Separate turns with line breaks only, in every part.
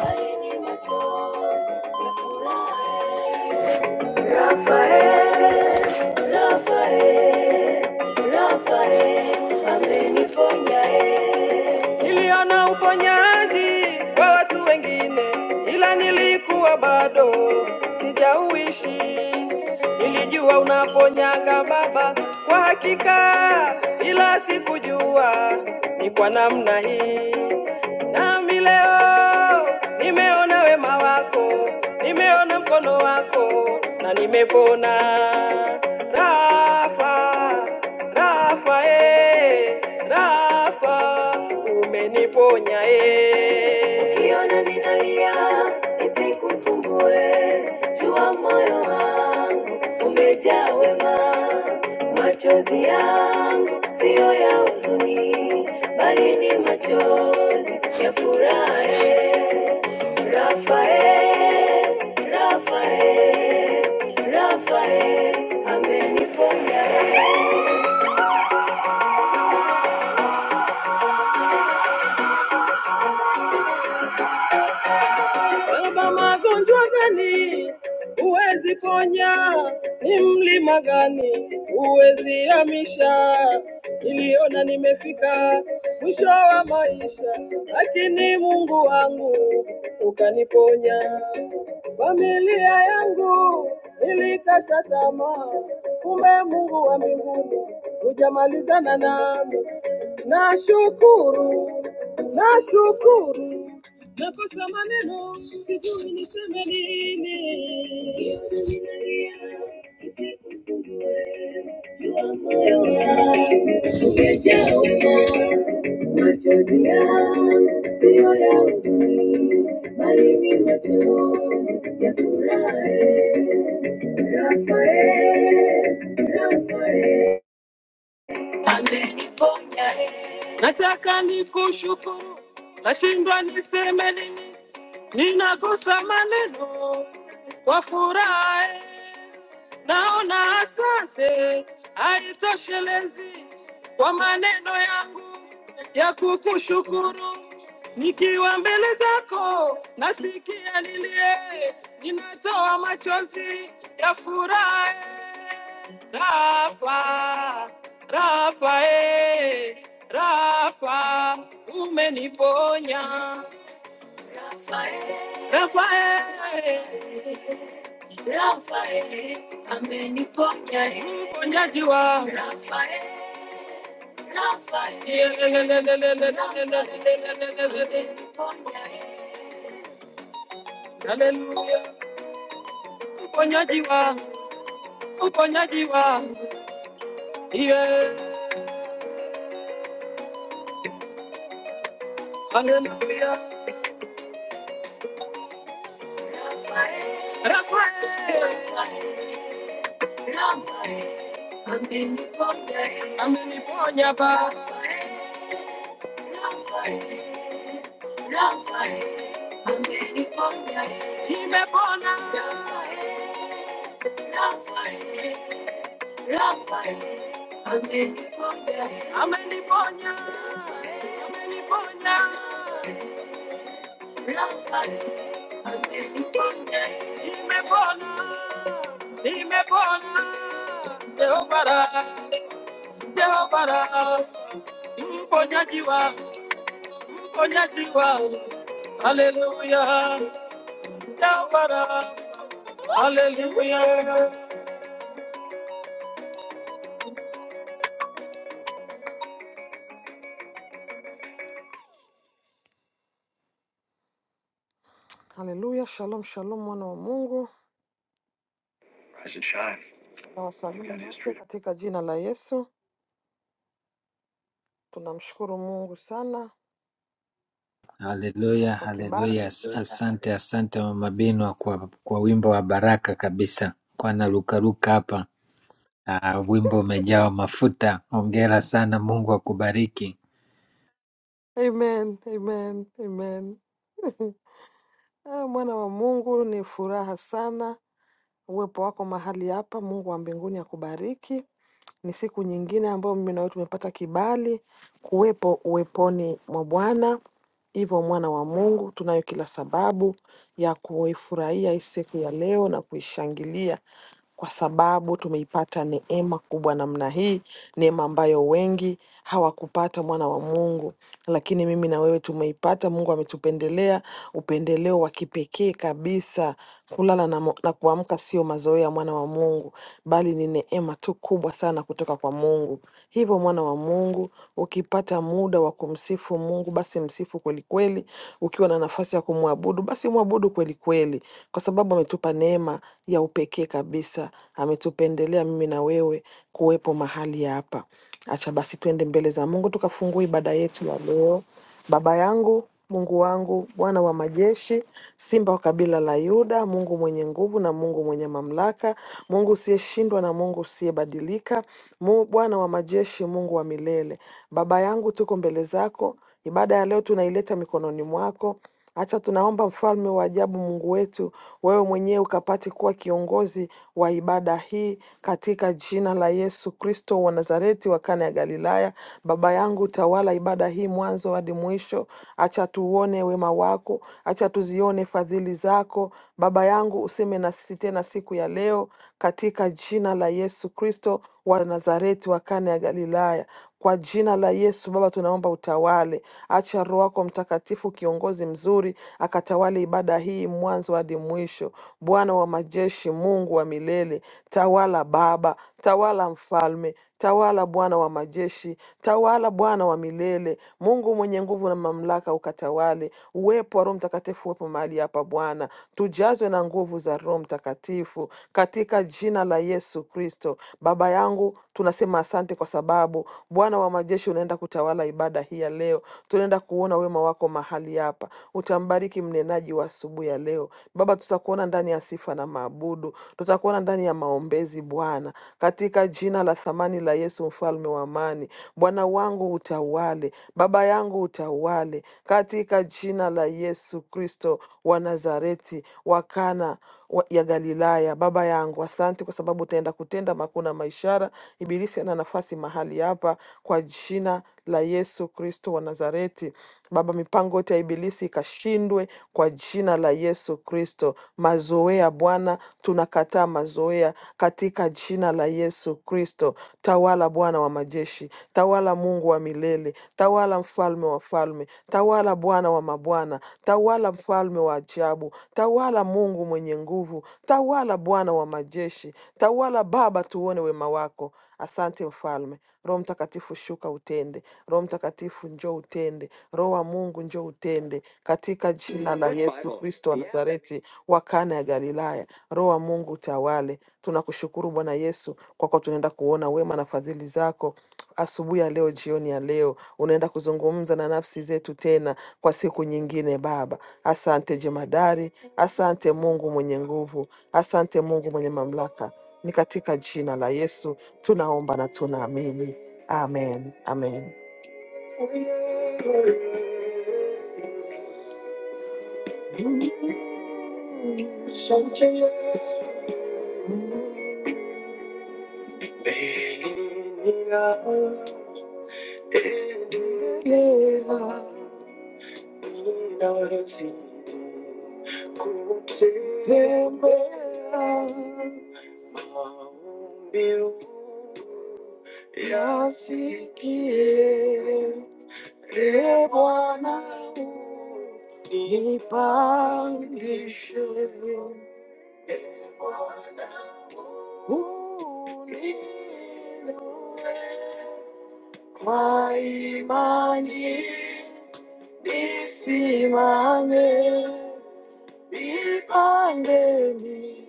Yale ni machozi ya furaha. Rafael, Rafael, Rafael, ameniponya eh. Niliona uponyaji kwa watu wengine, ila nilikuwa bado sijauishi. Nilijua unaponyaga Baba kwa hakika, ila sikujua ni kwa namna hii. Nami leo nimeona wema wako, nimeona mkono wako na nimepona. Rafa, Rafa, eh, Rafa, umeniponya eh. Ukiona ninalia, nisikusumbue nifungue, jua moyo wangu umejaa wema, machozi yangu siyo ya huzuni, bali ni machozi ya furaha. Rafael, Rafael, Rafael ameniponya. Baba, magonjwa gani huwezi ponya? Ni mlima gani huwezi hamisha? Niliona nimefika mwisho wa maisha, lakini Mungu wangu ukaniponya. Familia yangu ilikata tamaa, kumbe Mungu wa mbinguni hujamalizana nami. Nashukuru, nashukuru Nakosa maneno, sijui niseme nini. Yesu ninalia, nisikusumbue. Jua moyo wangu umejaa wema. Machozi yangu siyo ya huzuni, bali ni machozi ya furaha. Rafael, Rafael ameniponya. Nataka nikushukuru, nashindwa niseme nini ninakosa maneno kwa furaha, naona asante haitoshelezi kwa maneno yangu ya kukushukuru. Nikiwa mbele zako nasikia nilie, ninatoa machozi ya furaha. Rafa, Rafa, eh, Rafa, umeniponya Rafael, Rafael, ameniponya eh. mponyaji wa Rafael, Rafael, Rafael, ameniponya eh. Hallelujah. Uponyaji wa, uponyaji wa, yeah. Hallelujah. Ameniponya Baba, nimepona ameniponya ameniponya Nimepona, nimepona, Jehova Rafa, Jehova Rafa, mponyaji wangu, mponyaji wangu, haleluya, Jehova Rafa, haleluya. Haleluya, shalom shalom, mwana wa Mungu. Rise and shine. Tunawasalimu Look at his wote freedom. katika jina la Yesu. Tunamshukuru Mungu sana
Haleluya,
kwa
haleluya.
kibali.
As-
Haleluya,
Asante, asante Mama Binwa kwa, kwa wimbo wa baraka kabisa. Kwa narukaruka hapa. Ah, wimbo umejawa mafuta. Hongera sana, Mungu akubariki.
Amen, amen, amen. Ah, Mwana wa Mungu, ni furaha sana uwepo wako mahali hapa. Mungu wa mbinguni akubariki. Ni siku nyingine ambayo mimi na wewe tumepata kibali kuwepo uweponi mwa Bwana. Hivyo mwana wa Mungu, tunayo kila sababu ya kuifurahia hii siku ya leo na kuishangilia kwa sababu tumeipata neema kubwa namna hii, neema ambayo wengi hawakupata, mwana wa Mungu. Lakini mimi na wewe tumeipata. Mungu ametupendelea upendeleo wa kipekee kabisa. Kulala na, mo- na kuamka sio mazoea, mwana wa Mungu, bali ni neema tu kubwa sana kutoka kwa Mungu. Hivyo mwana wa Mungu, ukipata muda wa kumsifu Mungu, basi msifu kwelikweli, ukiwa na nafasi ya kumwabudu, basi mwabudu kweli kweli, kwa sababu ametupa neema ya upekee kabisa, ametupendelea mimi na wewe kuwepo mahali hapa. Acha basi tuende mbele za Mungu tukafungue ibada yetu ya leo. Baba yangu, Mungu wangu, Bwana wa majeshi, Simba wa kabila la Yuda, Mungu mwenye nguvu na Mungu mwenye mamlaka, Mungu usiyeshindwa na Mungu usiyebadilika, Mu- Bwana wa majeshi, Mungu wa milele. Baba yangu, tuko mbele zako, ibada ya leo tunaileta mikononi mwako. Hata tunaomba mfalme wa ajabu, Mungu wetu, wewe mwenyewe ukapate kuwa kiongozi wa ibada hii katika jina la Yesu Kristo wa Nazareti wa Kana ya Galilaya. Baba yangu, tawala ibada hii mwanzo hadi mwisho. Acha tuone wema wako, acha tuzione fadhili zako. Baba yangu, useme na sisi tena siku ya leo katika jina la Yesu Kristo wa Nazareti wa Kana ya Galilaya. Kwa jina la Yesu Baba, tunaomba utawale, acha Roho wako Mtakatifu, kiongozi mzuri, akatawale ibada hii mwanzo hadi mwisho. Bwana wa majeshi, Mungu wa milele, tawala Baba, tawala Mfalme, tawala Bwana wa majeshi, tawala Bwana wa milele, Mungu mwenye nguvu na mamlaka, ukatawale. Uwepo wa Roho Mtakatifu uwepo mahali hapa Bwana, tujazwe na nguvu za Roho Mtakatifu katika jina la Yesu Kristo. Baba yangu, tunasema asante kwa sababu sababu Bwana wa majeshi unaenda kutawala ibada hii ya leo. Tunaenda kuona wema wako mahali hapa, utambariki mnenaji wa asubuhi ya leo. Baba, tutakuona ndani ya sifa na maabudu, tutakuona ndani ya maombezi Bwana, katika jina la thamani la Yesu, mfalme wa amani. Bwana wangu utawale, baba yangu utawale, katika jina la Yesu Kristo wa Nazareti, wakana wa- ya Galilaya. Baba yangu, asante kwa sababu utaenda kutenda makuu na maishara. Ibilisi ana nafasi mahali hapa, kwa jina la Yesu Kristo wa Nazareti. Baba, mipango yote ya ibilisi ikashindwe kwa jina la Yesu Kristo. Mazoea Bwana, tunakataa mazoea haya katika jina la Yesu Kristo. Tawala Bwana wa majeshi, tawala Mungu wa milele, tawala mfalme wa falme, tawala Bwana wa mabwana, tawala mfalme wa ajabu, tawala Mungu mwenye nguvu, tawala Bwana wa majeshi, tawala Baba, tuone wema wako. Asante mfalme, Roho Mtakatifu shuka utende, Roho Mtakatifu njoo utende, Roho wa Mungu njoo utende, katika jina la Yesu Kristo wa Nazareti wa Kana ya Galilaya. Roho wa Mungu utawale. Tunakushukuru Bwana Yesu, kwako tunaenda kuona wema na fadhili zako asubuhi ya leo, jioni ya leo, unaenda kuzungumza na nafsi zetu tena kwa siku nyingine. Baba, asante jemadari, asante Mungu mwenye nguvu, asante Mungu mwenye mamlaka. Ni katika jina la Yesu tunaomba na tunaamini, amen, amen. Yasikie e Bwana, nipandishe ulilole kwa imani nisimame Ipandeni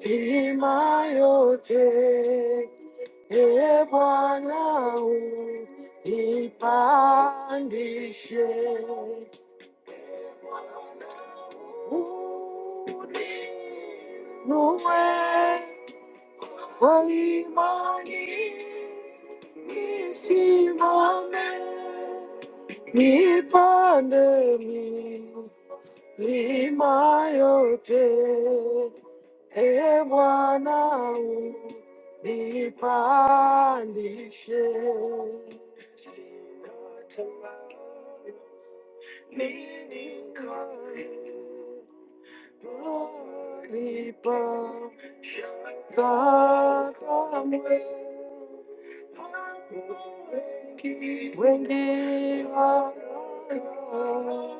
hima yote e Bwana u- ipandishe uinue kwa imani nisimame nipande milima yote E Bwana nipandishe, Sikatamani ninikae, mahali pa kamwe. Hapo Wengi wengi walala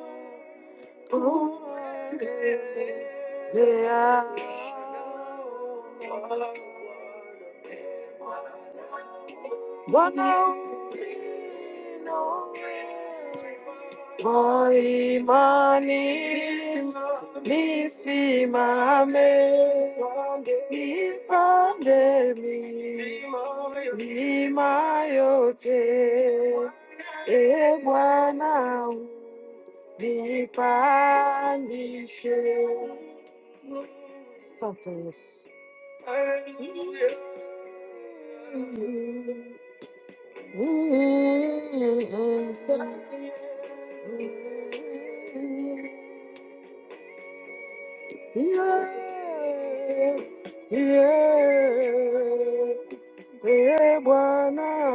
Kwa imani nisimame, nipande mi- milima yote, e Bwana be punished. Santos. Hallelujah. Mm. yeah, yeah. Ee Bwana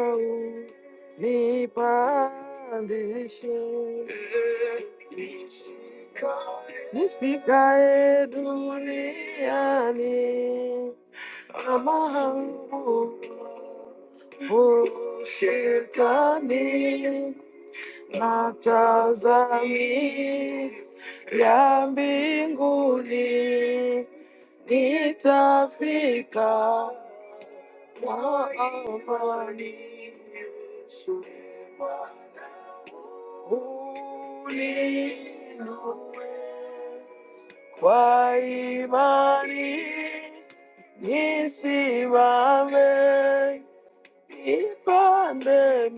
unipandishe, nisikae duniani kama hangu o shetani, natazamia ya mbinguni Nitafika kwa amani. Yesu ni Bwana. Uninue kwa imani, nisimame, nipande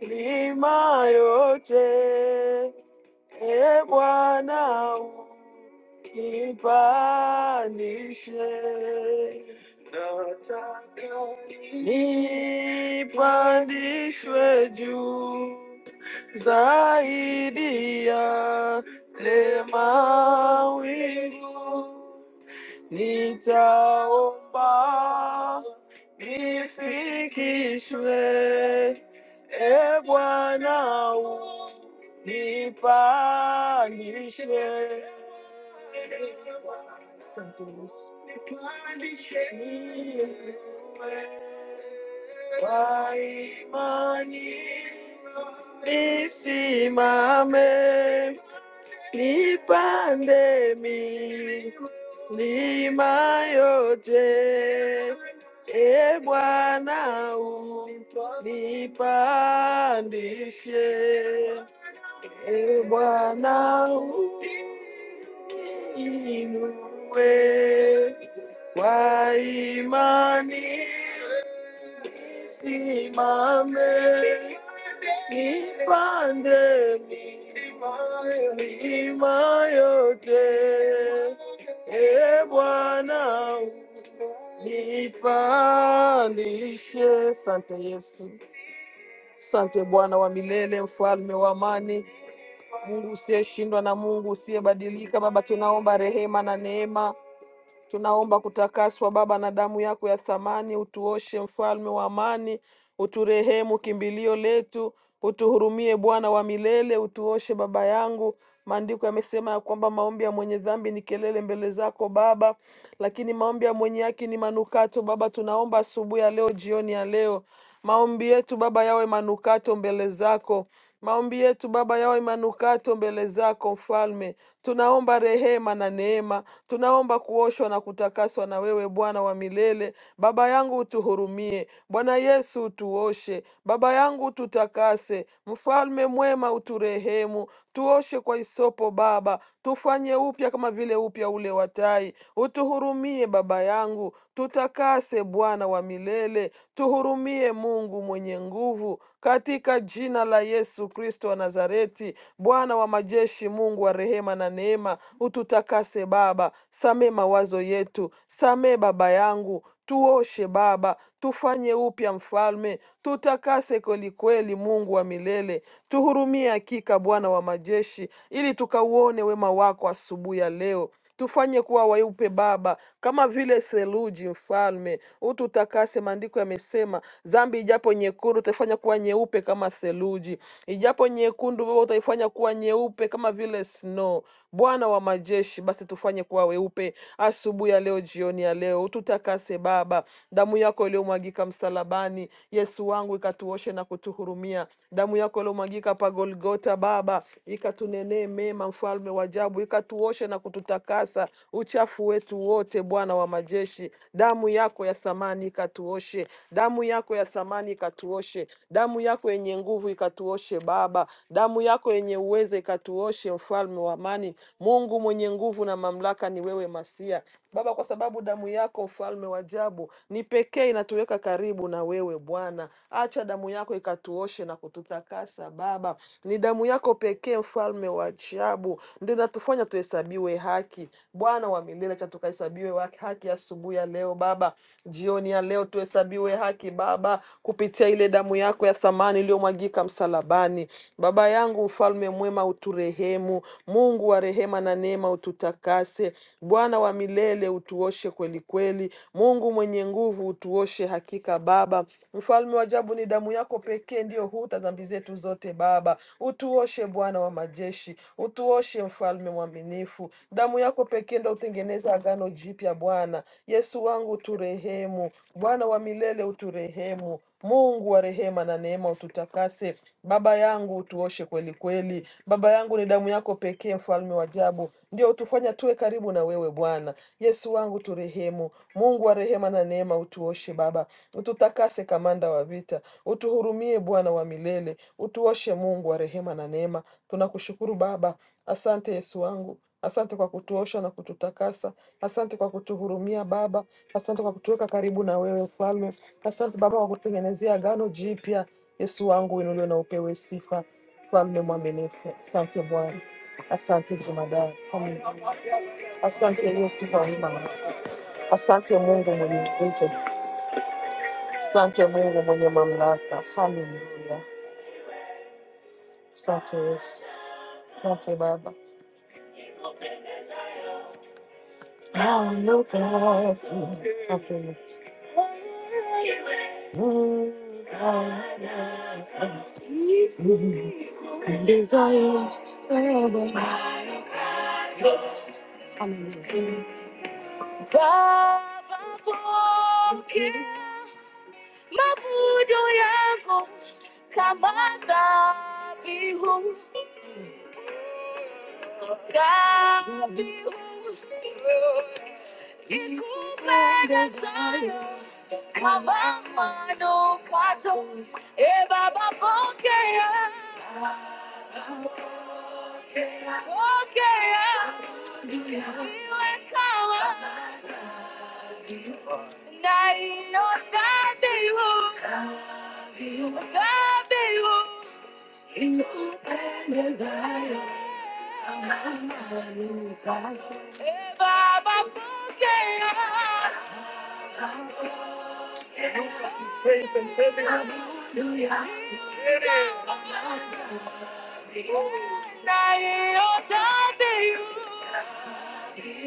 milima yote, e Bwana Nipandishe, nataka nipandishwe juu zaidi ya le mawingu, Nitaomba nifikishwe, e Bwana, u- nipandishe. Asante Yesu. Nipandishe. niwe Kwa imani nisimame Ni pandemi ni mayote, e Bwana u nipandishe e Bwana u kwa imani Nisimame, nipande milima yote. E Bwana, nipandishe. Sante Yesu, sante Bwana wa milele, mfalme wa amani, Mungu usiyeshindwa na Mungu usiyebadilika. Baba, tunaomba rehema na neema Tunaomba kutakaswa Baba na damu yako ya thamani, utuoshe mfalme wa amani, uturehemu kimbilio letu, utuhurumie Bwana wa milele, utuoshe baba yangu. Maandiko yamesema ya kwamba maombi ya mwenye dhambi ni kelele mbele zako Baba, lakini maombi ya mwenye haki ni manukato. Baba, tunaomba asubuhi ya leo, jioni ya leo, maombi yetu Baba yawe manukato mbele zako. Maombi yetu Baba yawe manukato mbele zako Mfalme. Tunaomba rehema na neema, tunaomba kuoshwa na kutakaswa na wewe Bwana wa milele. Baba yangu utuhurumie, Bwana Yesu utuoshe, Baba yangu ututakase, Mfalme mwema uturehemu, tuoshe kwa isopo Baba, tufanye upya kama vile upya ule wa tai. Utuhurumie Baba yangu, tutakase Bwana wa milele, tuhu Tuhurumie Mungu mwenye nguvu, katika jina la Yesu Kristo wa Nazareti. Bwana wa majeshi, Mungu wa rehema na neema, ututakase Baba, samee mawazo yetu, samee Baba yangu tuoshe Baba, tufanye upya Mfalme, tutakase kwelikweli, Mungu wa milele, tuhurumie hakika, Bwana wa majeshi, ili tukauone wema wako asubuhi ya leo. Tufanye kuwa weupe Baba, kama vile theluji. Mfalme, ututakase. Maandiko yamesema dhambi ijapo nyekundu utaifanya kuwa nyeupe kama theluji, ijapo nyekundu Baba utaifanya kuwa nyeupe kama vile snow. Bwana wa majeshi, basi tufanye kuwa weupe asubuhi ya leo, jioni ya leo, ututakase Baba. Damu yako iliyomwagika msalabani, Yesu wangu, ikatuoshe na kutuhurumia. Damu yako iliyomwagika pa Golgota Baba ikatunenee mema, mfalme wa ajabu, ikatuoshe na kututakasa uchafu wetu wote, Bwana wa majeshi. Damu yako ya thamani ikatuoshe, damu yako ya thamani ikatuoshe, damu yako yenye nguvu ikatuoshe Baba, damu yako yenye uweza ikatuoshe, mfalme wa amani. Mungu mwenye nguvu na mamlaka, ni wewe Masia Baba, kwa sababu damu yako mfalme wa ajabu ni pekee inatuweka karibu na wewe Bwana. Acha damu yako ika katuoshe na kututakasa Baba. Ni damu yako pekee, mfalme wa ajabu, ndio inatufanya tuhesabiwe haki. Bwana wa milele, acha tukahesabiwe wa- haki asubuhi ya leo Baba, jioni ya leo tuhesabiwe haki Baba, kupitia ile damu yako ya thamani iliyomwagika msalabani. Baba yangu, mfalme mwema, uturehemu. Mungu wa rehema na neema, ututakase. Bwana wa milele, utuoshe kweli kweli. Mungu mwenye nguvu ajabu utuoshe hakika Baba. Mfalme wa ajabu, ni damu yako pekee ndiyo huta dhambi zetu zote Baba. Utuoshe Bwana wa majeshi, utuoshe Mfalme mwaminifu. Damu yako pekee ndo utengeneza agano jipya Bwana. Yesu wangu uturehemu, Bwana wa milele uturehemu. Mungu wa rehema na neema ututakase. Baba yangu utuoshe kweli kweli. Baba yangu, ni damu yako pekee, mfalme wa ajabu, ndio utufanya tuwe karibu na wewe Bwana. Bwana. Yesu wangu turehemu. Mungu wa rehema na neema, utuoshe Baba, ututakase kamanda wa vita, utuhurumie Bwana wa milele, utuoshe Mungu wa rehema na neema. Tunakushukuru Baba, asante Yesu wangu. Asante kwa kutuosha na kututakasa. Asante kwa kutuhurumia Baba. Asante kwa kutuweka karibu na wewe Mfalme. Asante Baba kwa kututengenezea agano jipya. Yesu wangu, inuliwe na upewe sifa, Mfalme mwaminifu. Asante Bwana, asante jemadari. Amen. Asante Yesu Bwana, asante Mungu mwenye nguvu, asante Mungu mwenye mamlaka. Haleluya, asante Yesu, asante Baba. Baba, pokea mabudu yako kama dhabihu, dhabihu Ikupenda sana kama manukato. E Baba, pokea, pokea, iwe kama naionadhibu, nadhibu. E Baba, pokea, naionadhibu,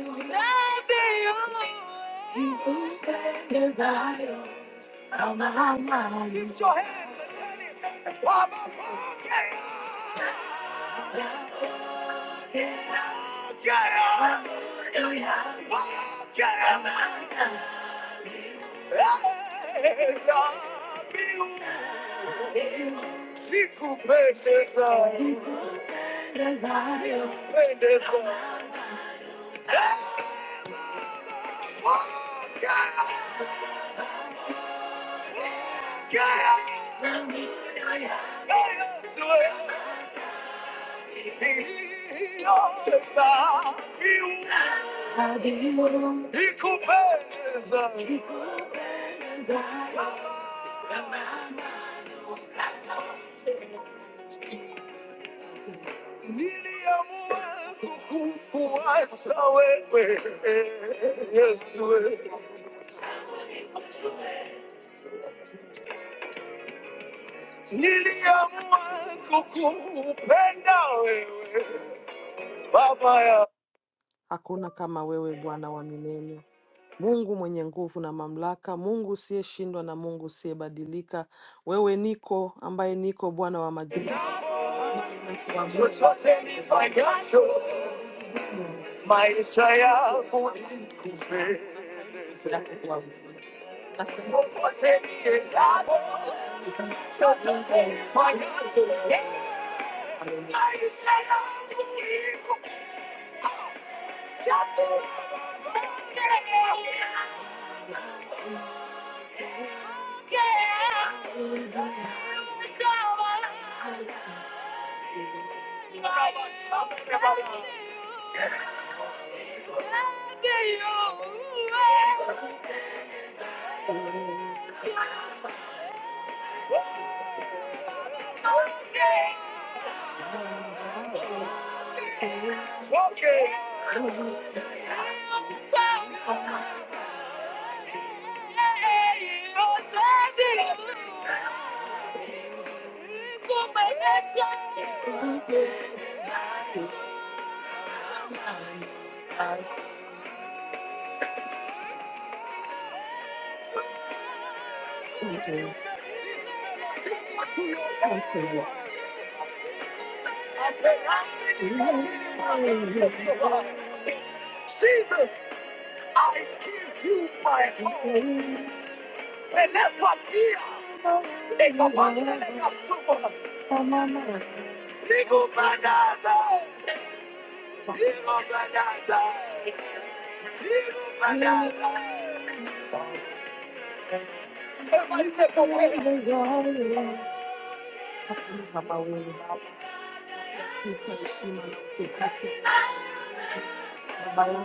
nadhibu. Ikupenda sana Lift your hands and tell him, Papa, Papa, yeah, Papa, yeah, hey, love you. Little precious love, little precious love. Hey, Papa, yeah, yeah, I swear, he loves you. nikupendeza, niliamua kukufuata wewe Yesu, niliamua kukupenda wewe Baba ya Hakuna kama wewe Bwana wa milele, Mungu mwenye nguvu na mamlaka, Mungu usiyeshindwa na Mungu usiyebadilika. Wewe niko ambaye niko Bwana wa majeshi. Okay, triumph in confidence. Okay. Every day I see this. See this. Jesus, I give you my own. Whenever dear, if a man is a super, Digo Bandaza, Digo Bandaza, Digo Bandaza. Everybody say, Come on. Hakuna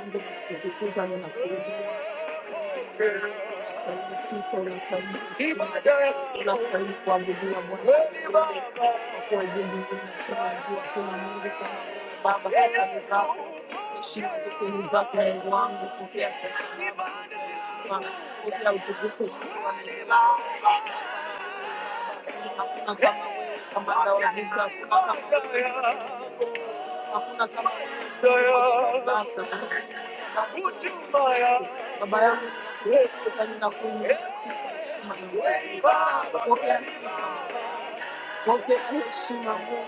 kama Baba yangu Yesu, kanisa kuu, Mungu wangu, pokea pokea heshima Mungu,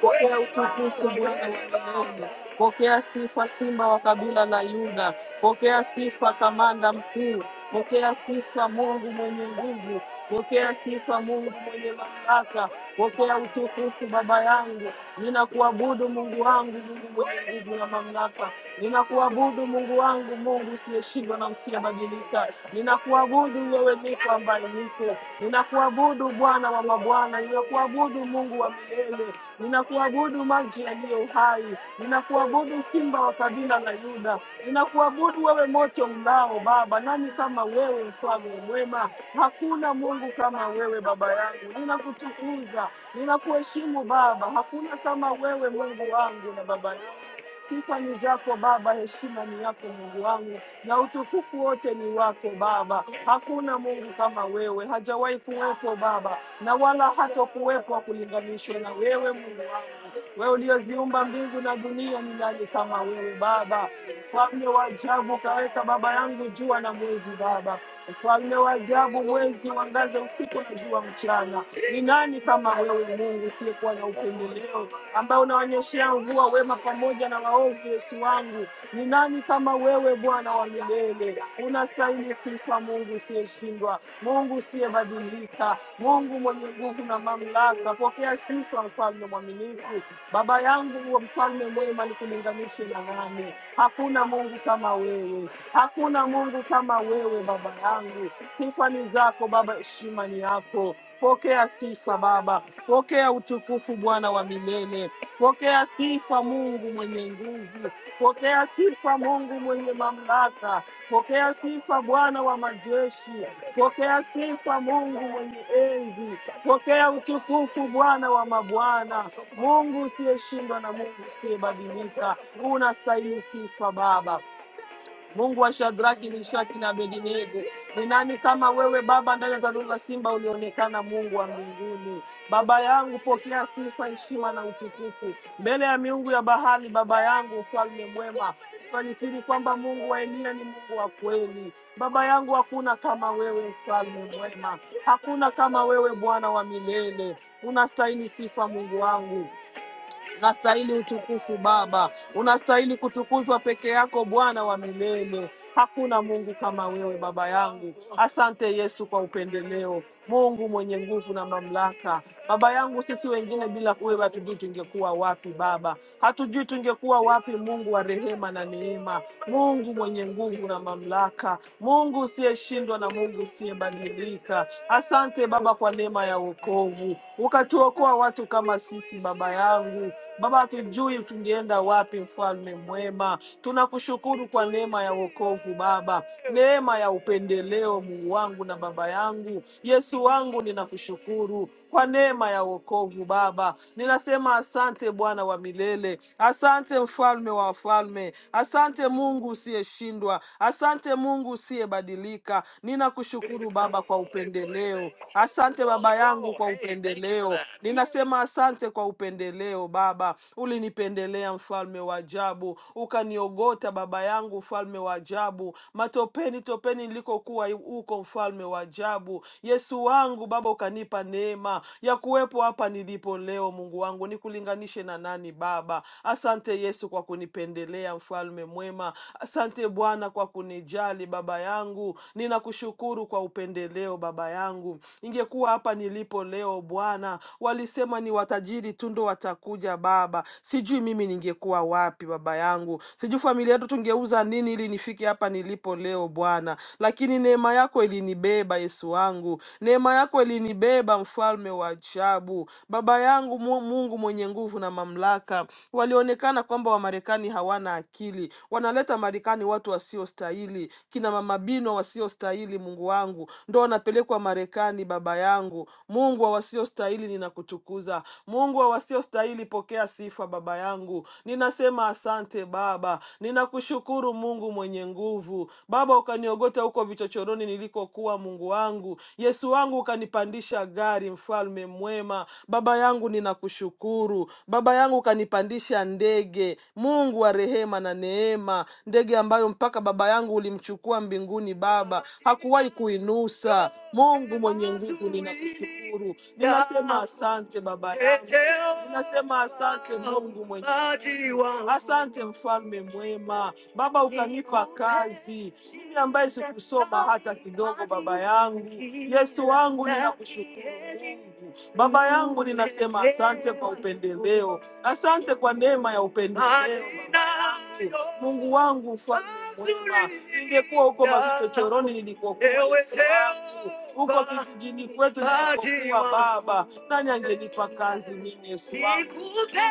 Pokea utukufu Bwana Mwenyezi, pokea sifa Simba wa kabila la Yuda, pokea sifa Kamanda Mkuu, pokea sifa Mungu mwenye nguvu, pokea sifa Mungu mwenye mamlaka, pokea utukufu Baba yangu. Ninakuabudu Mungu wangu, Mungu mwenye nguvu na mamlaka. Ninakuabudu Mungu wangu, Mungu usiyeshindwa na usiyebadilika. Ninakuabudu mimi wewe niko ambaye niko. Ninakuabudu Bwana wa mabwana, ninakuabudu Mungu wa milele, ninakuabudu maji yaliyo hai, ninakuabudu simba wa kabila la Yuda, ninakuabudu wewe moto mlao Baba. Nani kama wewe, mfalme mwema? Hakuna Mungu kama wewe baba yangu, ninakutukuza, ninakuheshimu Baba, hakuna kama wewe Mungu wangu na baba yangu. Sifa ni zako Baba, heshima ni yako Mungu wangu, na utukufu wote ni wako Baba. Hakuna Mungu kama wewe, hajawahi kuwepo Baba, na wala hata kuwepo wa kulinganishwa na wewe Mungu wangu. Wewe ulioziumba mbingu na dunia, ni nani kama wewe Baba? Mfalme wa ajabu, kaweka Baba yangu jua na mwezi Baba, mfalme wa ajabu, mwezi wangaza usiku na jua mchana ni nani kama wewe Mungu usiyekuwa na upendeleo, ambao unaonyeshea mvua wema pamoja na waovu? Yesu wangu, ni nani kama wewe Bwana wa milele? Unastahili sifa, Mungu usiyeshindwa, Mungu usiyebadilika, Mungu mwenye nguvu na mamlaka. Pokea sifa, mfalme mwaminifu. Baba yangu, huo mfalme mwema, nikulinganishe na nani? Hakuna Mungu kama wewe. Hakuna Mungu kama wewe Baba yangu, sifa ni zako Baba, heshima ni yako. Pokea sifa Baba, pokea utukufu Bwana wa milele, pokea sifa Mungu mwenye nguvu, pokea sifa Mungu mwenye mamlaka, pokea sifa Bwana wa majeshi, pokea sifa Mungu mwenye enzi, pokea utukufu Bwana wa mabwana, Mungu usiyeshindwa na Mungu usiyebadilika, unastahili sifa Baba. Mungu wa Shadraki, Meshaki na Abednego, ni nani kama wewe Baba ndani ya zanulo la simba ulionekana, Mungu wa mbinguni. Baba yangu, pokea sifa, heshima na utukufu mbele ya miungu ya bahari. Baba yangu, ufalme mwema, tunanikiri kwamba Mungu wa Elia ni Mungu wa kweli. Baba yangu, hakuna kama wewe, mfalme mwema, hakuna kama wewe, Bwana wa milele. Unastahili sifa, Mungu wangu. Unastahili utukufu Baba, unastahili kutukuzwa peke yako Bwana wa milele. Hakuna Mungu kama wewe Baba yangu. Asante Yesu kwa upendeleo, Mungu mwenye nguvu na mamlaka. Baba yangu, sisi wengine bila wewe hatujui tungekuwa wapi Baba, hatujui tungekuwa wapi. Mungu wa rehema na neema, Mungu mwenye nguvu na mamlaka, Mungu usiyeshindwa na Mungu usiyebadilika. Asante Baba kwa neema ya wokovu, ukatuokoa watu kama sisi Baba yangu Mungu. Baba, hatujui tungeenda wapi, mfalme mwema. Tunakushukuru kwa neema ya wokovu Baba, neema ya upendeleo Mungu wangu na baba yangu. Yesu wangu, ninakushukuru kwa neema ya wokovu Baba. Ninasema asante Bwana wa milele, asante mfalme wa wafalme, asante Mungu usiyeshindwa, asante Mungu usiyebadilika. Ninakushukuru Baba kwa upendeleo, asante baba yangu kwa upendeleo. Ninasema asante kwa upendeleo leo Baba. Ulinipendelea mfalme wa ajabu, ukaniogota baba yangu, mfalme wa ajabu. Matopeni topeni nilikokuwa huko, mfalme wa ajabu. Yesu wangu Baba, ukanipa neema ya kuwepo hapa nilipo leo. Mungu wangu, nikulinganishe na nani Baba? Asante Yesu kwa kunipendelea, mfalme mwema. Asante Bwana kwa kunijali baba yangu, ninakushukuru kwa upendeleo baba yangu. Ningekuwa hapa nilipo leo Bwana, walisema ni watajiri tu ndo watakuja Baba. Sijui mimi ningekuwa wapi Baba yangu, sijui familia yetu tungeuza nini ili nifike hapa nilipo leo Bwana, lakini neema yako ilinibeba Yesu wangu, neema yako ilinibeba Mfalme wa ajabu, Baba yangu, Mu- Mungu mwenye nguvu na mamlaka. Walionekana kwamba Wamarekani hawana akili, wanaleta Marekani watu wasiostahili, kina mama Bino wasiostahili, Mungu wangu, ndo wanapelekwa Marekani. Baba yangu, Mungu wa wasiostahili, ninakutukuza. Mungu wa wao wasiostahili, pokea sifa Baba yangu. Ninasema asante Baba, ninakushukuru Mungu mwenye nguvu. Baba, ukaniogota huko vichochoroni nilikokuwa, Mungu wangu, Yesu wangu, ukanipandisha gari, mfalme mwema. Baba yangu, ninakushukuru Baba yangu, ukanipandisha ndege, Mungu wa rehema na neema, ndege ambayo mpaka Baba yangu ulimchukua mbinguni. Baba hakuwahi kuinusa. Mungu mwenye nguvu, ninakushukuru, ninasema asante Baba yangu, Nasema asante Mungu mwema, asante mfalme mwema. Baba, ukanipa kazi mimi ambaye sikusoma hata kidogo. Baba yangu, Yesu wangu, ninakushukuru Baba yangu, ninasema asante kwa upendeleo, asante kwa neema ya upendeleo. Baba yangu, Mungu wangu, mfalme mwema, ningekuwa huko mavichochoroni nilikokuwa Yesu wangu, huko kijijini kwetu nilikokuwa Baba, nani angenipa kazi mimi Yesu wangu?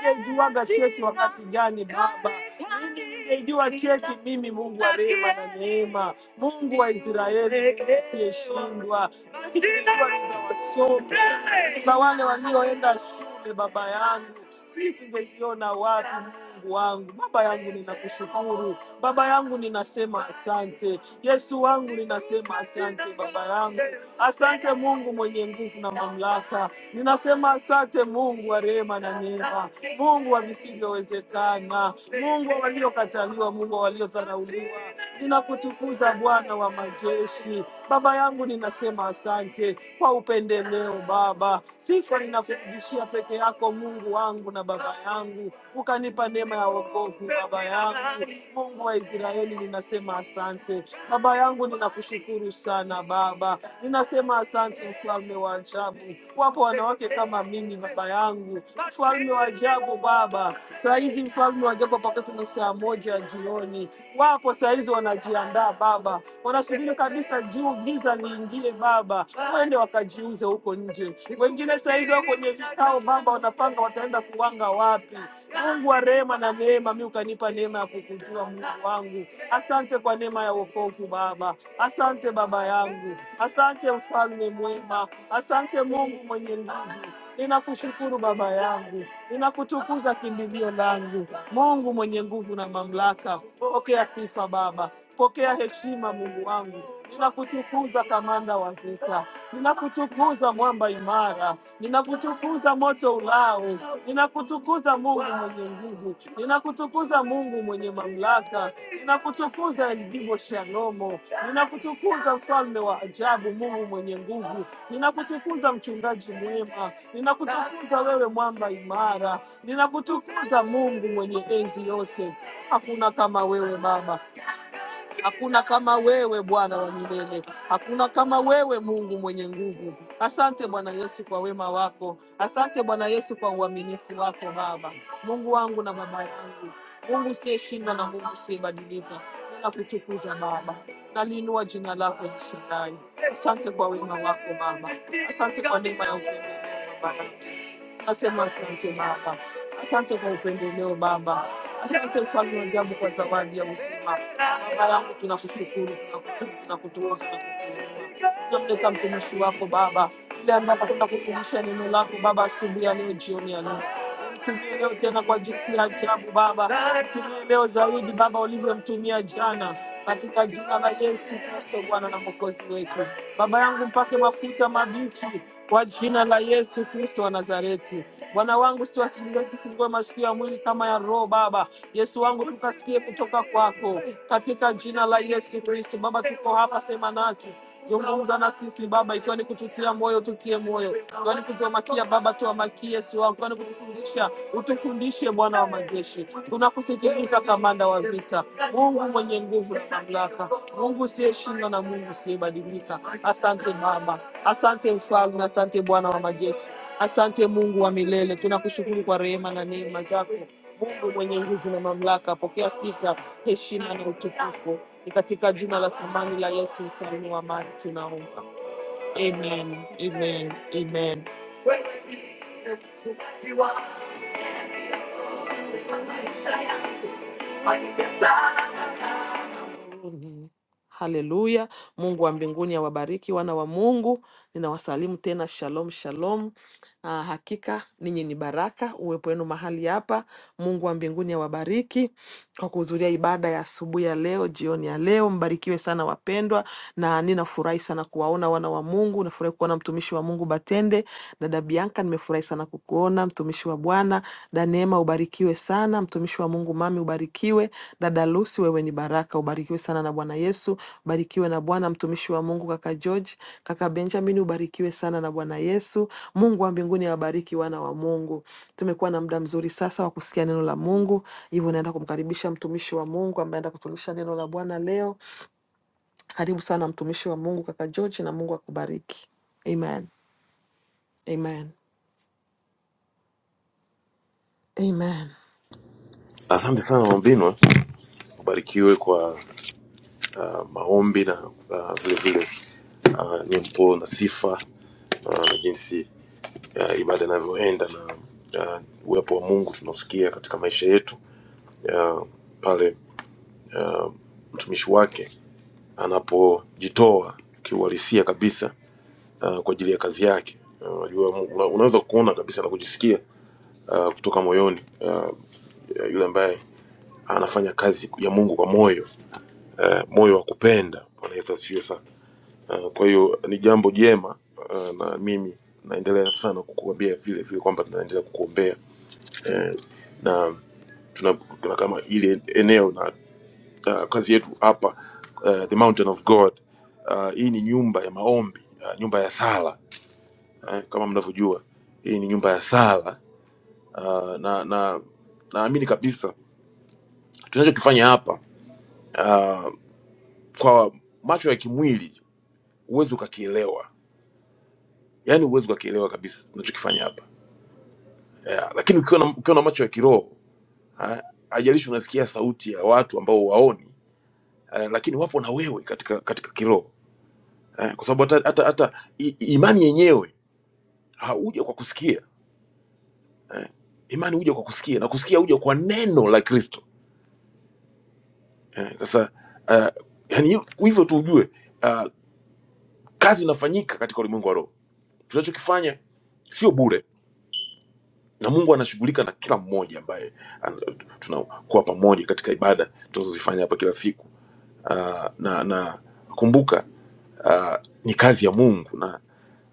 Ningejuaga cheti wakati gani Baba? Mimi ningejua cheki, mimi Mungu wa rehema na neema, Mungu wa Israeli usiyeshindwa, ningejua ni za wasomi, za wale walioenda shule, baba yangu, si tungeziona wapi? Mungu wangu, baba yangu, ninakushukuru baba yangu, ninasema asante. Yesu wangu, ninasema asante baba yangu, asante Mungu mwenye nguvu na mamlaka, ninasema asante Mungu wa rehema na neema, Mungu wa visivyowezekana Bwana, Mungu wa waliokataliwa, Mungu wa waliodharauliwa. Ninakutukuza Bwana wa majeshi. Baba yangu, ninasema asante kwa upendeleo Baba. Sifa ninakurudishia peke yako Mungu wangu na Baba yangu, ukanipa neema ya wokovu Baba yangu. Mungu wa Israeli, ninasema asante Baba yangu, ninakushukuru sana Baba, ninasema asante mfalme wa ajabu. Wapo wanawake kama mimi Baba yangu, mfalme wa ajabu Baba, Sa hizi mfalme wa jambo mpaka ni saa moja jioni, wapo sahizi wanajiandaa Baba, wanasubiri kabisa juu giza liingie Baba, wende wakajiuze huko nje. Wengine sahizi wako kwenye vikao Baba, wanapanga wataenda kuwanga wapi. Mungu wa rehema na neema, mi ukanipa neema ya kukujua Mungu wangu, asante kwa neema ya wokovu Baba, asante Baba yangu, asante mfalme mwema, asante Mungu mwenye nguvu. Ninakushukuru Baba yangu, ninakutukuza kimbilio langu, Mungu mwenye nguvu na mamlaka. Pokea sifa Baba, pokea heshima Mungu wangu. Ninakutukuza kamanda wa vita, ninakutukuza mwamba imara, ninakutukuza moto ula Wow. Ninakutukuza Mungu mwenye nguvu, ninakutukuza Mungu mwenye mamlaka, ninakutukuza Elgibo Shalomo, ninakutukuza mfalme wa ajabu, Mungu mwenye nguvu, ninakutukuza mchungaji mwema, ninakutukuza wewe mwamba imara, ninakutukuza Mungu mwenye enzi yote. Hakuna kama wewe Baba. Hakuna kama wewe Bwana wa milele, hakuna kama wewe Mungu mwenye nguvu. Asante Bwana Yesu kwa wema wako, asante Bwana Yesu kwa uaminifu wako Baba Mungu wangu na baba yangu, Mungu usiyeshindwa na Mungu usiyebadilika. Nakutukuza Baba, naliinua jina lako Jishindai. Asante kwa wema wako Baba, asante kwa neema ya upendo wako Baba. Nasema asante Baba, asante kwa upendeleo Baba, asante mfalme wa ajabu kwa zawadi ya uzima. Baba yangu, tunakushukuru, tunakusifu, tunakutukuza na kukuinua. Tunamleta mtumishi wako Baba, ile ambaye atakwenda kutumisha neno lako Baba asubuhi ya leo, jioni ya leo. Tumie leo tena kwa jinsi ya ajabu Baba, tumie leo zaidi Baba ulivyomtumia jana, katika jina la Yesu Kristo, Bwana na mwokozi wetu. Baba yangu mpake mafuta mabichi kwa jina la Yesu Kristo wa Nazareti. Bwana wangu siwasikilize kifungue masikio ya mwili kama ya roho Baba. Yesu wangu tukasikie kutoka kwako katika jina la Yesu Kristo. Baba tuko hapa, sema nasi Zungumza na sisi Baba, ikiwa ni kututia moyo, tutie moyo, ikiwa ni kutuamakia Baba, tuamakie Yesu wangu, ikiwa ni kutufundisha, utufundishe Bwana wa majeshi. Tunakusikiliza kamanda wa vita, Mungu mwenye nguvu na mamlaka, Mungu usiyeshindwa na Mungu usiyebadilika. Asante Baba, asante Mfalme, asante Bwana wa majeshi, asante Mungu wa milele. Tunakushukuru kwa rehema na neema zako. Mungu mwenye nguvu na mamlaka, pokea sifa, heshima na utukufu. Ni katika jina la thamani la Yesu, mfalme wa amani, tunaomba. Amen, amen, amen. Haleluya. Mungu wa mbinguni awabariki wana wa Mungu. Ninawasalimu tena shalom shalom. Ah, hakika ninyi ni baraka uwepo wenu mahali hapa. Mungu wa mbinguni awabariki kwa kuhudhuria ibada ya asubuhi ya leo, jioni ya leo. Mbarikiwe sana wapendwa, na ninafurahi sana kuwaona wana wa Mungu. Nafurahi kuona mtumishi wa Mungu Batende, dada Bianca, nimefurahi sana kukuona mtumishi wa Bwana. Daneema, ubarikiwe sana mtumishi wa Mungu. Mami, ubarikiwe. Dada Lucy, wewe ni ni baraka. Ubarikiwe sana na Bwana Yesu, ubarikiwe na Bwana mtumishi wa Mungu kaka George, kaka Benjamin, ubarikiwe sana na Bwana Yesu. Mungu wa mbinguni awabariki wana wa Mungu. Tumekuwa na muda mzuri sasa wa kusikia neno la Mungu, hivyo naenda kumkaribisha mtumishi wa Mungu ambaye anaenda kutulisha neno la Bwana leo. Karibu sana mtumishi wa Mungu kaka George, na Mungu akubariki. Amen, amen, amen.
Asante sana Mwambinwa, ubarikiwe kwa uh, maombi na uh, vile vile uh, nyimbo na sifa uh, na jinsi uh, ibada inavyoenda na uh, uwepo wa Mungu tunaosikia katika maisha yetu uh, pale uh, mtumishi wake anapojitoa kiuhalisia kabisa uh, kwa ajili ya kazi yake. Uh, Unajua, Mungu- una- unaweza kuona kabisa na kujisikia uh, kutoka moyoni uh, yule ambaye anafanya kazi ya Mungu kwa moyo eh, moyo wa kupenda. Bwana Yesu asifiwe sana. Eh, Kwa hiyo ni jambo jema eh, na mimi naendelea sana kukuambia vile vile kwamba tunaendelea kukuombea eh, na tuna, tuna kama ile eneo na uh, kazi yetu hapa uh, the mountain of God uh, hii ni nyumba ya maombi uh, nyumba ya sala eh, kama mnavyojua hii ni nyumba ya sala uh, na na naamini kabisa tunachokifanya hapa uh, kwa macho ya kimwili huwezi ukakielewa yani huwezi ukakielewa kabisa tunachokifanya hapa yeah. Lakini ukiwa na, ukiwa na macho ya kiroho ha, hajalishi unasikia sauti ya watu ambao waoni eh, lakini wapo na wewe katika katika kiroho eh, kwa sababu hata, hata, hata i- imani yenyewe hauja kwa kusikia eh, imani huja kwa kusikia na kusikia huja kwa neno la Kristo eh, sasa eh, yani hiyo- hizo tu ujue ah, kazi inafanyika katika ulimwengu wa roho tunachokifanya sio bure na mungu anashughulika na kila mmoja ambaye an- tunakuwa pamoja katika ibada tunazozifanya hapa kila siku Ah, na na kumbuka ah, ni kazi ya mungu na,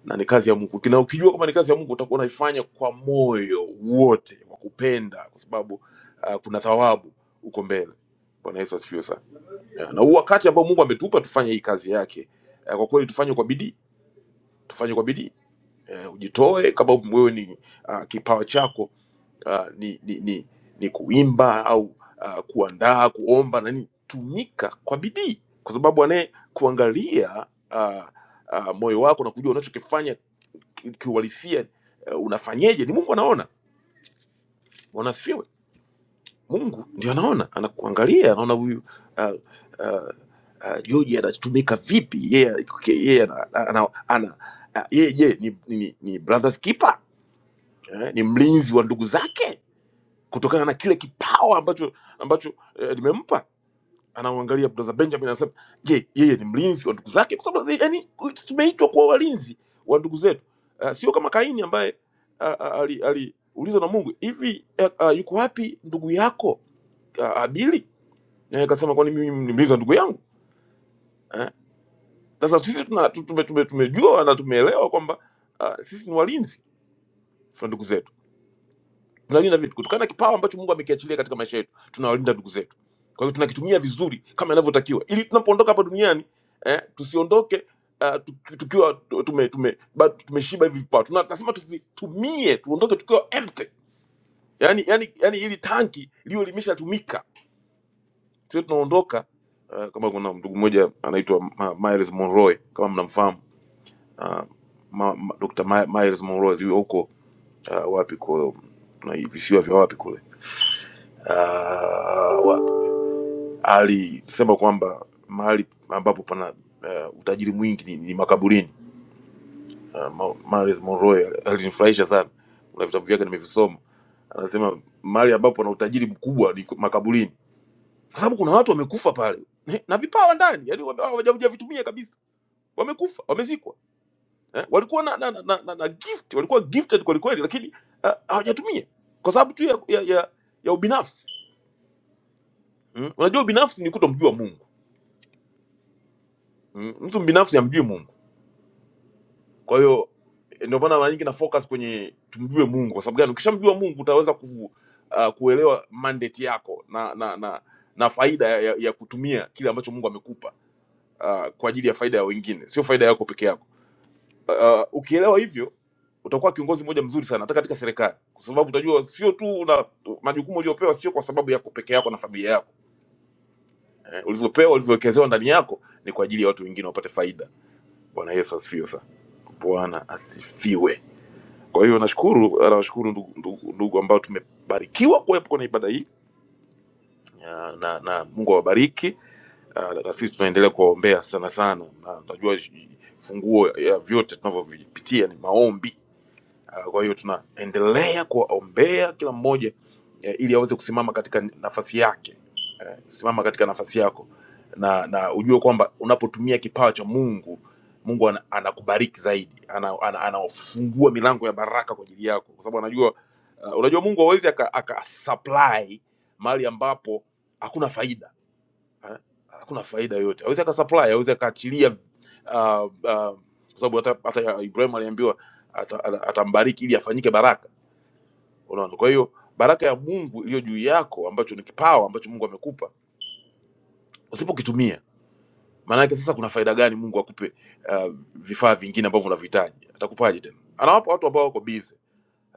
na ni kazi ya mungu na ukijua kwamba ni kazi ya mungu utakuwa unaifanya kwa moyo wote wa kupenda kwa sababu ah, kuna thawabu huko mbele bwana yesu asifiwe sana Ah, na huu wakati ambao mungu ametupa tufanye hii kazi yake ah, kwa kweli tufanye kwa bidii tufanye kwa bidii Eh, ujitoe kama wewe ni ah, kipawa chako uh, ni, ni, ni, ni kuimba au uh, kuandaa kuomba na nini tumika kwa bidii kwa sababu anaye kuangalia uh, uh, moyo wako na kujua unachokifanya ki- kiuhalisia uh, unafanyeje ni mungu anaona wanasifiwe mungu ndio anaona anakuangalia anaona huyu uh, uh, uh, joji anatumika vipi yeye yeye ana, ana, ana, uh, yeye je ni, ni, ni, ni brothers keeper eh, ni mlinzi wa ndugu zake kutokana na kile kipawa ambacho ambacho eh, limempa anauangalia brother benjamin anasema je yeye ni mlinzi wa ndugu zake kwa sababu eh, yani tumeitwa kuwa walinzi wa ndugu zetu uh, sio kama kaini ambaye uh, aliulizwa ali, ali ulizwa na mungu hivi uh, uh, yuko wapi ndugu yako uh, abili Eh, akasema kwani mimi ni mlinzi wa ndugu yangu Eh, sasa sisi tuna- tu- tume- tume- tumejua na tumeelewa kwamba uh, sisi ni walinzi wa ndugu zetu tunalinda vitu kutokana na kipawa ambacho mungu amekiachilia katika maisha yetu tunawalinda ndugu zetu kwa hiyo tunakitumia vizuri kama inavyotakiwa ili tunapoondoka hapa duniani eh, tusiondoke uh, tukiwa tume, tume, bado tumeshiba hivi vipawa Tuna- tunasema tuvitumie tuondoke tukiwa empty yani, yani, yani ili tanki liyo limeshatumika tuwe tunaondoka uh, kama kuna ndugu mmoja anaitwa Ma- Miles Monroe kama mnamfahamu uh, ma, ma, Dr. Ma, Miles Monroe zi- huko uh, wapi kwa mm, na visiwa vya wapi kule uh, wa- alisema kwamba mahali ambapo pana uh, utajiri mwingi ni, ni makaburini. Uh, Ma- Miles Monroe alinifurahisha sana, kuna vitabu vyake nimevisoma. Anasema mahali ambapo pana utajiri mkubwa ni makaburini, kwa sababu kuna watu wamekufa pale eh, na vipawa ndani, yani wame- hawajavitumia kabisa, wamekufa, wamezikwa eh? walikuwa na, na, na, na, na gift, walikuwa gifted kwelikweli, lakini ah, hawajatumia kwa sababu tu ya, ya, ya, ya ubinafsi mm? Unajua ubinafsi ni kutomjua Mungu Mm, mtu binafsi amjui Mungu. Kwa hiyo eh, ndio maana mara nyingi na focus kwenye tumjue Mungu. Kwa sababu gani? Ukishamjua Mungu utaweza kufu, uh, kuelewa mandate yako na na na na faida ya, ya, ya kutumia kile ambacho Mungu amekupa uh, kwa ajili ya faida ya wengine, sio faida yako peke yako. Uh, ukielewa hivyo utakuwa kiongozi mmoja mzuri sana hata katika serikali, kwa sababu utajua sio tu una majukumu uliopewa sio kwa sababu yako peke yako na familia yako eh, ulivyopewa ulivyowekezewa ndani yako ni kwa ajili ya watu wengine wapate faida. Bwana Yesu asifiwe sana. Bwana asifiwe. Kwa hiyo nashukuru, nawashukuru ndugu, ndugu, ndugu ambao tumebarikiwa kuwepo kwenye ibada hii Ya, na, na Mungu awabariki. Ah, Na sisi tunaendelea kuwaombea sana sana, na najua sh- funguo ya vyote tunavyovipitia ni maombi. Ah, Kwa hiyo tunaendelea kuwaombea kila mmoja eh, ili aweze kusimama katika nafasi yake simama katika nafasi yako na na ujue kwamba unapotumia kipawa cha mungu mungu ana- anakubariki ana zaidi anafungua ana, ana anafungua milango ya baraka kwa ajili yako kwa sababu anajua uh, unajua mungu hawezi aka, aka supply mahali ambapo hakuna faida eh? hakuna faida yoyote hawezi aka supply hawezi akaachilia uh, uh, kwa sababu hata, hata ibrahim aliambiwa ata- ata- atambariki ili afanyike baraka unaona kwa hiyo baraka ya mungu iliyo juu yako ambacho ni kipawa ambacho mungu amekupa usipokitumia maanake sasa kuna faida gani mungu akupe uh, vifaa vingine ambavyo unavihitaji atakupaje tena anawapa watu ambao wako bize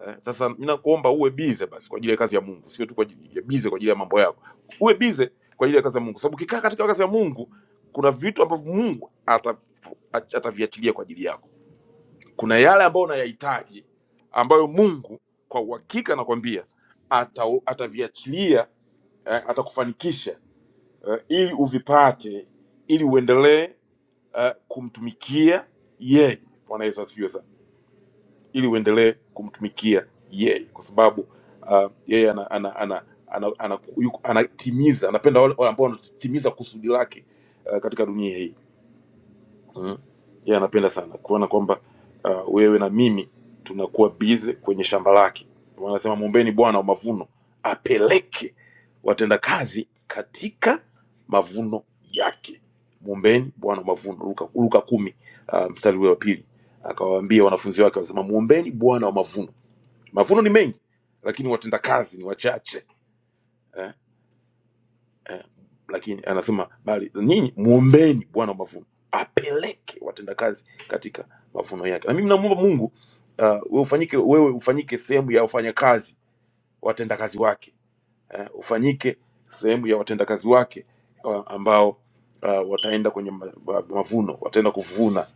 eh, sasa mi nakuomba uwe bize basi kwa ajili ya kazi ya mungu sio tu kwa ajili ya bize kwa ajili ya mambo yako uwe bize kwa ajili ya kazi ya mungu sababu ukikaa katika kazi ya mungu kuna vitu ambavyo mungu ata- ataviachilia kwa ajili yako kuna yale ambayo unayahitaji ambayo mungu kwa uhakika nakwambia ata- ataviachilia eh, atakufanikisha uh, ili uvipate ili uendelee uh, kumtumikia yeye bwana yesu asifiwe sana ili uendelee kumtumikia yeye kwa sababu uh, yeye ana, ana, ana, ana, ana, yuko- anatimiza anapenda wale wale ambao wanatimiza kusudi lake uh, katika dunia hii Mm. Yeye anapenda sana kuona kwamba uh, wewe na mimi tunakuwa bize kwenye shamba lake. Ndio maana Anasema mwombeni Bwana wa mavuno apeleke watendakazi katika mavuno yake. Mwombeni Bwana wa mavuno, Luka, Luka kumi uh, mstari ule wa pili. Akawaambia wanafunzi wake, wanasema mwombeni Bwana wa mavuno. Mavuno ni mengi, lakini watendakazi ni wachache. Eh? eh, lakini anasema bali nyinyi muombeeni Bwana wa mavuno apeleke watendakazi katika mavuno yake. Na mimi namwomba Mungu uh, wewe ufanyike wewe ufanyike sehemu ya wafanyakazi watendakazi wake eh, ufanyike sehemu ya watendakazi wake uh, ambao uh, wataenda kwenye ma, ma, mavuno wataenda kuvuna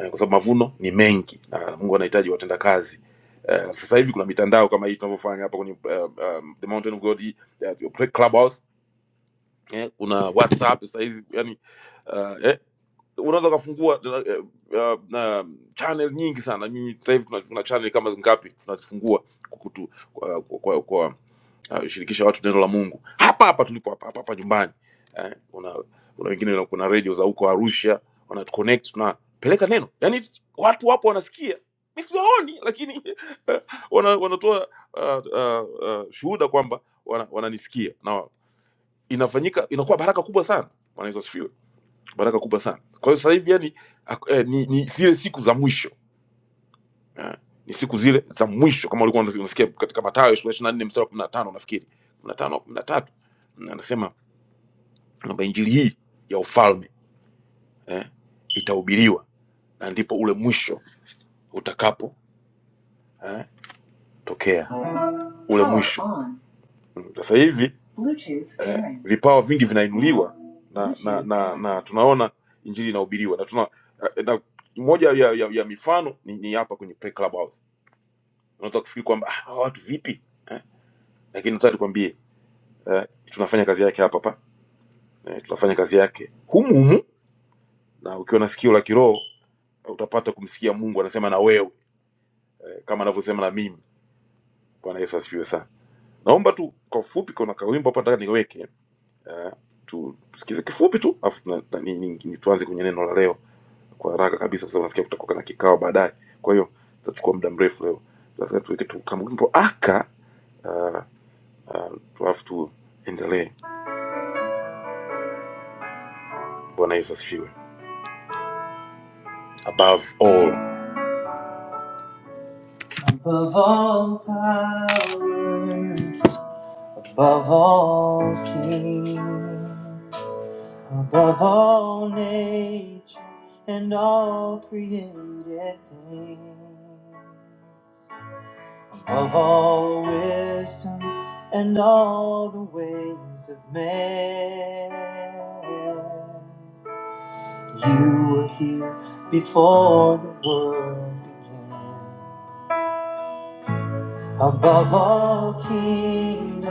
eh, kwa sababu mavuno ni mengi na Mungu anahitaji watendakazi. Eh, sasa hivi kuna mitandao kama hii tunavyofanya hapa kwenye uh, um, the Mountain of God hii, eh, Clubhouse eh, una whatsapp sahizi yani uh, eh, unaweza ukafungua eh, uh, na channel nyingi sana nyinyi sasa hivi tuna, tuna channel kama ngapi tunazifungua kukutu, kwa, kwa, kwa, kwa uh, shirikisha watu neno la mungu hapa hapa tulipo hapa hapa, hapa nyumbani eh, una, una wengine una- kuna radio za huko arusha wana connect tunapeleka neno yani it's- watu wapo wanasikia mi siwaoni lakini wana, wanatoa uh, uh, uh, shuhuda kwamba wana- wananisikia inafanyika inakuwa baraka kubwa sana bwana yesu asifiwe baraka kubwa sana kwa hiyo sasa hivi yani ak- eh, ni, ni zile siku za mwisho eh, ni siku zile za mwisho kama ulikuwa unasi- unasikia katika matayo sura 24 mstari wa kumi na tano nafikiri kumi na tano au kumi na tatu Na anasema kwamba injili hii ya ufalme eh, itahubiriwa na ndipo ule mwisho utakapo eh, tokea ule mwisho Mm, Sasa hivi Bluetooth eh, pairing. vipawa vingi vinainuliwa na na, Bluetooth na pairing. na tunaona injili inahubiriwa na tuna eh, na moja ya, ya, ya mifano ni, ni hapa kwenye Play Clubhouse. Unaweza kufikiri kwamba ah, hawa watu vipi eh? Lakini nataka nikwambie eh, tunafanya kazi yake hapa hapa eh, tunafanya kazi yake humu humu, na ukiwa na sikio la kiroho eh, utapata kumsikia Mungu anasema na wewe eh, kama anavyosema na mimi. Bwana Yesu asifiwe sana. Naomba tu kwa ufupi, kuna kawimbo hapa nataka niweke uh, tusikize kifupi tu afu tuna- nani- ni- ni- tuanze kwenye neno la leo kwa haraka kabisa kwa sababu nasikia kutakuwa na kikao baadaye kwa hiyo tutachukua muda mrefu leo lazima tuweke tu kama wimbo aka uh, uh, tuafu tuendelee bwana yesu asifiwe above all above all powers, above all kings above all nature and all created things of all wisdom and all the ways of man. You were here before the world began, above all kingdoms,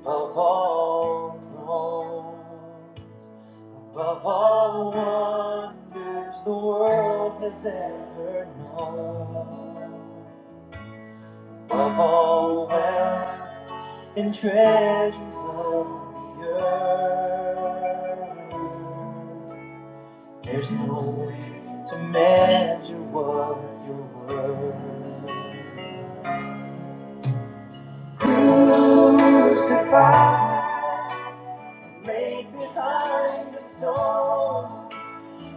above all thrones. Above all wonders the world has ever known. Of all wealth and treasures of the earth, there's no way to measure what you're worth. Crucified, laid behind the stone,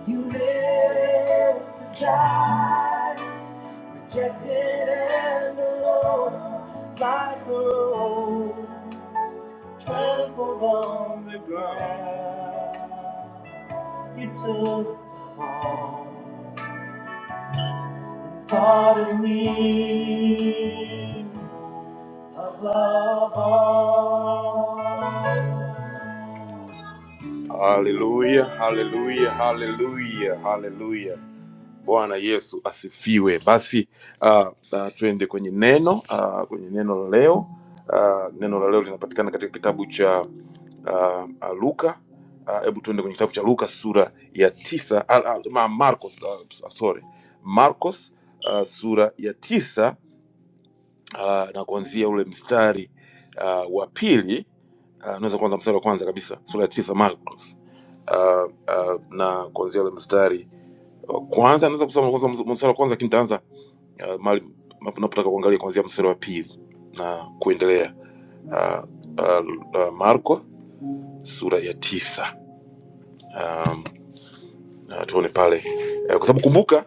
you live to die. Rejected and alone, like a rose trampled on the ground. You took all, thought of me above all. Hallelujah, hallelujah, hallelujah, hallelujah. Bwana Yesu asifiwe. Basi uh, uh, tuende kwenye neno uh, kwenye neno la leo uh, neno la leo linapatikana katika kitabu cha uh, uh, Luka. Ah, Hebu uh, tuende kwenye kitabu cha Luka sura ya tisa ah, ah, ma- Marcos, ah, sorry Marcos ah, sura ya tisa ah, na kuanzia ule mstari ah, wa pili ah, unaweza kuanza mstari wa kwanza kabisa sura ya tisa Marcos ah, ah, na kuanzia ule mstari kwanza naweza kusoma kwanza mz- mstari wa kwanza, lakini nitaanza uh, mahali mnapo- napotaka kuangalia kuanzia mstari wa pili na kuendelea. Uh, uh, uh, Marko sura ya tisa. Um, uh, tuone pale uh, kwa sababu kumbuka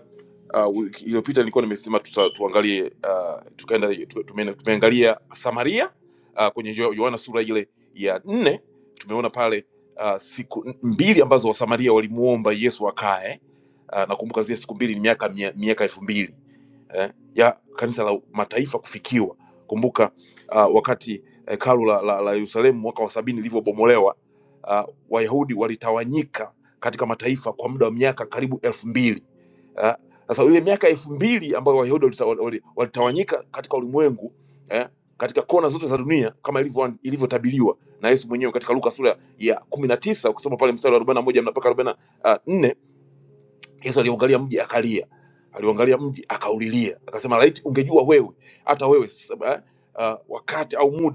uh, wiki iliyopita nilikuwa nimesema tuta, tuangalie uh, tukaenda tu- tumeenda- tumeangalia Samaria uh, kwenye Yo- Yohana sura ile ya nne tumeona pale uh, siku n- mbili ambazo Wasamaria walimuomba Yesu akae uh, nakumbuka zile siku mbili ni miaka mia- miaka elfu mbili eh, ya kanisa la mataifa kufikiwa. Kumbuka uh, wakati hekalu eh, kalu la Yerusalemu la- la Yerusalemu mwaka wa sabini lilivyobomolewa uh, Wayahudi walitawanyika katika mataifa kwa muda wa miaka karibu elfu mbili eh. Sasa ile miaka elfu mbili ambayo Wayahudi walita- wali- walitawanyika katika ulimwengu eh, katika kona zote za dunia kama ilivyo- ilivyotabiriwa na Yesu mwenyewe katika Luka sura ya kumi na tisa ukisoma pale mstari wa 41 mpaka 44 Yesu aliangalia mji akalia, aliangalia mji akaulilia, akasema laiti ungejua wewe, hata wewe sasa, eh, ah, wakati au muda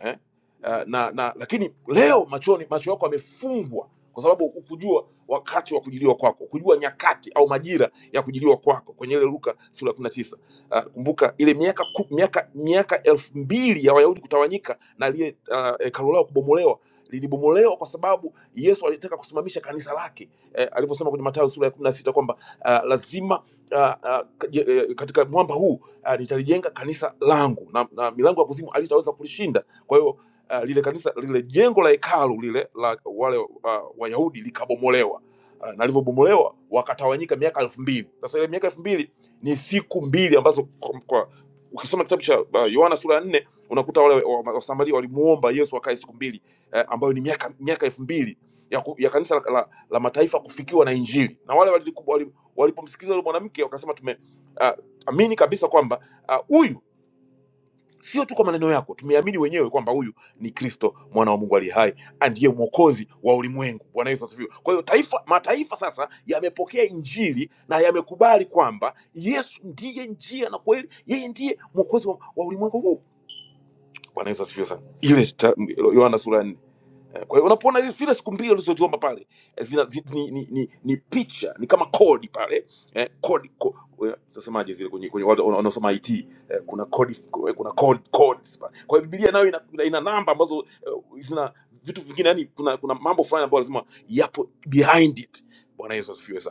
eh? Uh, na, na lakini leo machoni macho yako yamefungwa kwa sababu hukujua wakati wa kujiliwa kwako, hukujua nyakati au majira ya kujiliwa kwako kwenye ile Luka sura ya 19. Uh, kumbuka ile miaka ku- miaka miaka elfu mbili ya Wayahudi kutawanyika na lile uh, hekalu lao kubomolewa lilibomolewa kwa sababu Yesu alitaka kusimamisha kanisa lake eh, alivyosema kwenye Mathayo sura ya 16 kwamba uh, lazima uh, uh, katika mwamba huu uh, nitalijenga kanisa langu na, na milango ya kuzimu halitaweza kulishinda kwa hiyo uh, lile kanisa lile jengo la hekalu lile la wale uh, Wayahudi likabomolewa uh, na lilivyobomolewa wakatawanyika miaka elfu mbili. Sasa ile miaka elfu mbili ni siku mbili ambazo kwa, kwa, ukisoma kitabu cha uh, Yohana sura ya nne unakuta wale wa- wa- Wasamaria walimuomba Yesu akae siku mbili eh, ambayo ni miaka miaka elfu mbili ya, ku- ya kanisa la, la, la mataifa kufikiwa na Injili na wale waliku- wali- walipomsikiliza yule mwanamke wakasema tume uh, amini kabisa kwamba ah, huyu sio tu kwa maneno yako tumeamini wenyewe kwamba huyu ni kristo mwana wa mungu aliye hai andiye mwokozi wa ulimwengu bwana yesu asifiwe kwa hiyo taifa mataifa sasa yamepokea injili na yamekubali kwamba yesu ndiye njia na kweli yeye ndiye mwokozi wa, wa ulimwengu huu bwana yesu asifiwe sana ile ta- yohana sura ya nne Eh, Kwa hiyo unapoona hizi- zile siku mbili ulizoziomba pale eh, zina, zi, ni, ni, ni, ni picha ni kama kodi pale eh, kodi ko, eh, tasemaje zile kwenye, kwenye watu wana- wanaosoma IT eh, kuna kodi eh, kuna code, codes pale. Kwa hiyo Biblia nayo ina, ina, ina namba ambazo eh, zina vitu vingine yani kuna, kuna mambo fulani ambayo lazima yapo behind it. Bwana Yesu asifiwe sana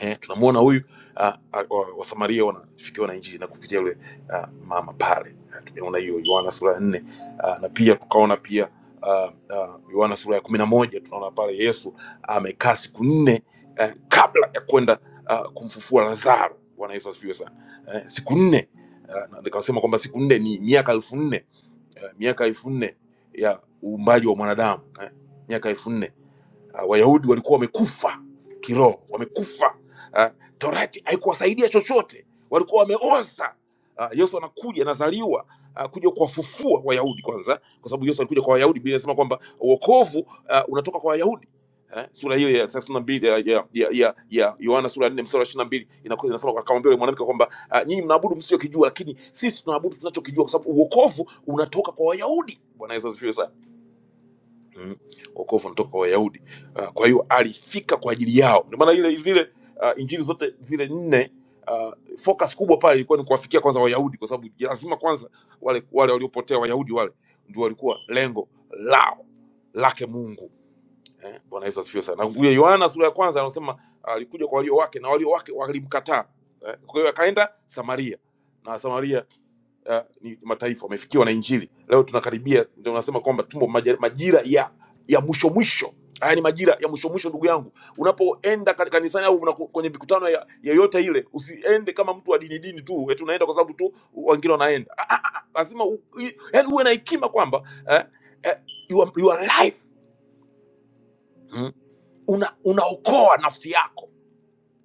eh, tunamuona huyu ah, ah, wa- wasamaria wanafikiwa na injili na kupitia yule ah, mama pale Ah, tumeona hiyo yohana sura ya nne ah, na pia tukaona pia ah, ah, yohana sura ya kumi na moja tunaona pale yesu amekaa siku nne eh, kabla ya kwenda ah, kumfufua lazaro bwana yesu asifiwe sana eh, siku nne ah, na nikasema kwamba siku nne ni miaka elfu nne eh, miaka elfu nne ya uumbaji wa mwanadamu eh, miaka elfu nne uh, wayahudi walikuwa wamekufa kiroho wamekufa uh, torati haikuwasaidia chochote walikuwa wameoza uh, yesu anakuja anazaliwa uh, kuja kuwafufua wayahudi kwanza kwa sababu yesu alikuja kwa wayahudi bili inasema kwamba uokovu uh, unatoka kwa wayahudi Eh, sura hiyo ya thelathini na mbili ya ya ya ya- ya Yohana sura ya nne mstari wa ishirini na mbili inaku- inasema akamwambia yule mwanamke kwamba uh, nyinyi mnaabudu msiokijua, lakini sisi tunaabudu tunachokijua, kwa sababu uokovu unatoka kwa Wayahudi. Bwana Yesu asifiwe sana mm, wokovu unatoka kwa Wayahudi. Uh, kwa hiyo alifika kwa ajili yao, ndio maana ile zile uh, injili zote zile nne uh, focus kubwa pale ilikuwa ni kuwafikia kwanza Wayahudi, kwa sababu lazima kwanza wale wale waliopotea Wayahudi wale ndio walikuwa lengo lao lake Mungu. Eh, Bwana Yesu asifiwe sana. Na Huyo Yohana sura ya kwanza anasema ah, alikuja kwa walio wake na walio wake walimkataa. Eh, kwa hiyo akaenda Samaria na Samaria uh, ni mataifa wamefikiwa na injili leo tunakaribia ndio unasema kwamba tumo maja- majira ya ya mwisho mwisho haya ni majira ya mwisho mwisho ndugu yangu unapoenda ka- kanisani au unako- kwenye mikutano ya- yoyote ile usiende kama mtu wa dini dini tu eti unaenda kwa sababu tu wengine wanaenda Ah, ah, ah, lazima u- i- yaani uwe na hekima kwamba eh, eh, your, your life mm. unaokoa una unaokoa nafsi yako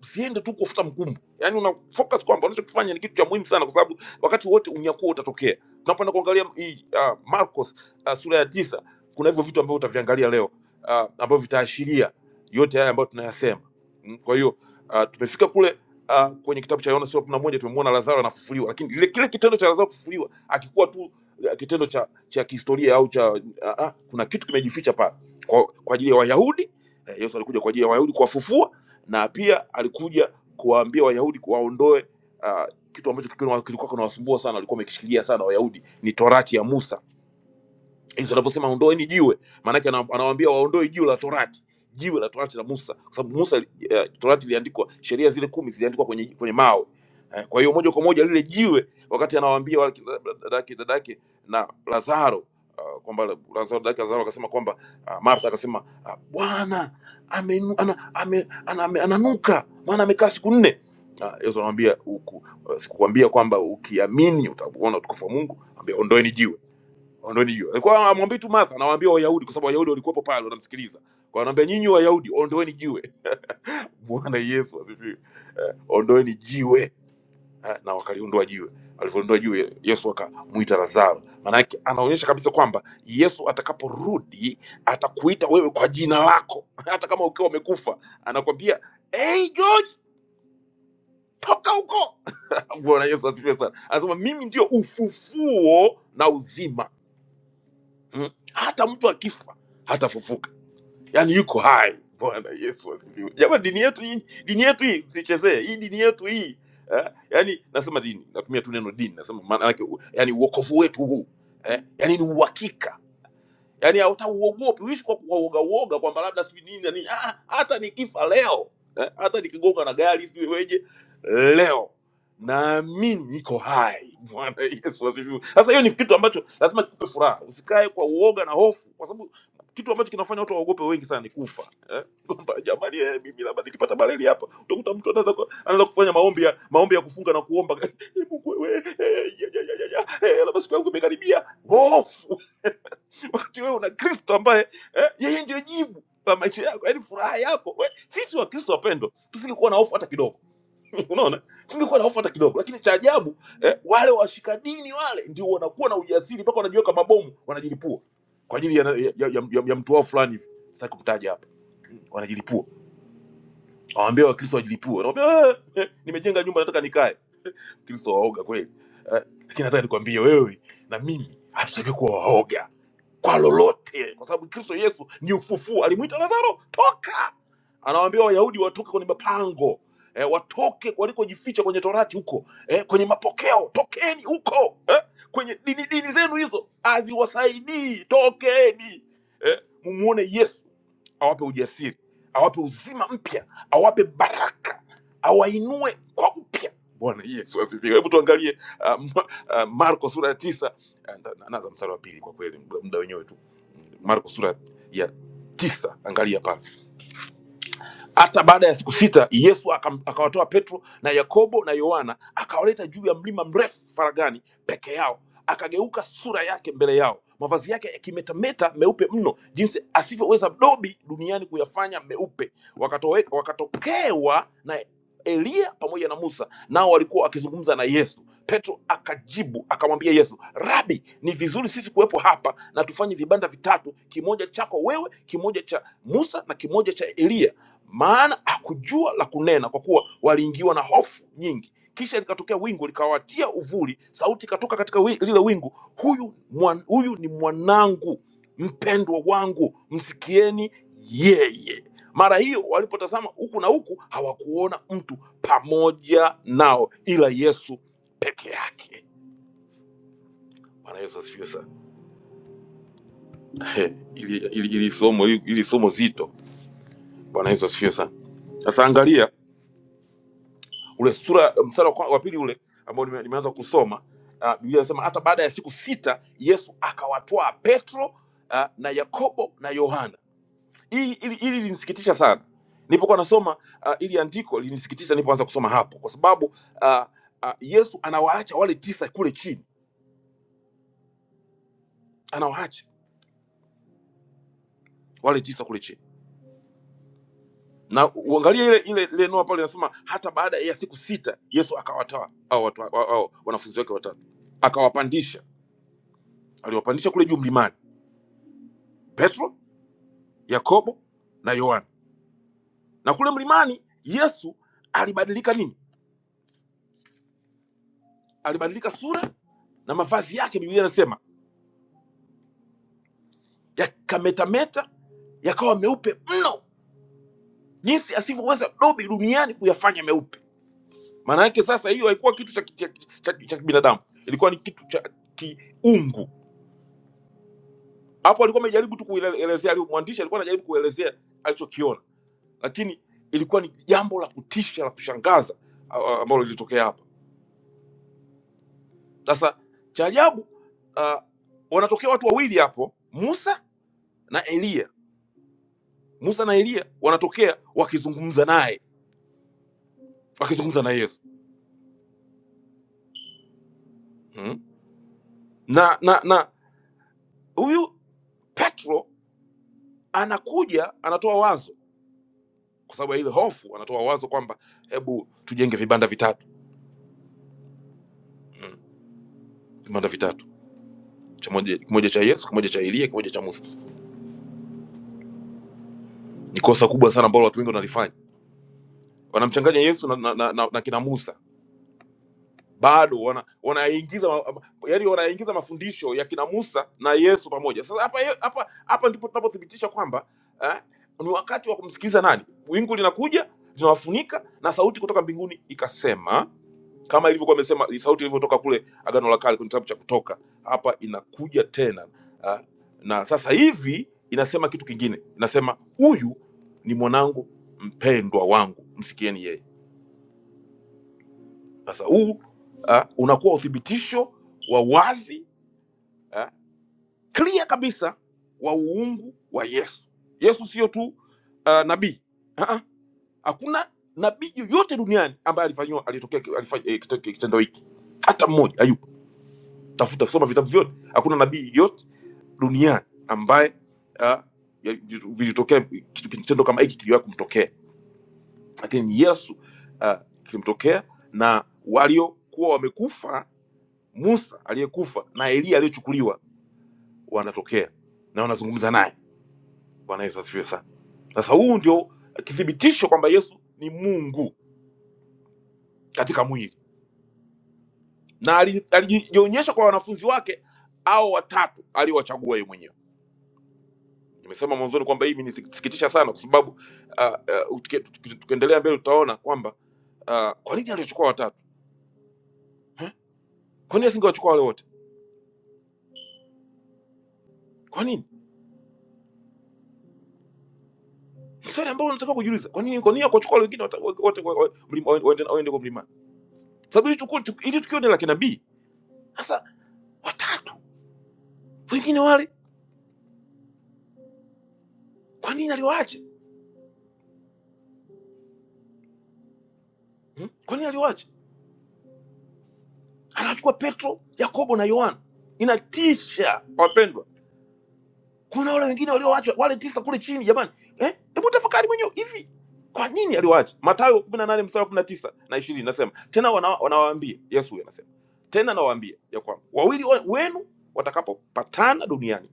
usiende tu kufuta mkumbo yani una focus kwamba unachokifanya ni kitu cha muhimu sana kwa sababu wakati wote unyakuo utatokea tunapoenda kuangalia hii uh, marcos uh, sura ya tisa kuna hivyo vitu ambavyo utaviangalia leo uh, ambavyo vitaashiria yote haya ambayo tunayasema Mm, kwa hiyo uh, tumefika kule uh, kwenye kitabu cha yohana sura ya kumi na moja tumemwona lazaro anafufuliwa lakini lile kile kitendo cha lazaro kufufuliwa akikuwa tu uh, kitendo cha cha kihistoria au cha uh, uh, kuna kitu kimejificha pale kwa, kwa ajili ya wayahudi eh, yesu alikuja kwa ajili ya wayahudi kuwafufua na pia alikuja kuwaambia Wayahudi kuwaondoe ah, kitu ambacho kilikuwa kilikuwa kinawasumbua sana, walikuwa wamekishikilia sana Wayahudi, ni torati ya Musa Yesu anavyosema ondoeni jiwe, maanake ana- anawaambia waondoe jiwe la Torati, jiwe la Torati la Musa, kwa sababu Musa uh, Torati iliandikwa, sheria zile kumi ziliandikwa kwenye, kwenye mawe eh, kwa hiyo moja kwa moja lile jiwe, wakati anawaambia wale kina- dadake dadake na Lazaro uh, kwamba Lazaro dadake Lazaro akasema kwamba uh, Martha akasema uh, Bwana amenu- ana- ame- ana- ame- ananuka maana amekaa siku nne. Ah, Yesu anamwambia "Uku- sikukwambia kwamba ukiamini utaona utukufu wa Mungu, ambia ondoeni jiwe ondoni jiwe. Kwa hiyo amwambii tu Martha, anawaambia Wayahudi kwa sababu Wayahudi walikuwepo pale wanamsikiliza. Kwa hiyo anawaambia nyinyi Wayahudi ondoeni jiwe. Bwana Yesu asifiwe. Eh, ondoeni jiwe. Eh, na wakaliondoa jiwe. Walivyoondoa jiwe Yesu akamuita Lazaro. Maana yake anaonyesha kabisa kwamba Yesu atakaporudi atakuita wewe kwa jina lako hata kama ukiwa umekufa. Anakwambia, "Hey George, toka huko." Bwana Yesu asifiwe sana. Anasema mimi ndio ufufuo na uzima. Hmm. Hata mtu akifa hatafufuka yaani yuko hai. Bwana Yesu asifiwe. Jamani, dini yetu hii, dini yetu hii msichezee, hii dini yetu hii eh? Yaani nasema dini, natumia tu neno dini, nasema maana yake u- yaani uokovu wetu huu eh? Yaani ni uhakika yani hautauogopi uishi kwa kwa uoga uoga kwamba labda sijui nini na nini Ah, ah, hata nikifa leo eh, hata nikigonga na gari sijui weje leo naamini niko hai bwana yesu asifiwe sasa hiyo ni kitu ambacho lazima kikupe furaha usikae kwa uoga na hofu kwa sababu kitu ambacho kinafanya watu waogope wengi sana ni kufa eh? kwamba jamani eh, mimi labda nikipata maleli hapa utakuta mtu anaweza ku- anaweza kufanya maombi ya maombi ya kufunga na kuomba "Eh, mungu wewe eh, ya, ya, ya, ya, ya, eh, labda siku yangu imekaribia hofu wakati wewe una kristo ambaye eh, yeye ndio jibu la maisha yako yaani furaha yako we, sisi wakristo wapendwa tusingekuwa na hofu hata kidogo unaona tusingekuwa na hofu hata kidogo lakini cha ajabu eh, wale washika dini wale ndio wanakuwa na ujasiri mpaka wanajiweka mabomu wanajilipua kwa ajili ya, ya, ya, ya, ya mtu wao fulani hivi sitaki kumtaja hapa wanajilipua awambia wakristo wajilipue Wanawaambia, eh, eh, nimejenga nyumba nataka nikae kristo waoga kweli eh, lakini nataka nikwambie wewe na mimi hatusakiwi kuwa waoga kwa lolote, kwa sababu Kristo Yesu ni ufufuo. Alimwita Lazaro, toka. Anawaambia Wayahudi watoke kwenye mapango eh, watoke walikojificha kwenye torati huko eh, kwenye mapokeo, tokeni huko eh, kwenye dini dini zenu hizo haziwasaidii, tokeni eh, mumuone Yesu awape ujasiri, awape uzima mpya, awape baraka, awainue kwa upya. Bwana Yesu asifiwe. Hebu tuangalie uh, Ma- uh, Marko sura ya tisa, eh, na- naanza mstari wa pili, kwa kweli muda muda wenyewe tu marko sura ya tisa angalia pale hata baada ya siku sita Yesu akam- akawatoa Petro na Yakobo na Yohana akawaleta juu ya mlima mrefu faragani peke yao, akageuka sura yake mbele yao, mavazi yake yakimetameta meupe mno, jinsi asivyoweza dobi duniani kuyafanya meupe. Wakatowe, wakatokewa na Eliya pamoja na Musa, nao walikuwa wakizungumza na Yesu. Petro akajibu akamwambia Yesu, Rabi, ni vizuri sisi kuwepo hapa na tufanye vibanda vitatu, kimoja chako wewe, kimoja cha Musa na kimoja cha Eliya maana hakujua la kunena kwa kuwa waliingiwa na hofu nyingi kisha likatokea wingu likawatia uvuli sauti ikatoka katika wi, lile wingu huyu, mwan, huyu ni mwanangu mpendwa wangu msikieni yeye mara hiyo walipotazama huku na huku hawakuona mtu pamoja nao ila yesu peke yake bwana yesu asifiwe sana ili, ili, ili somo ili somo zito bwana yesu asifiwe sana sasa angalia ule sura mstari wa kwa- wa pili ule ambao nime- nimeanza kusoma uh, biblia inasema hata baada ya siku sita yesu akawatwaa petro uh, na yakobo na yohana hili hili hili linisikitisha sana nilipokuwa nasoma uh, ili andiko linisikitisha nilipoanza kusoma hapo kwa sababu uh, uh, yesu anawaacha wale tisa kule chini anawaacha wale tisa kule chini na uangalie ile ile ile neno pale linasema hata baada ya siku sita yesu akawatwaa au watu au, au, wanafunzi wake watatu akawapandisha aliwapandisha kule juu mlimani Petro, Yakobo na Yohana. Na kule mlimani Yesu alibadilika nini? Alibadilika sura na mavazi yake, Biblia inasema yakametameta, yakawa meupe mno, jinsi asivyoweza dobi duniani kuyafanya meupe. Maana yake sasa, hiyo haikuwa kitu cha cha- cha- cha kibinadamu, ilikuwa ni kitu cha kiungu. Hapo alikuwa amejaribu tu kuelezea, alio- mwandishi alikuwa anajaribu kuelezea alichokiona, lakini ilikuwa ni jambo la kutisha la kushangaza a- a- ambalo lilitokea hapo. Sasa cha ajabu ah, wanatokea watu wawili hapo, Musa na Eliya. Musa na Eliya wanatokea wakizungumza naye, wakizungumza na Yesu hmm. na na na huyu Petro anakuja anatoa wazo, kwa sababu ya ile hofu, anatoa wazo kwamba hebu tujenge vibanda vitatu hmm. vibanda vitatu cha moja- kimoja cha Yesu, kimoja cha Eliya, kimoja cha Musa. Ni kosa kubwa sana ambalo watu wengi wanalifanya, wanamchanganya Yesu na, na, na, na, na kina Musa bado wana wanaingiza ma- yaani wanaingiza mafundisho ya kina Musa na Yesu pamoja. Sasa hapa ye- hapa hapa ndipo tunapothibitisha kwamba eh, ni wakati wa kumsikiliza nani? Wingu linakuja linawafunika, na sauti kutoka mbinguni ikasema, kama ilivyokuwa imesema sauti ilivyotoka kule Agano la Kale kwenye kitabu cha Kutoka, hapa inakuja tena eh, na sasa hivi inasema kitu kingine, inasema huyu ni mwanangu mpendwa wangu, msikieni yeye. Sasa huu ah, unakuwa uthibitisho wa wazi ah, clear kabisa wa uungu wa Yesu. Yesu sio tu ah, nabii Ah, ah, hakuna nabii yoyote duniani ambaye alifanyiwa alitokea ki- alifanya, eh, kito- kitendo hiki, hata mmoja. Ayubu, tafuta soma vitabu vyote, hakuna nabii yote duniani ambaye ah, ya- vilitokea kitu kitendo kama hiki kiliwahi kumtokea, lakini Yesu ah, kilimtokea na waliokuwa wamekufa Musa aliyekufa na Eliya aliyechukuliwa wanatokea na wanazungumza naye. Bwana Yesu asifiwe sana. Sasa huu ndio kithibitisho kwamba Yesu ni Mungu katika mwili na ali- alijionyesha kwa wanafunzi wake au watatu aliowachagua yeye mwenyewe. Nimesema mwanzoni kwamba hii imenisikitisha sana, kwa sababu ah, ah, tuki- tuki- tukiendelea mbele tutaona kwamba ah, kwa nini aliwachukua watatu Huh? Kwa nini asingewachukua wale wote? Kwa nini? Ni Swali ambalo unataka kujiuliza. Kwa nini kwa nini akawachukua wale wengine wata- wote wa- wa- mlima- waende waende kwa mlimani? sababu ili tukio, ili tukio ni la kinabii. Sasa watatu wengine wale, kwa nini aliwaacha hmm? Kwa nini aliwaacha? Anachukua Petro, Yakobo na Yohana. Inatisha wapendwa, kuna wale wengine walioachwa wale tisa kule chini. Jamani, eh, hebu tafakari mwenyewe hivi, kwa nini aliwaacha? Mathayo kumi na nane mstari wa kumi na tisa na ishirini nasema tena, wana- wanawaambia Yesu huyu anasema tena, nawaambia ya kwamba wawili wa- wenu watakapopatana duniani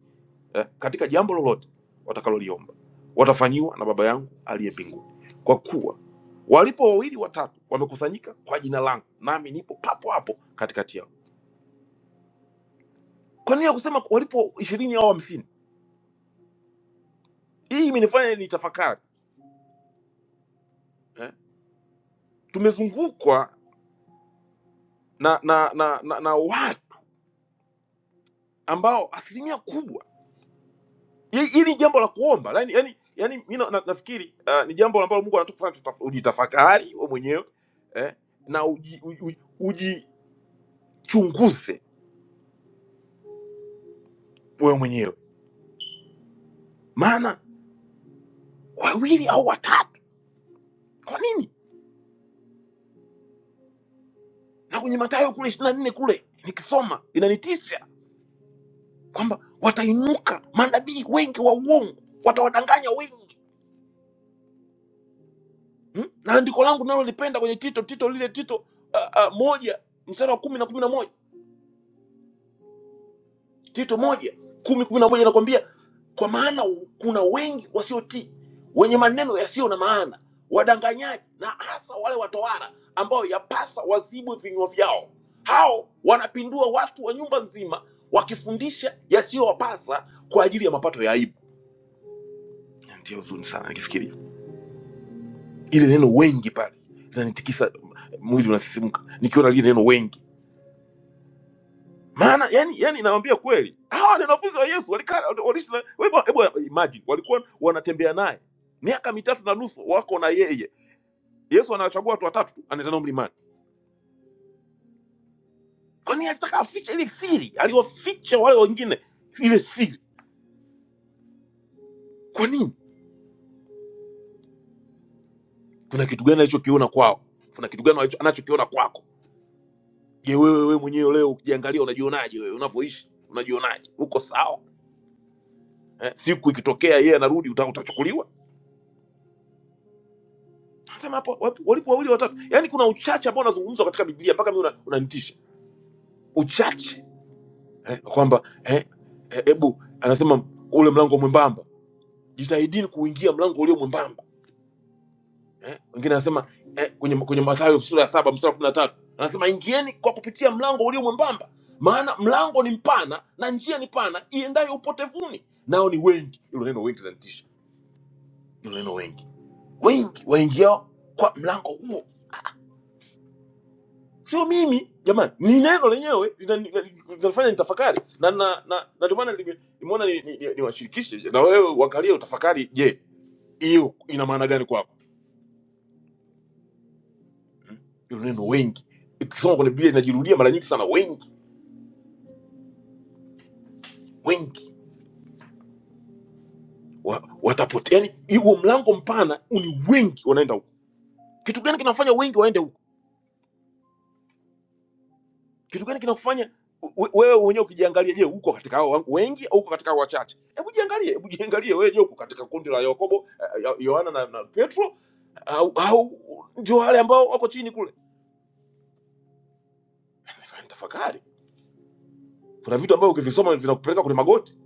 eh, katika jambo lolote watakaloliomba watafanyiwa na baba yangu aliye mbinguni kwa kuwa walipo wawili watatu wamekusanyika kwa jina langu nami nipo papo hapo katikati yao kwa nini ya kusema walipo ishirini au hamsini hii imenifanya nitafakari eh? tumezungukwa na na, na na na watu ambao asilimia kubwa hii hii ni jambo la kuomba yani, yani, yani mi na, na- nafikiri uh, ni jambo ambalo mungu anatufanya ujitafakari wewe mwenyewe eh? na ujichunguze uji, uji ujichunguze wewe mwenyewe maana wawili au watatu kwa nini na kwenye matayo kule ishirini na nne kule nikisoma inanitisha kwamba watainuka manabii wengi wa uongo watawadanganya wengi hmm? na andiko langu nalolipenda kwenye tito tito lile tito uh, uh, moja mstari wa kumi na kumi na moja Tito moja kumi kumi na moja inakwambia kwa maana kuna wengi wasiotii wenye maneno yasiyo na maana, wadanganyaji na hasa wale watowara ambao yapasa wazibu vinywa vyao. Hao wanapindua watu wa nyumba nzima wakifundisha yasiyowapasa kwa ajili ya mapato ya aibu. Ndio huzuni sana nikifikiria ile neno wengi pale linanitikisa mwili, unasisimka nikiona lile neno wengi. maana yani yani nawaambia kweli hawa ni wanafunzi wa yesu walikaa waliishi na- hebu hebu imagine walikuwa wanatembea naye miaka mitatu na nusu wako na yeye yesu anawachagua watu watatu tu, anaenda nao mlimani kwa nini alitaka afiche ile siri aliwaficha wale wengine ile siri kwa nini kuna kitu gani alichokiona kwao kuna kitu gani alicho- anachokiona kwako je wewe wewe mwenyewe leo ukijiangalia unajionaje wewe unavyoishi unajionaje uko sawa eh? siku ikitokea yeye anarudi uta- utachukuliwa Sema hapo wapo- walipo wawili watatu, yaani kuna uchache ambao unazungumzwa katika Biblia mpaka mimi una- unanitisha Una uchache eh, kwamba eh, hebu eh, ebu anasema ule mlango mwembamba, jitahidini kuingia mlango ulio mwembamba eh. Wengine anasema eh, kwenye kwenye Mathayo sura ya saba mstari wa kumi na tatu anasema ingieni kwa kupitia mlango ulio mwembamba, maana mlango ni mpana na njia ni pana iendayo upotevuni, nao ni wengi. Hilo neno wengi linanitisha, hilo neno wengi, wengi waingiao kwa mlango huo sio mimi jamani ni neno lenyewe linani- linanifanya nitafakari na na na na ndio maana nime- nimeona niwashirikishe ni, ni, ni, niwashirikishe na wewe uangalie utafakari je hiyo ina maana gani kwako Hmm? hilo neno wengi ikisoma kwenye biblia inajirudia mara nyingi sana wengi wengi wa, watapotea yani huo mlango mpana ni wengi wanaenda huko kitu gani kinafanya wengi waende huko kitu gani kinafanya we- wewe mwenyewe ukijiangalia je uko katika hao wangu wengi au uko katika hao wachache hebu jiangalie hebu jiangalie wewe je uko katika kundi la yakobo eh, Yo- yohana na, na petro au, au ndio wale ambao wako chini kule. Nifanya tafakari, kuna vitu ambavyo ukivisoma vinakupeleka kwenye magoti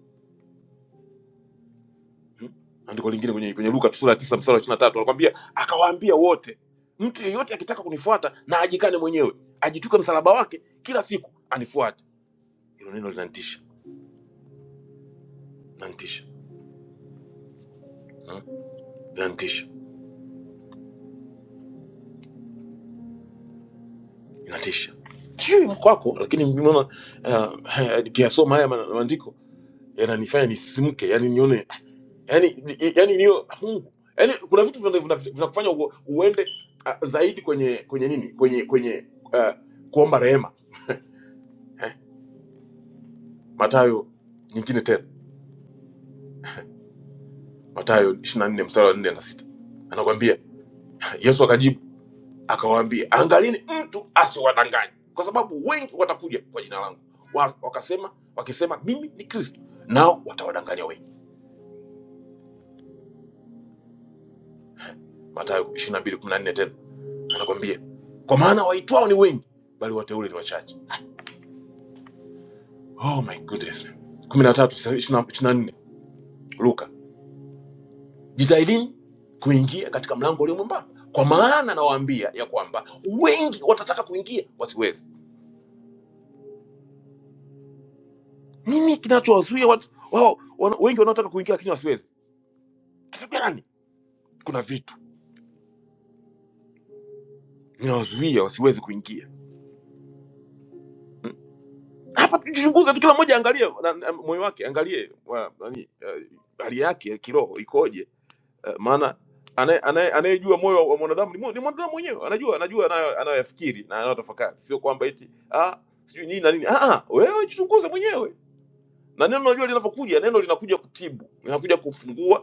hmm? Andiko lingine kwenye, kwenye Luka sura ya tisa mstari wa ishirini na tatu anakwambia akawaambia wote, mtu yeyote akitaka kunifuata na ajikane mwenyewe, ajituke msalaba wake kila siku anifuate. Hilo neno linanitisha, linanitisha, hmm? linanitisha, linatisha. Sijui kwako, lakini nimeona uh, haya, nikiyasoma haya ma- maandiko yananifanya nisimke, yani nione yani yani niyo Mungu yani kuna vitu vina- vina- vinakufanya uo- uende uh, zaidi kwenye kwenye nini kwenye kwenye uh, kuomba rehema eh? Matayo nyingine tena Matayo 24 mstari wa 4 na 6 anakuambia Yesu akajibu akawaambia angalini mtu asiwadanganye kwa sababu wengi watakuja kwa jina langu Wa- wakasema wakisema mimi ni Kristo nao watawadanganya wengi Matayo 22:14 tena anakwambia kwa maana waitwao ni wengi bali wateule ni wachache Oh my goodness. kumi na tatu sasa ishirini na nne Luka, jitahidini kuingia katika mlango ulio mwembamba, kwa maana nawaambia ya kwamba wengi watataka kuingia wasiweze. Nini kinachowazuia watu wao, wana- wengi wanaotaka kuingia lakini wasiweze? Kitu gani? Kuna vitu vinawazuia wasiweze kuingia Mm. hapa. Tujichunguze tu, kila mmoja angalie na- na moyo wake, angalie wa- nani, eh, hali yake kiroho ikoje Eh, maana anaye- anaye- anayejua moyo wa mwanadamu ni mwa- ni mwanadamu mwenyewe, anajua anajua anayo- anayoyafikiri na anayotafakari, sio kwamba eti ah, sijui nini na nini. Ah, ah, wewe jichunguze mwenyewe, na neno unajua linavyokuja, neno linakuja kutibu, linakuja kufungua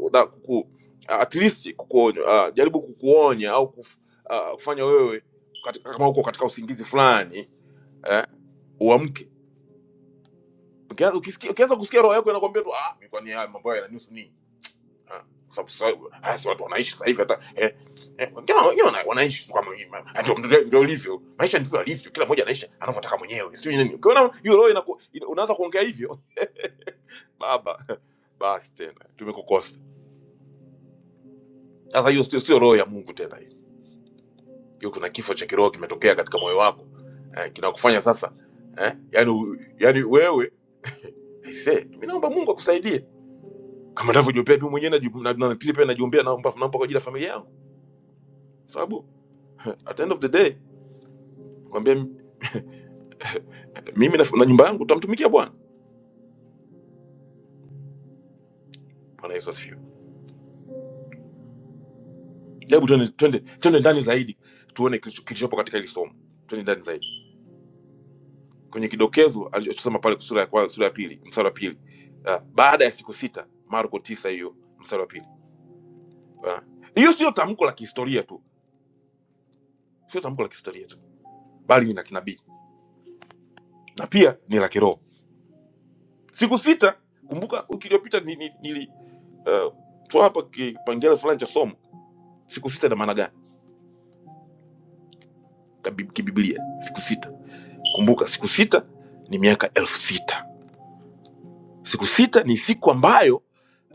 uh, na kuku, ah, at least kukuonya, ah, jaribu kukuonya au kuf, ah, kufanya wewe katika, kama uko katika usingizi fulani eh, uamke. Ukianza ukisikia- ukianza kusikia roho yako inakwambia tu ah, mimi kwani haya mambo haya yananihusu nini? Ah, kwa sababu sasa haya si watu wanaishi sasa hivi hata eh, eh, wengine wana- wengine wana- wanaishi tu kama hivi ma- ndio ndio ndio ulivyo maisha ndivyo alivyo kila mmoja anaishi anavyotaka mwenyewe sio nini ukiona hiyo roho inaku- ina- unaanza kuongea hivyo baba basi tena tumekukosa sasa hiyo sio sio roho ya Mungu tena hiyo hiyo kuna kifo cha kiroho kimetokea katika moyo wako eh, kinakufanya sasa eh, yani yani wewe aisee mimi naomba Mungu akusaidie kama ninavyojiombea mimi mwenyewe najibu- na na pili pia najiombea naomba naomba kwa ajili ya familia yangu sababu at the end of the day kwambia mimi na, na nyumba yangu tutamtumikia bwana bwana yesu asifiwe hebu twende twende twende ndani zaidi tuone kilicho- kilichopo katika hili somo twende ndani zaidi kwenye kidokezo alichosema pale sura ya kwanza sura ya pili mstari wa pili Ah, baada ya siku sita marko tisa hiyo mstari wa pili Ah. hiyo uh, sio tamko la kihistoria tu sio tamko la kihistoria tu bali ni la kinabii na pia ni la kiroho siku sita kumbuka wiki iliyopita ni- ni- nili uh, toa hapa kipengele fulani cha somo siku sita ina maana gani Kabib- kibiblia siku sita Kumbuka siku sita ni miaka elfu sita. Siku sita ni siku ambayo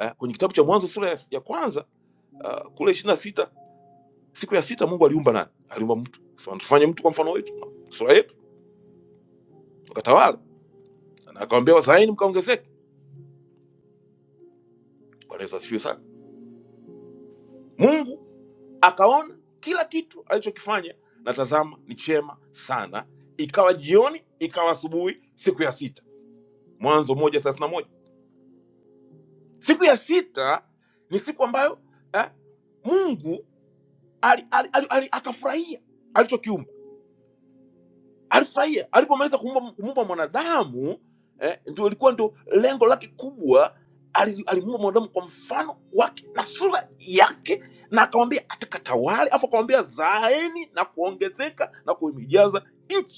uh, kwenye kitabu cha Mwanzo sura ya, ya kwanza uh, kule ishirini na sita siku ya sita Mungu aliumba nani? Aliumba mtu, akasema tufanye mtu kwa mfano wetu, sura yetu, wakatawala na akawambia wazaeni mkaongezeke. Bwana Yesu asifiwe sana. Mungu akaona kila kitu alichokifanya na tazama ni chema sana, ikawa jioni, ikawa asubuhi, siku ya sita. Mwanzo moja thelathini na moja. Siku ya sita ni siku ambayo eh, Mungu ali, ali, ali, ali, akafurahia alichokiumba, alifurahia alipomaliza kuumba kumuumba mwanadamu eh, ndio ilikuwa ndio lengo lake kubwa. Ali- Alimuumba mwanadamu kwa mfano wake na sura yake, na akamwambia atakatawale, afu akamwambia zaeni na kuongezeka na kuimijaza nchi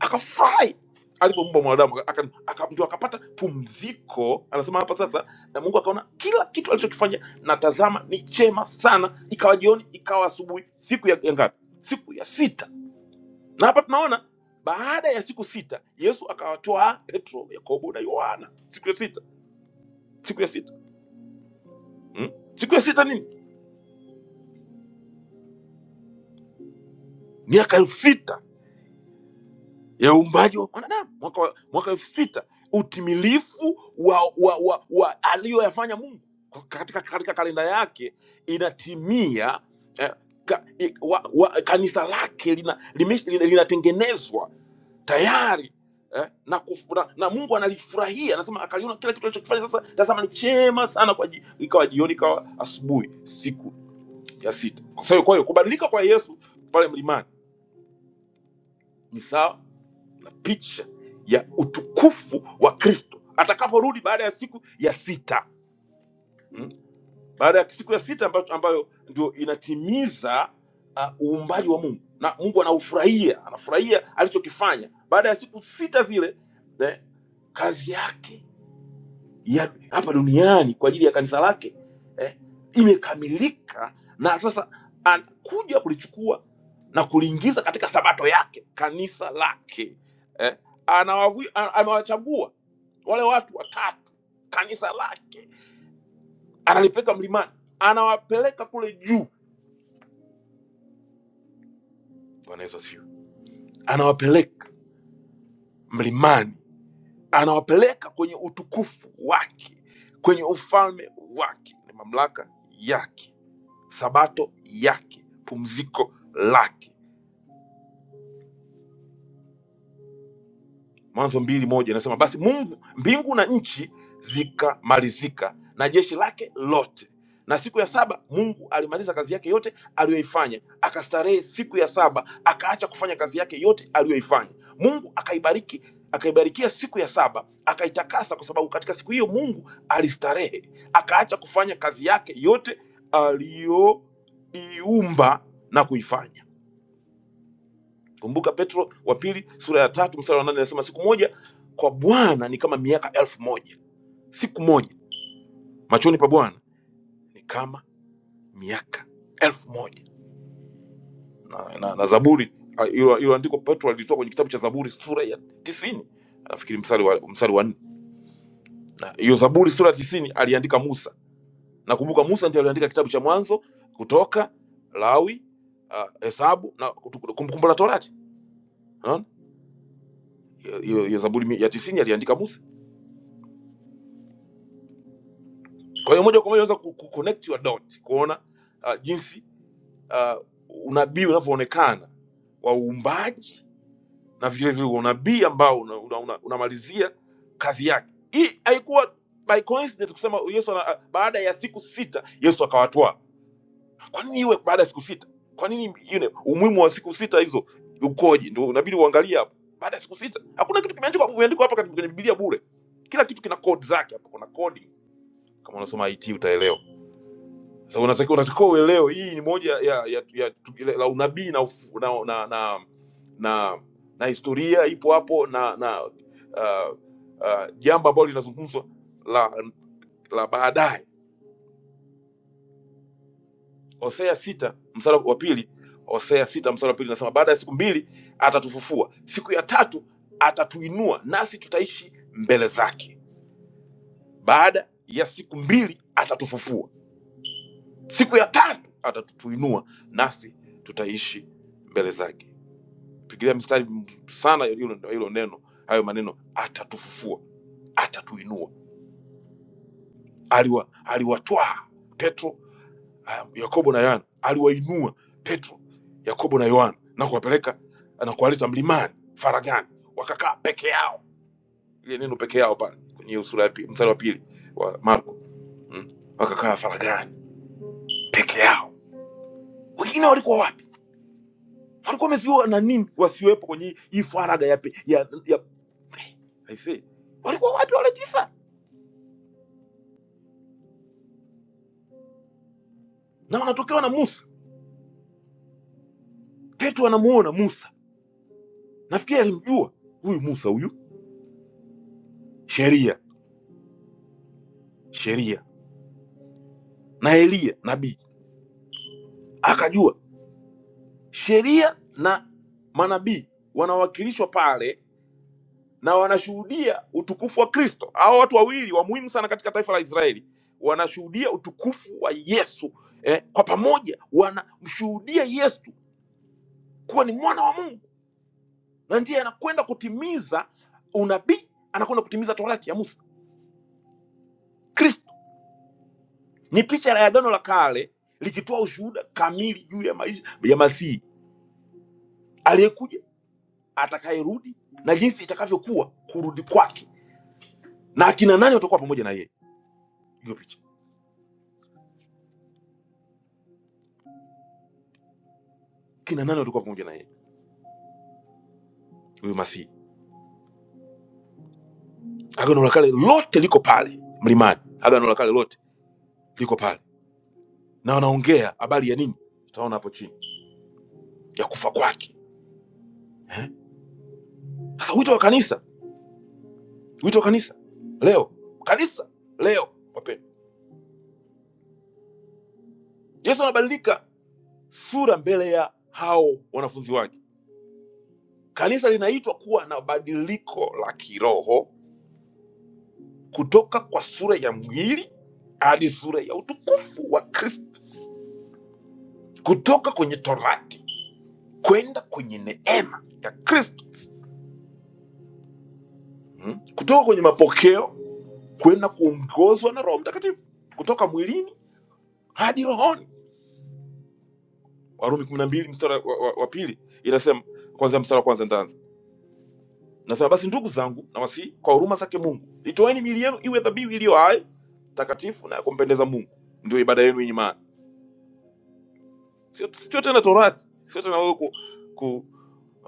akafurahi alipoumba mwanadamu aka, aka, ndio akapata pumziko anasema hapa sasa na mungu akaona kila kitu alichokifanya na tazama ni chema sana ikawa jioni ikawa asubuhi siku ya, ya ngapi siku ya sita na hapa tunaona baada ya siku sita yesu akawatoa petro yakobo na yohana siku ya sita siku ya sita hmm? siku ya sita nini miaka elfu sita ya uumbaji wa mwanadamu mwaka wa- mwaka elfu sita utimilifu wa, wa, wa, wa aliyoyafanya mungu Kwa- katika, katika kalenda yake inatimia eh, ka, i, wa, wa, kanisa lake linatengenezwa lina, lime- lina- linatengenezwa tayari eh, na, kuf, na, na mungu analifurahia anasema akaliona kila kitu alichokifanya sasa tazama ni chema sana kwa ji- ikawa jioni ikawa asubuhi siku ya sita kwa hiyo kwa hiyo kubadilika kwa yesu pale mlimani ni sawa picha ya utukufu wa Kristo atakaporudi baada ya siku ya sita mm? baada ya siku ya sita ambayo, ambayo ndio inatimiza ah, uumbaji wa Mungu na Mungu anaufurahia, anafurahia alichokifanya baada ya siku sita zile eh, kazi yake ya hapa duniani kwa ajili ya kanisa lake eh, imekamilika na sasa anakuja kulichukua na kuliingiza katika sabato yake kanisa lake eh, anawavu, ana- amewachagua wale watu watatu kanisa lake analipeleka mlimani anawapeleka kule juu bwana yesu asifiwe anawapeleka mlimani anawapeleka kwenye utukufu wake kwenye ufalme wake na mamlaka yake sabato yake pumziko lake mwanzo mbili moja inasema basi mungu mbingu na nchi zikamalizika na jeshi lake lote na siku ya saba mungu alimaliza kazi yake yote aliyoifanya akastarehe siku ya saba akaacha kufanya kazi yake yote aliyoifanya mungu akaibariki akaibarikia siku ya saba akaitakasa kwa sababu katika siku hiyo mungu alistarehe akaacha kufanya kazi yake yote aliyoiumba na kuifanya kumbuka petro wa pili sura ya tatu mstari wa nane anasema siku moja kwa bwana ni kama miaka elfu moja siku moja machoni pa bwana ni kama miaka elfu moja na, na, na zaburi ah, hilo hilo andiko petro alitoa kwenye kitabu cha zaburi sura ya tisini nafikiri mstari wa mstari wa nne na hiyo zaburi sura ya tisini aliandika musa nakumbuka musa ndiye aliandika kitabu cha mwanzo kutoka lawi ah, hesabu na Kumbukumbu la torati unaona hiyo hiyo- hiyo zaburi ya tisini aliandika musa Kwa hiyo moja kwa moja unaweza ku ku- connect your dot kuona uh, jinsi uh, unabii unavyoonekana wa uumbaji na vile vile unabii ambao unamalizia una, una, una unamalizia kazi yake. Hii haikuwa by coincidence kusema Yesu ana, uh, baada ya siku sita Yesu akawatwaa. Kwa nini iwe baada ya siku sita? Kwa nini you know, umuhimu wa siku sita hizo ukoje? Ndio inabidi uangalie hapo. Baada ya siku sita hakuna kitu kimeandikwa kimeandikwa hapa kwenye Biblia bure. Kila kitu kina code zake hapo, kuna coding. Kama unasoma IT utaelewa so, unatakiwa unatakiwa uelewe hii ni moja ya, ya, ya ile la unabii na, ufu- na, na, na, na, na historia ipo hapo na na uh, uh, jambo ambalo linazungumzwa la la baadaye. Hosea sita mstari wa pili Hosea sita mstari wa pili nasema, baada ya siku mbili atatufufua, siku ya tatu atatuinua, nasi tutaishi mbele zake. Baada ya siku mbili atatufufua, siku ya tatu atatuinua, nasi tutaishi mbele zake. pigilia mstari sana hilo hilo neno hayo maneno atatufufua atatuinua aliwa aliwatwaa petro ah, yakobo na yohana aliwainua petro yakobo na yohana na kuwapeleka na kuwaleta mlimani faragani wakakaa peke yao ile neno peke yao pale kwenye hiyo sura ya pi- mstari wa pili wa marko mm? wakakaa faragani peke yao wengine walikuwa wapi walikuwa wamesiwa na nini wasiwepo kwenye hii faraga ya, pe- ya, ya I say, walikuwa wapi wale tisa na wanatokewa na Musa. Petro anamuona Musa, nafikiri alimjua huyu Musa, huyu sheria, sheria na Eliya nabii, akajua sheria na manabii wanawakilishwa pale na wanashuhudia utukufu wa Kristo. Hao watu wawili wa muhimu sana katika taifa la Israeli wanashuhudia utukufu wa Yesu eh, kwa pamoja wanamshuhudia Yesu kuwa ni mwana wa Mungu, na ndiye anakwenda kutimiza unabii, anakwenda kutimiza torati ya Musa. Kristo Ni picha la agano la kale likitoa ushuhuda kamili juu ya maisha ya Masihi aliyekuja, atakayerudi na jinsi itakavyokuwa kurudi kwake, na akina nani watakuwa pamoja na yeye. Hiyo picha, kina nani watakuwa pamoja na yeye, huyo Masihi. Agano la kale lote liko pale mlimani, agano la kale lote liko pale, na wanaongea habari ya nini? Tutaona hapo chini ya kufa kwake. Eh? Sasa wito wa kanisa, wito wa kanisa leo, kanisa leo, wapendwa, Yesu anabadilika sura mbele ya hao wanafunzi wake Kanisa linaitwa kuwa na badiliko la kiroho kutoka kwa sura ya mwili hadi sura ya utukufu wa Kristo, kutoka kwenye torati kwenda kwenye neema ya Kristo, mm, kutoka kwenye mapokeo kwenda kuongozwa na Roho Mtakatifu, kutoka mwilini hadi rohoni. Warumi 12 mstari wa, wa, wa pili inasema, kwanza mstari wa kwanza nitaanza, nasema basi ndugu zangu, nawasihi kwa huruma zake Mungu, itoeni mili yenu iwe dhabihu iliyo hai, takatifu na ya kumpendeza Mungu, ndio ibada yenu yenye maana Sio sio tena Torati, sio tena wewe ku, ku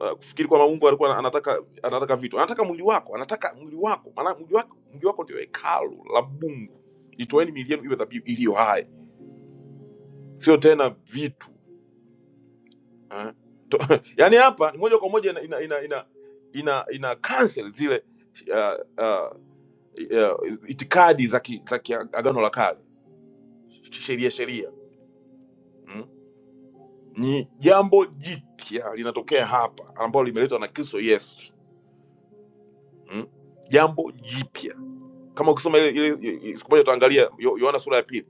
uh, kufikiri kwamba Mungu alikuwa anataka anataka vitu, anataka mwili wako, anataka mwili wako, maana mwili wako mwili wako ndio hekalu la Mungu. Itoeni miili yenu iwe dhabihu iliyo hai, sio tena vitu eh? To, yani hapa ni moja kwa moja ina ina ina ina, ina, ina cancel zile uh, uh, uh, itikadi za ki, za ki agano la kale, sheria sheria mm? Ni jambo jipya linatokea hapa ambalo limeletwa na Kristo Yesu mm? jambo jipya kama ukisoma ile ile ile- siku moja utaangalia Yo- yohana sura ya pili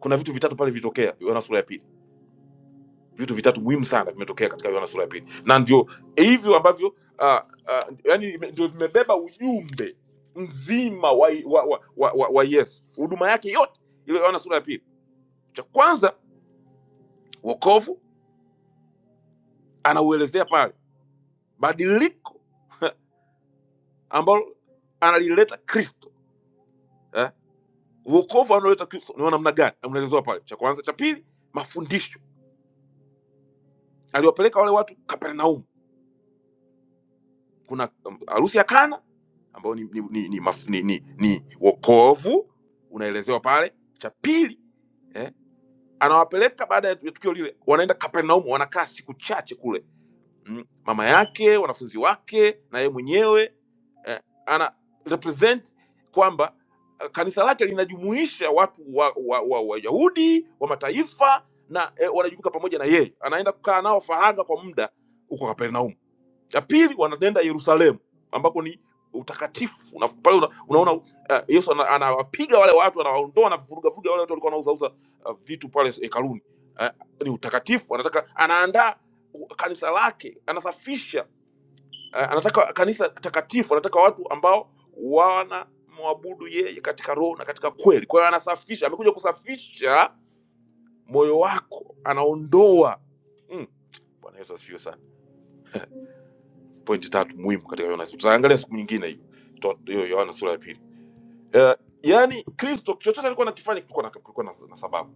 kuna vitu vitatu pale vilitokea yohana sura ya pili vitu vitatu muhimu sana vimetokea katika yohana sura ya pili na ndio hivyo ambavyo uh, uh, yani ndio vimebeba ujumbe mzima wa, wa, wa, wa, wa, wa yesu huduma yake yote ile yohana sura ya pili cha kwanza wokovu anauelezea pale badiliko ambalo analileta kristo eh? wokovu anaoleta kristo ni wa namna gani unaelezewa pale cha kwanza cha pili mafundisho aliwapeleka wale watu Kapernaum. Kuna um, harusi ya Kana ambayo ni, ni, ni, ni, maf- ni, ni, ni wokovu unaelezewa pale. Cha pili eh, anawapeleka baada ya tukio lile, wanaenda Kapernaum, wanakaa siku chache kule mm, mama yake, wanafunzi wake na yeye mwenyewe eh, ana represent kwamba eh, kanisa lake linajumuisha watu wa Wayahudi wa, wa, Wayahudi wa mataifa na eh, wanajumuika pamoja na yeye, anaenda kukaa nao faragha kwa muda huko Kapernaum Cha pili wanaenda Yerusalemu ambako ni utakatifu una, pale una, unaona uh, Yesu ana- anawapiga wale watu anawaondoa anavuruga vuruga wale watu walikuwa wanauzauza uh, vitu pale hekaluni eh, ni utakatifu anataka anaandaa u- kanisa lake anasafisha eh, anataka kanisa takatifu anataka watu ambao wana mwabudu yeye katika roho na katika kweli kwa hiyo anasafisha amekuja kusafisha moyo wako anaondoa mm. bwana yesu asifiwe sana pointi tatu muhimu katika Yohana, tutaangalia siku nyingine hiyo Tuta- hiyo Yohana sura ya pili. Eh, yaani Kristo chochote alikuwa anakifanya kulikuwa na, kulikuwa na, na sababu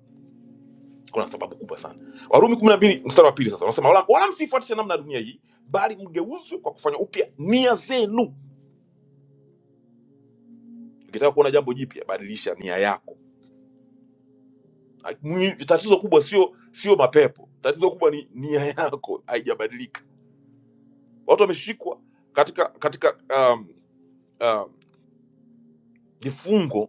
kulikuwa na sababu kubwa sana. Warumi kumi na mbili mstari wa pili sasa wanasema wala, wala msifuatishe namna ya dunia hii, bali mgeuzwe kwa kufanya upya nia zenu. Ukitaka kuona jambo jipya, badilisha nia yako. Ai, mwi- Tatizo kubwa sio sio mapepo, tatizo kubwa ni nia yako haijabadilika. Watu wameshikwa katika katika um, um, vifungo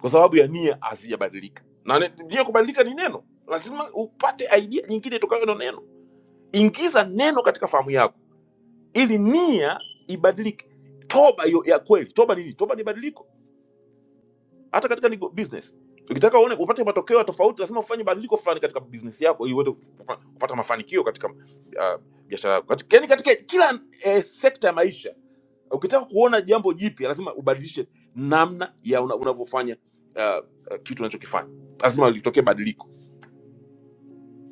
kwa sababu ya nia hazijabadilika na ne- nia kubadilika ni neno lazima upate idea nyingine itokayo na neno ingiza neno katika fahamu yako ili nia ibadilike toba yo, ya kweli toba ni nini toba ni badiliko hata katika ni business ukitaka uone upate matokeo ya tofauti lazima ufanye badiliko fulani katika business yako ili uweze kupa- kupata mafanikio katika uh, biashara yako Katika- yaani katika kila eh, sekta ya maisha ukitaka kuona jambo jipya lazima ubadilishe namna ya una- unavyofanya uh, uh, kitu unachokifanya lazima litokee badiliko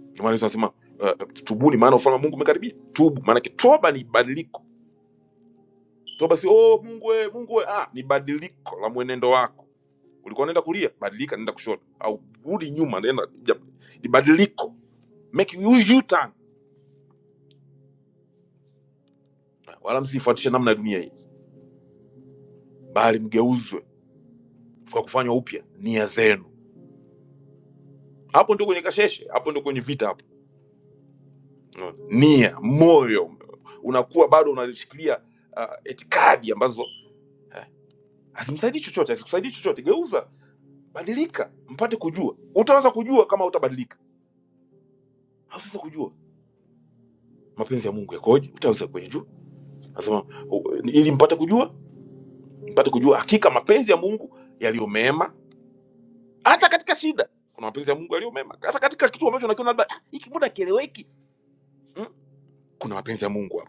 Ndio maana Yesu anasema uh, tubuni maana ufalme wa mungu umekaribia tubu maanake toba ni badiliko toba si oh, mungu we, mungu we. Ah, ni badiliko la mwenendo wako ulikuwa unaenda kulia badilika nenda kushoto au rudi nyuma nenda ja- ni badiliko make you, you turn wala msifuatishe namna ya dunia hii bali mgeuzwe kwa kufanywa upya nia zenu hapo ndio kwenye kasheshe hapo ndio kwenye vita Unaona? nia moyo unakuwa bado unashikilia uh, itikadi ambazo eh, hazimsaidii chochote hazikusaidii chochote geuza badilika mpate kujua utaweza kujua kama utabadilika hauwezi kujua mapenzi ya mungu yakoje utaweza kuyajua nasema u- ili mpate kujua mpate kujua hakika mapenzi ya mungu yaliyo mema hata katika shida kuna mapenzi ya mungu yaliyo mema hata katika kitu ambacho unakiona labda "Ah, hiki mbona kieleweki mm? kuna mapenzi ya mungu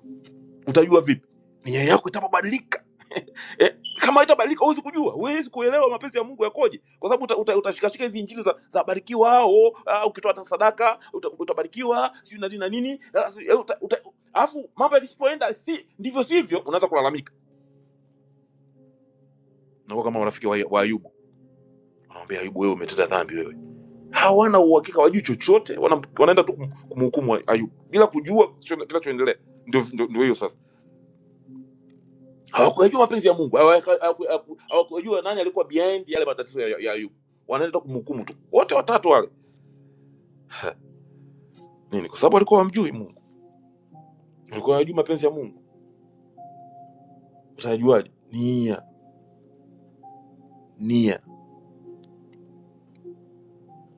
utajua vipi nia yako itapobadilika eh, kama haitabadilika huwezi kujua huwezi kuelewa mapenzi ya mungu yakoje kwa sababu uta, uta, utashikashika hizi injili za, za barikiwa hao ah, ukitoa hata sadaka uta, utabarikiwa sijui na nini na nini ah, sijui, eh, uta- uta- alafu mambo yakisipoenda si ndivyo sivyo unaanza kulalamika nakuwa kama marafiki wa, wa ayubu wanamwambia ayubu wewe umetenda dhambi wewe hawana uhakika wajui chochote wana, wanaenda tu kum- kumhukumu ayubu bila kujua kinacho- kinachoendelea ndio ndio ndio hiyo sasa hawakuyajua mapenzi ya Mungu, hawaka- hawaku- hawaku- hawakujua nani alikuwa behind yale matatizo ya, ya ya Ayubu. Wanaenda kumhukumu tu wote watatu wale Ha, nini? Kwa sababu walikuwa wamjui Mungu, walikuwa wajui mapenzi ya Mungu. Utajuaje? Nia, nia,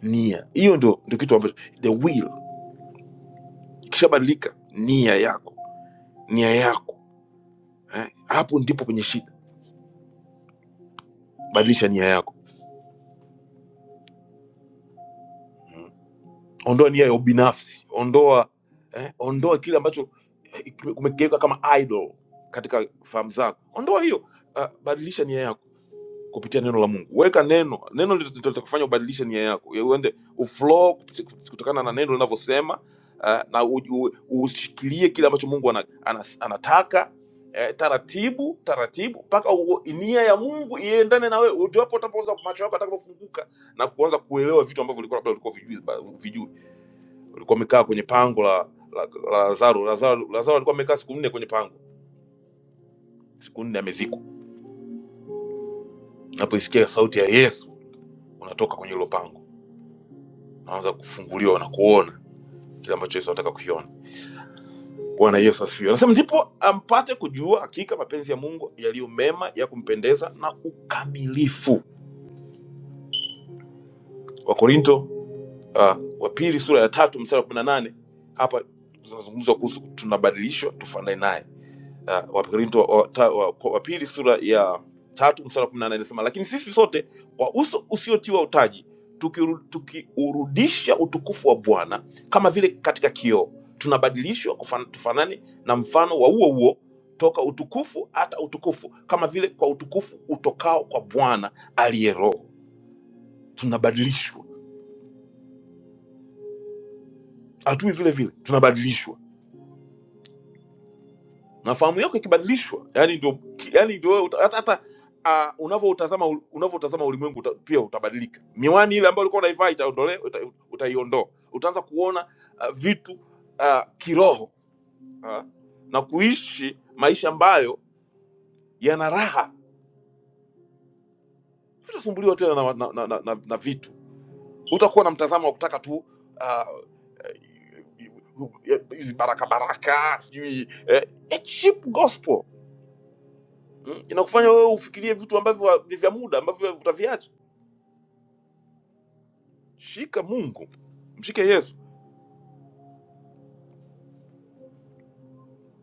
nia. Hiyo ndio ndio kitu ambacho the will ikishabadilika, nia yako, nia yako eh, hapo ndipo kwenye shida. Badilisha nia yako. ondoa nia ya ubinafsi ondoa eh, ondoa kile ambacho eh, kumegeuka kama idol katika fahamu zako ondoa hiyo uh, badilisha nia yako kupitia neno la mungu weka neno neno ndilo ndilo litakufanya ubadilishe nia yako Ya uende uflow kupiti- kutokana na neno linavyosema uh, na u- u- ushikilie kile ambacho mungu ana, ana, anataka eh, taratibu taratibu mpaka u- nia ya mungu iendane na wewe ndipo utapoweza macho yako atakapofunguka na kuanza kuelewa vitu ambavyo ulikuwa labda ulikuwa vijui vijui walikuwa wamekaa kwenye pango la la la Lazaro. Lazaro Lazaro alikuwa amekaa siku nne kwenye pango, siku nne amezikwa. Unapoisikia sauti ya Yesu, unatoka kwenye hilo pango, unaanza kufunguliwa na kuona kile ambacho Yesu anataka kukiona. Bwana Yesu asifiwe. Anasema ndipo ampate kujua hakika mapenzi ya Mungu yaliyo mema ya kumpendeza na ukamilifu. Wakorinto uh, wa pili sura ya tatu mstari wa kumi na nane hapa tunazungumzwa kuhusu tunabadilishwa tufanane naye uh, Wakorinto wa, wa, ta- wa, kwa- wa pili sura ya tatu mstari wa kumi na nane inasema lakini sisi sote kwa uso usiotiwa utaji tukiuru- tukiurudisha tuki utukufu wa Bwana kama vile katika kioo tunabadilishwa kufan- tufanane na mfano wa huo huo toka utukufu hata utukufu kama vile kwa utukufu utokao kwa Bwana aliye Roho. Tunabadilishwa, hatui vile vile, tunabadilishwa na fahamu yako ikibadilishwa yani ndio yani ndio wewe uta- hata hata ah, unavyoutazama ul- unavyoutazama ulimwengu uta, pia utabadilika miwani ile ambayo ulikuwa unaivaa itaondolewa uta, utaiondoa Uta utaanza kuona uh, vitu uh, kiroho uh, na kuishi maisha ambayo yana raha utasumbuliwa tena na, na, na, na, na, na vitu utakuwa na mtazamo wa kutaka tu uh, hizi baraka baraka sijui eh, a cheap gospel mm, inakufanya wewe ufikirie vitu ambavyo wa- ni vya muda ambavyo utaviacha. Shika Mungu, mshike Yesu.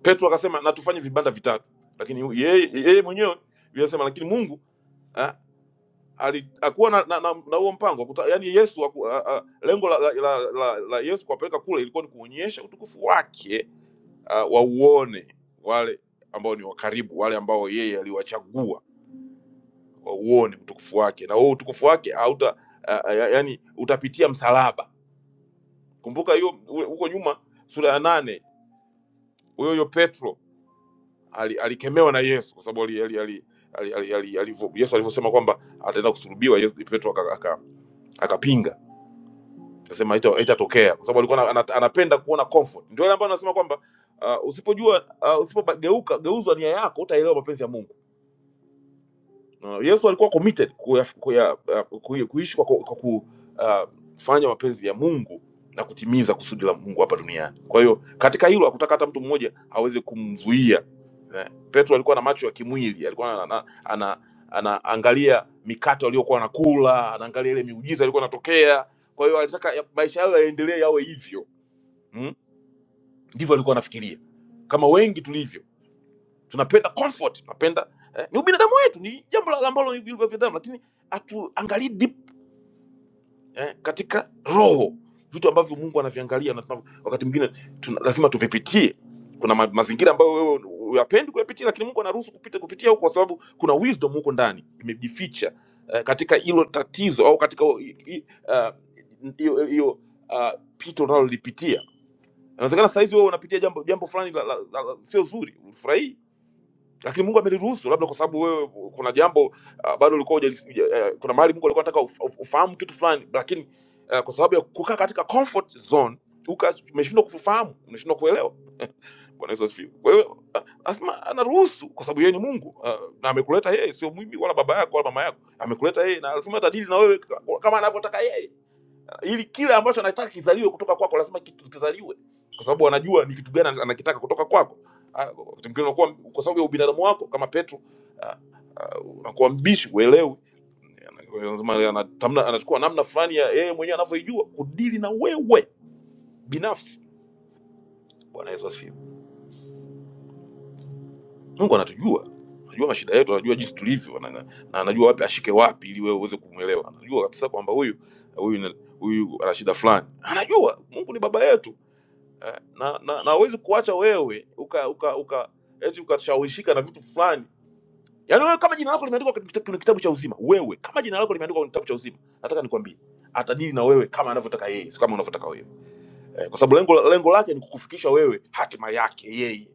Petro akasema na tufanye vibanda vitatu, lakini hu- yeye yeye mwenyewe Biblia inasema lakini Mungu ah, ali- hakuwa na, na, na, na huo mpango akuta, yani Yesu haku- a, a, lengo la, la, la, la, la Yesu kuwapeleka kule ilikuwa ni kuonyesha utukufu wake uh, wauone wale ambao ni wakaribu, wale ambao yeye aliwachagua wauone utukufu wake, na huo utukufu wake hauta, uh, yani utapitia msalaba Kumbuka hiyo u- huko nyuma sura ya nane huyo huyo Petro ali- alikemewa na Yesu kwa sababu ali, ali, ali, ali, ali, ali, alivyo, Yesu alivyosema kwamba ataenda kusulubiwa Yesu, Petro akapinga aka, aka akapinga. akasema haita- haitatokea kwa sababu alikuwa ana, ana- anapenda kuona comfort. Ndio ile ambayo anasema kwamba uh, usipojua uh, usipogeuka geuzwa nia yako utaelewa mapenzi ya Mungu. Uh, Yesu alikuwa committed kuya, kuya, uh, kuya, kuishi kwa, kwa ku- uh, kufanya mapenzi ya Mungu na kutimiza kusudi la Mungu hapa duniani. Kwa hiyo katika hilo hakutaka hata mtu mmoja aweze kumzuia. Eh, Petro alikuwa na macho ya kimwili, alikuwa ana, ana, ana, anaangalia mikate waliokuwa wanakula, anaangalia ile miujiza ilikuwa inatokea. Kwa hiyo alitaka ya- maisha yao yaendelee yawe hivyo. Mm? Ndivyo alikuwa anafikiria. Kama wengi tulivyo tunapenda comfort tunapenda eh, ni ubinadamu wetu ni jambo la- ambalo ni vile vya binadamu lakini hatuangalii deep eh, katika roho vitu ambavyo mungu anaviangalia na tunavyo- wakati mwingine tuna, lazima tuvipitie kuna ma, mazingira ambayo wewe uyapendi kuyapitia lakini mungu anaruhusu kupita kupitia huko kwa sababu kuna wisdom huko ndani imejificha eh, katika hilo tatizo au katika hiyo uh, hiyo- hiyo, uh, pito unalolipitia inawezekana sahizi wewe unapitia jambo jambo fulani la, la, la, la, sio zuri ufurahii lakini Mungu ameliruhusu, labda kwa sababu wewe kuna jambo uh, bado ulikuwa hujalis- huja- eh, kuna mahali Mungu alikuwa anataka uf- uf- ufahamu kitu fulani, lakini uh, kwa sababu ya kukaa katika comfort zone uka- umeshindwa kufahamu, umeshindwa kuelewa. Bwana Yesu asifiwe. Kwa hiyo ah, asema anaruhusu kwa sababu yeye ni Mungu ah, na amekuleta yeye, sio mimi wala baba yako wala mama yako, amekuleta yeye na lazima atadili na wewe kama anavyotaka yeye ili kile ambacho anataka kizaliwe kutoka kwako lazima kitu- kizaliwe kwa sababu wanajua ni kitu gani anakitaka kutoka kwako Ah, wakati mwingine unakuwa kwa sababu ya ubinadamu wako kama petro ah, unakuwa mbishi uelewi lazima anatamna- anachukua namna fulani ya yeye mwenyewe anavyoijua kudili na wewe binafsi bwana yesu asifiwe mungu anatujua anajua mashida yetu anajua jinsi tulivyo na, na na anajua wapi ashike wapi ili wewe uweze kumwelewa anajua kabisa kwamba huyu huyu huyu ana shida fulani anajua mungu ni baba yetu eh, na na na huwezi kuacha wewe uka uka uka eti ukashawishika na vitu fulani. Yaani wewe kama jina lako limeandikwa kwenye kita- kwenye kitabu cha uzima, wewe kama jina lako limeandikwa kwenye kitabu cha uzima, nataka nikwambie atadili na wewe kama anavyotaka yeye, sio kama unavyotaka wewe, eh, kwa sababu lengo lengo lake ni kukufikisha wewe hatima yake yeye.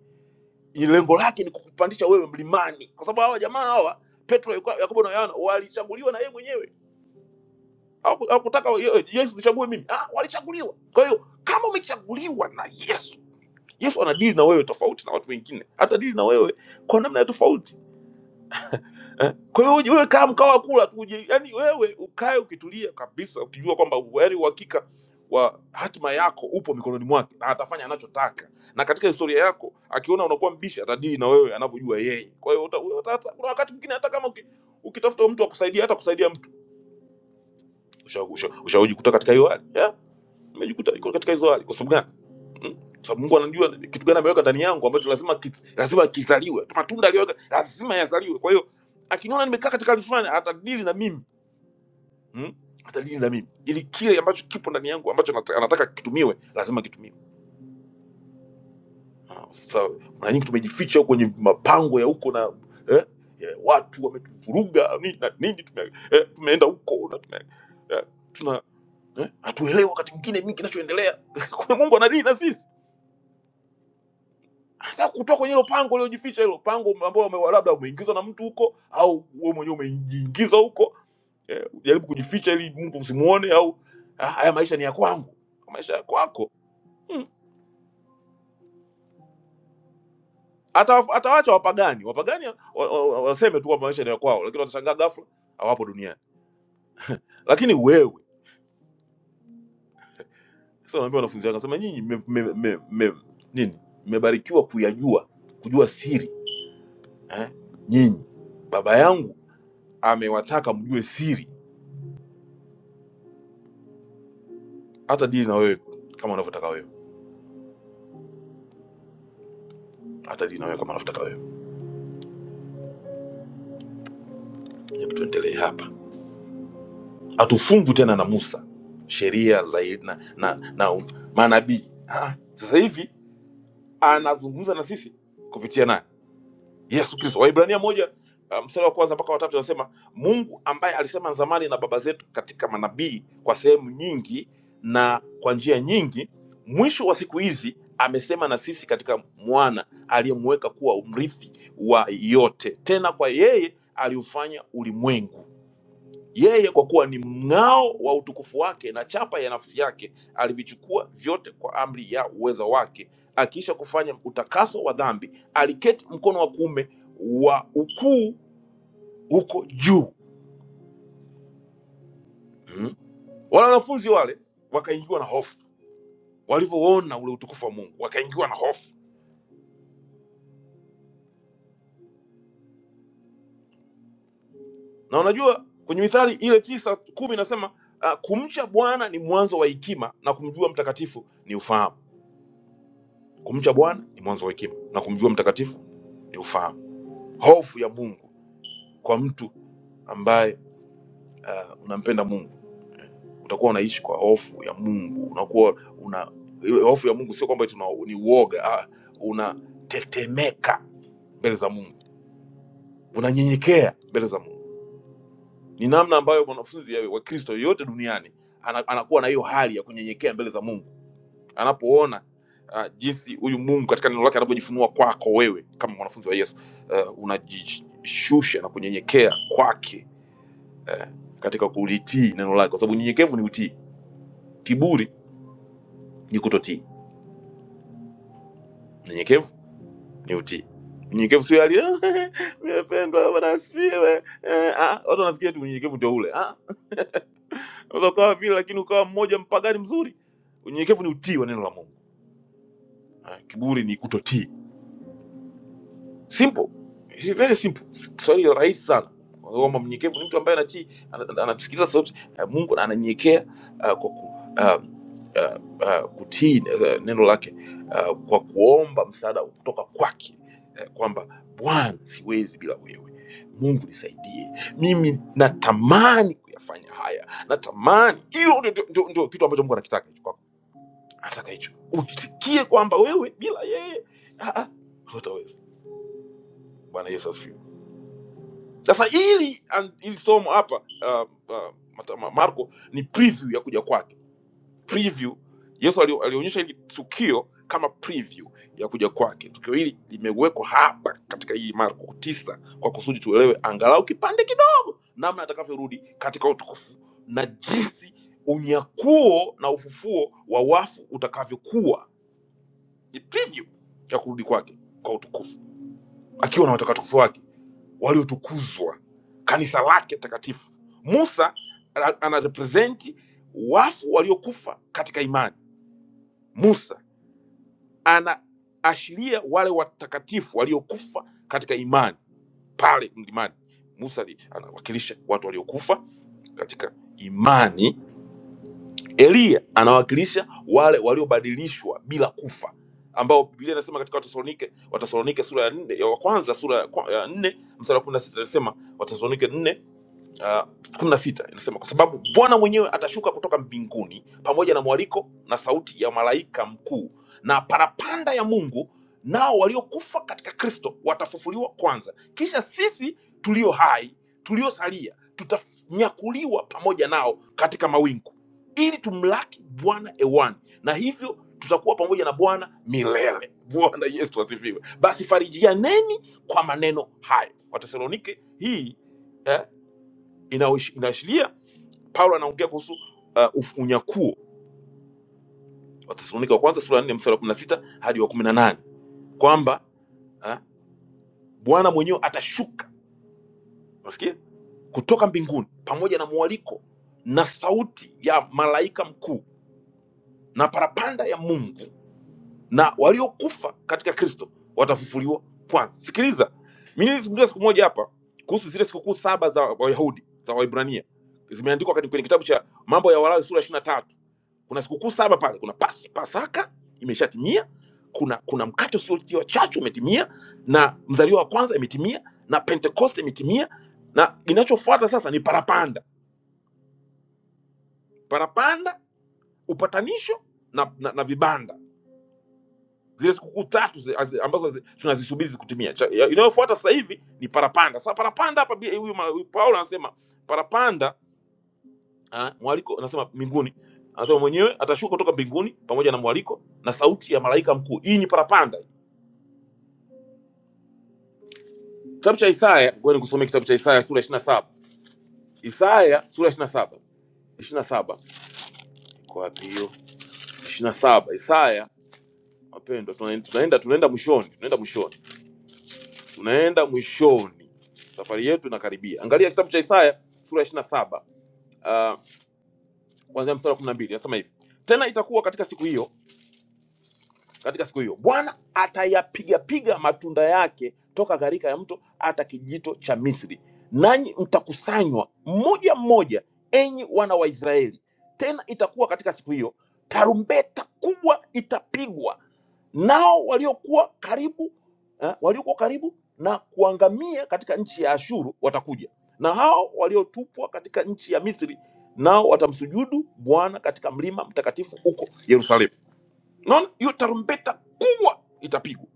Ni Lengo lake ni kukupandisha wewe mlimani, kwa sababu hawa jamaa hawa Petro, Yuka- Yakobo na Yohana walichaguliwa na yeye mwenyewe. Hawaku- Hawakutaka ye- Yesu nichague mimi, ah, walichaguliwa. Kwa hiyo kama umechaguliwa na Yesu yesu anadili na wewe tofauti na watu wengine atadili na wewe kwa namna ya tofauti eh? kwa hiyo uje- wewe kaa mkawa kula tu uje- yani wewe ukae ukitulia kabisa ukijua kwamba yani uhakika wa hatima yako upo mikononi mwake na atafanya anachotaka na katika historia yako akiona unakuwa mbishi atadili na wewe anavyojua yeye kwa hiyo uta- uta- hata- kuna wakati mwingine hata kama uki- ukitafuta mtu akusaidia hata kusaidia mtu ushaujikuta usha, usha ushajikuta katika hiyo hali yeah? umejikuta katika hizo hali kwa sababu gani Mm? Kwa sababu Mungu anajua kitu gani ameweka ndani yangu ambacho lazima kis- lazima kizaliwe. Matunda aliyoweka lazima yazaliwe. Kwa hiyo akiniona nimekaa katika hali fulani atadili na mimi. Mm? Atadili na mimi. Ili kile ambacho kipo ndani yangu ambacho nata- anataka kitumiwe lazima kitumiwe. Ah, Sasa mara nyingi tumejificha huko kwenye mapango ya huko na eh, eh, watu wametuvuruga nini na nini tume, eh, tumeenda huko na tume, eh, tuna eh, hatuelewi wakati mwingine nini kinachoendelea. Kumbe Mungu anadili na sisi anataka kutoka kwenye hilo pango uliojificha, hilo pango ume- ambalo ume- labda umeingizwa na mtu huko, au wewe mwenyewe umejiingiza huko eh, jaribu kujificha ili Mungu usimuone, au "Ah, haya maisha ni ya kwangu, maisha ya kwako hmm. Ata, atawacha wapagani wapagani wa- wa- wa- waseme tu kwamba maisha ni ya kwao, lakini watashangaa ghafla hawapo duniani. Lakini wewe sasa, naambia wanafunzi wangu, nasema nyinyi mme- mme- mme- mme- nini, mmebarikiwa kuyajua kujua siri eh? Nyinyi baba yangu amewataka mjue siri hata dili na wewe kama unavyotaka wewe, hata dili na wewe kama unavyotaka wewe. Hebu tuendelee hapa, hatufungwi tena na Musa sheria zaidi na, na, na manabii. Ah, ah. Sasa hivi anazungumza na sisi kupitia naye Yesu Kristo. Waibrania moja uh, mstari wa kwanza mpaka watatu anasema Mungu ambaye alisema zamani na baba zetu katika manabii kwa sehemu nyingi na kwa njia nyingi, mwisho wa siku hizi amesema na sisi katika mwana aliyemweka kuwa mrithi wa yote, tena kwa yeye aliufanya ulimwengu yeye kwa kuwa ni mng'ao wa utukufu wake na chapa ya nafsi yake, alivichukua vyote kwa amri ya uweza wake, akiisha kufanya utakaso wa dhambi, aliketi mkono wa kuume wa ukuu huko juu. Mm. Wale wanafunzi wale wakaingiwa na hofu walivyoona ule utukufu wa Mungu, wakaingiwa na hofu. Na unajua kwenye Mithali ile tisa kumi inasema uh, kumcha Bwana ni mwanzo wa hekima na kumjua mtakatifu ni ufahamu. Kumcha Bwana ni mwanzo wa hekima na kumjua mtakatifu ni ufahamu. hofu ya mungu kwa mtu ambaye uh, unampenda mungu utakuwa unaishi kwa hofu ya mungu unakuwa una ile hofu ya mungu sio kwamba tuna ni uoga ah, unatetemeka mbele za mungu unanyenyekea mbele za mungu ni namna ambayo mwanafunzi ya- wa kristo yoyote duniani ana- anakuwa na hiyo hali ya kunyenyekea mbele za mungu anapoona uh, jinsi huyu mungu katika neno lake anavyojifunua kwako wewe kama mwanafunzi wa yesu uh, unajishusha na kunyenyekea kwake eh, katika kulitii neno lake, kwa sababu unyenyekevu ni utii, kiburi ni kutotii. Unyenyekevu ni utii. Unyenyekevu sio hali nimependwa, Bwana asifiwe. Eh, ah, watu wanafikiria tu unyenyekevu ndio ule. Ah, unaweza ukawa vile lakini ukawa mmoja mpagani mzuri. Unyenyekevu ni utii wa neno la Mungu. Eh, kiburi ni kutotii. simple It's very simple kiswahili rahisi sana kwamba mnyenyekevu ni mtu ambaye anatii ana- ana- anasikiliza sauti ya mungu na ananyenyekea ah, kwa ku, ah, ah, ah, kutii eh, neno lake ah, kwa kuomba msaada kutoka kwake eh, kwamba bwana siwezi bila wewe mungu nisaidie mimi natamani kuyafanya haya natamani hiyo ndio ndio- ndio- ndio kitu ambacho mungu anakitaka hicho kwako. anataka hicho utikie kwamba wewe bila yeye ah, ah, hutaweza bwana yesu asifiwe sasa hili an- hili somo hapa uh, uh, Mata- Ma- Marko ni preview ya kuja kwake, preview. Yesu ali- alionyesha hili tukio kama preview ya kuja kwake. Tukio hili limewekwa hapa katika hii Marko tisa kwa kusudi tuelewe angalau kipande kidogo namna atakavyorudi katika utukufu na jinsi unyakuo na ufufuo wa wafu utakavyokuwa. Ni preview ya kurudi kwake kwa utukufu akiwa na watakatifu wake waliotukuzwa, kanisa lake takatifu. Musa ana- anarepresenti wafu waliokufa katika imani. Musa anaashiria wale watakatifu waliokufa katika imani pale mlimani. Musa ali- anawakilisha watu waliokufa katika imani. Eliya anawakilisha wale waliobadilishwa bila kufa ambao Biblia inasema katika Watesalonike Watesalonike sura ya nne ya wa kwanza sura ya kwa- ya nne mstari wa kumi na sita inasema Watesalonike nne uh, kumi na sita inasema kwa sababu bwana mwenyewe atashuka kutoka mbinguni pamoja na mwaliko na sauti ya malaika mkuu na parapanda ya mungu nao waliokufa katika kristo watafufuliwa kwanza kisha sisi tulio hai tuliosalia tutanyakuliwa pamoja nao katika mawingu ili tumlaki bwana ewani na hivyo tutakuwa pamoja na bwana milele bwana yesu asifiwe basi farijianeni kwa maneno hayo watesalonike hii eh, inaoish- inaashiria paulo anaongea kuhusu uh, uf- unyakuo watesalonika wa kwanza sura ya nne mstari wa kumi na sita hadi wa kumi na nane kwamba ah, bwana mwenyewe atashuka nasikia kutoka mbinguni pamoja na mwaliko na sauti ya malaika mkuu na parapanda ya mungu na waliokufa katika kristo watafufuliwa kwanza sikiliza mi nilizungumza siku moja hapa kuhusu zile sikukuu saba za wayahudi za waibrania zimeandikwa kati- kwenye kitabu cha mambo ya walawi sura 23 kuna sikukuu saba pale kuna pas, pasaka imeshatimia kuna kuna mkate usiotiwa chachu umetimia na mzaliwa wa kwanza imetimia na pentekoste imetimia na inachofuata sasa ni parapanda parapanda upatanisho na, na, na vibanda zile sikukuu tatu zi, azi- ambazo zi- tunazisubiri zikutimia Cha- ya- inayofuata sasa hivi ni parapanda sasa parapanda hapa bi- huyu ma- huyu paulo anasema parapanda ah, mwaliko anasema mbinguni anasema mwenyewe atashuka kutoka mbinguni pamoja na mwaliko na sauti ya malaika mkuu hii ni parapanda Kitabu cha Isaya, ngoja nikusomee kitabu cha Isaya sura ishirini na saba. Isaya sura ishirini na saba ishirini na saba iko wapi hiyo? ishirini na saba Isaya wapendwa, tuna- tunaenda tunaenda mwishoni, tunaenda mwishoni, tunaenda mwishoni, safari yetu inakaribia. Angalia kitabu cha Isaya sura ishirini na saba Uh, kuanzia mstari wa kumi na mbili nasema hivi: tena itakuwa katika siku hiyo katika siku hiyo bwana atayapigapiga matunda yake toka gharika ya mto hata kijito cha misri nanyi mtakusanywa mmoja mmoja enyi wana wa israeli tena itakuwa katika siku hiyo tarumbeta kubwa itapigwa nao waliokuwa karibu eh, waliokuwa karibu na kuangamia katika nchi ya ashuru watakuja na hao waliotupwa katika nchi ya misri nao watamsujudu bwana katika mlima mtakatifu huko yerusalemu naona hiyo tarumbeta kubwa itapigwa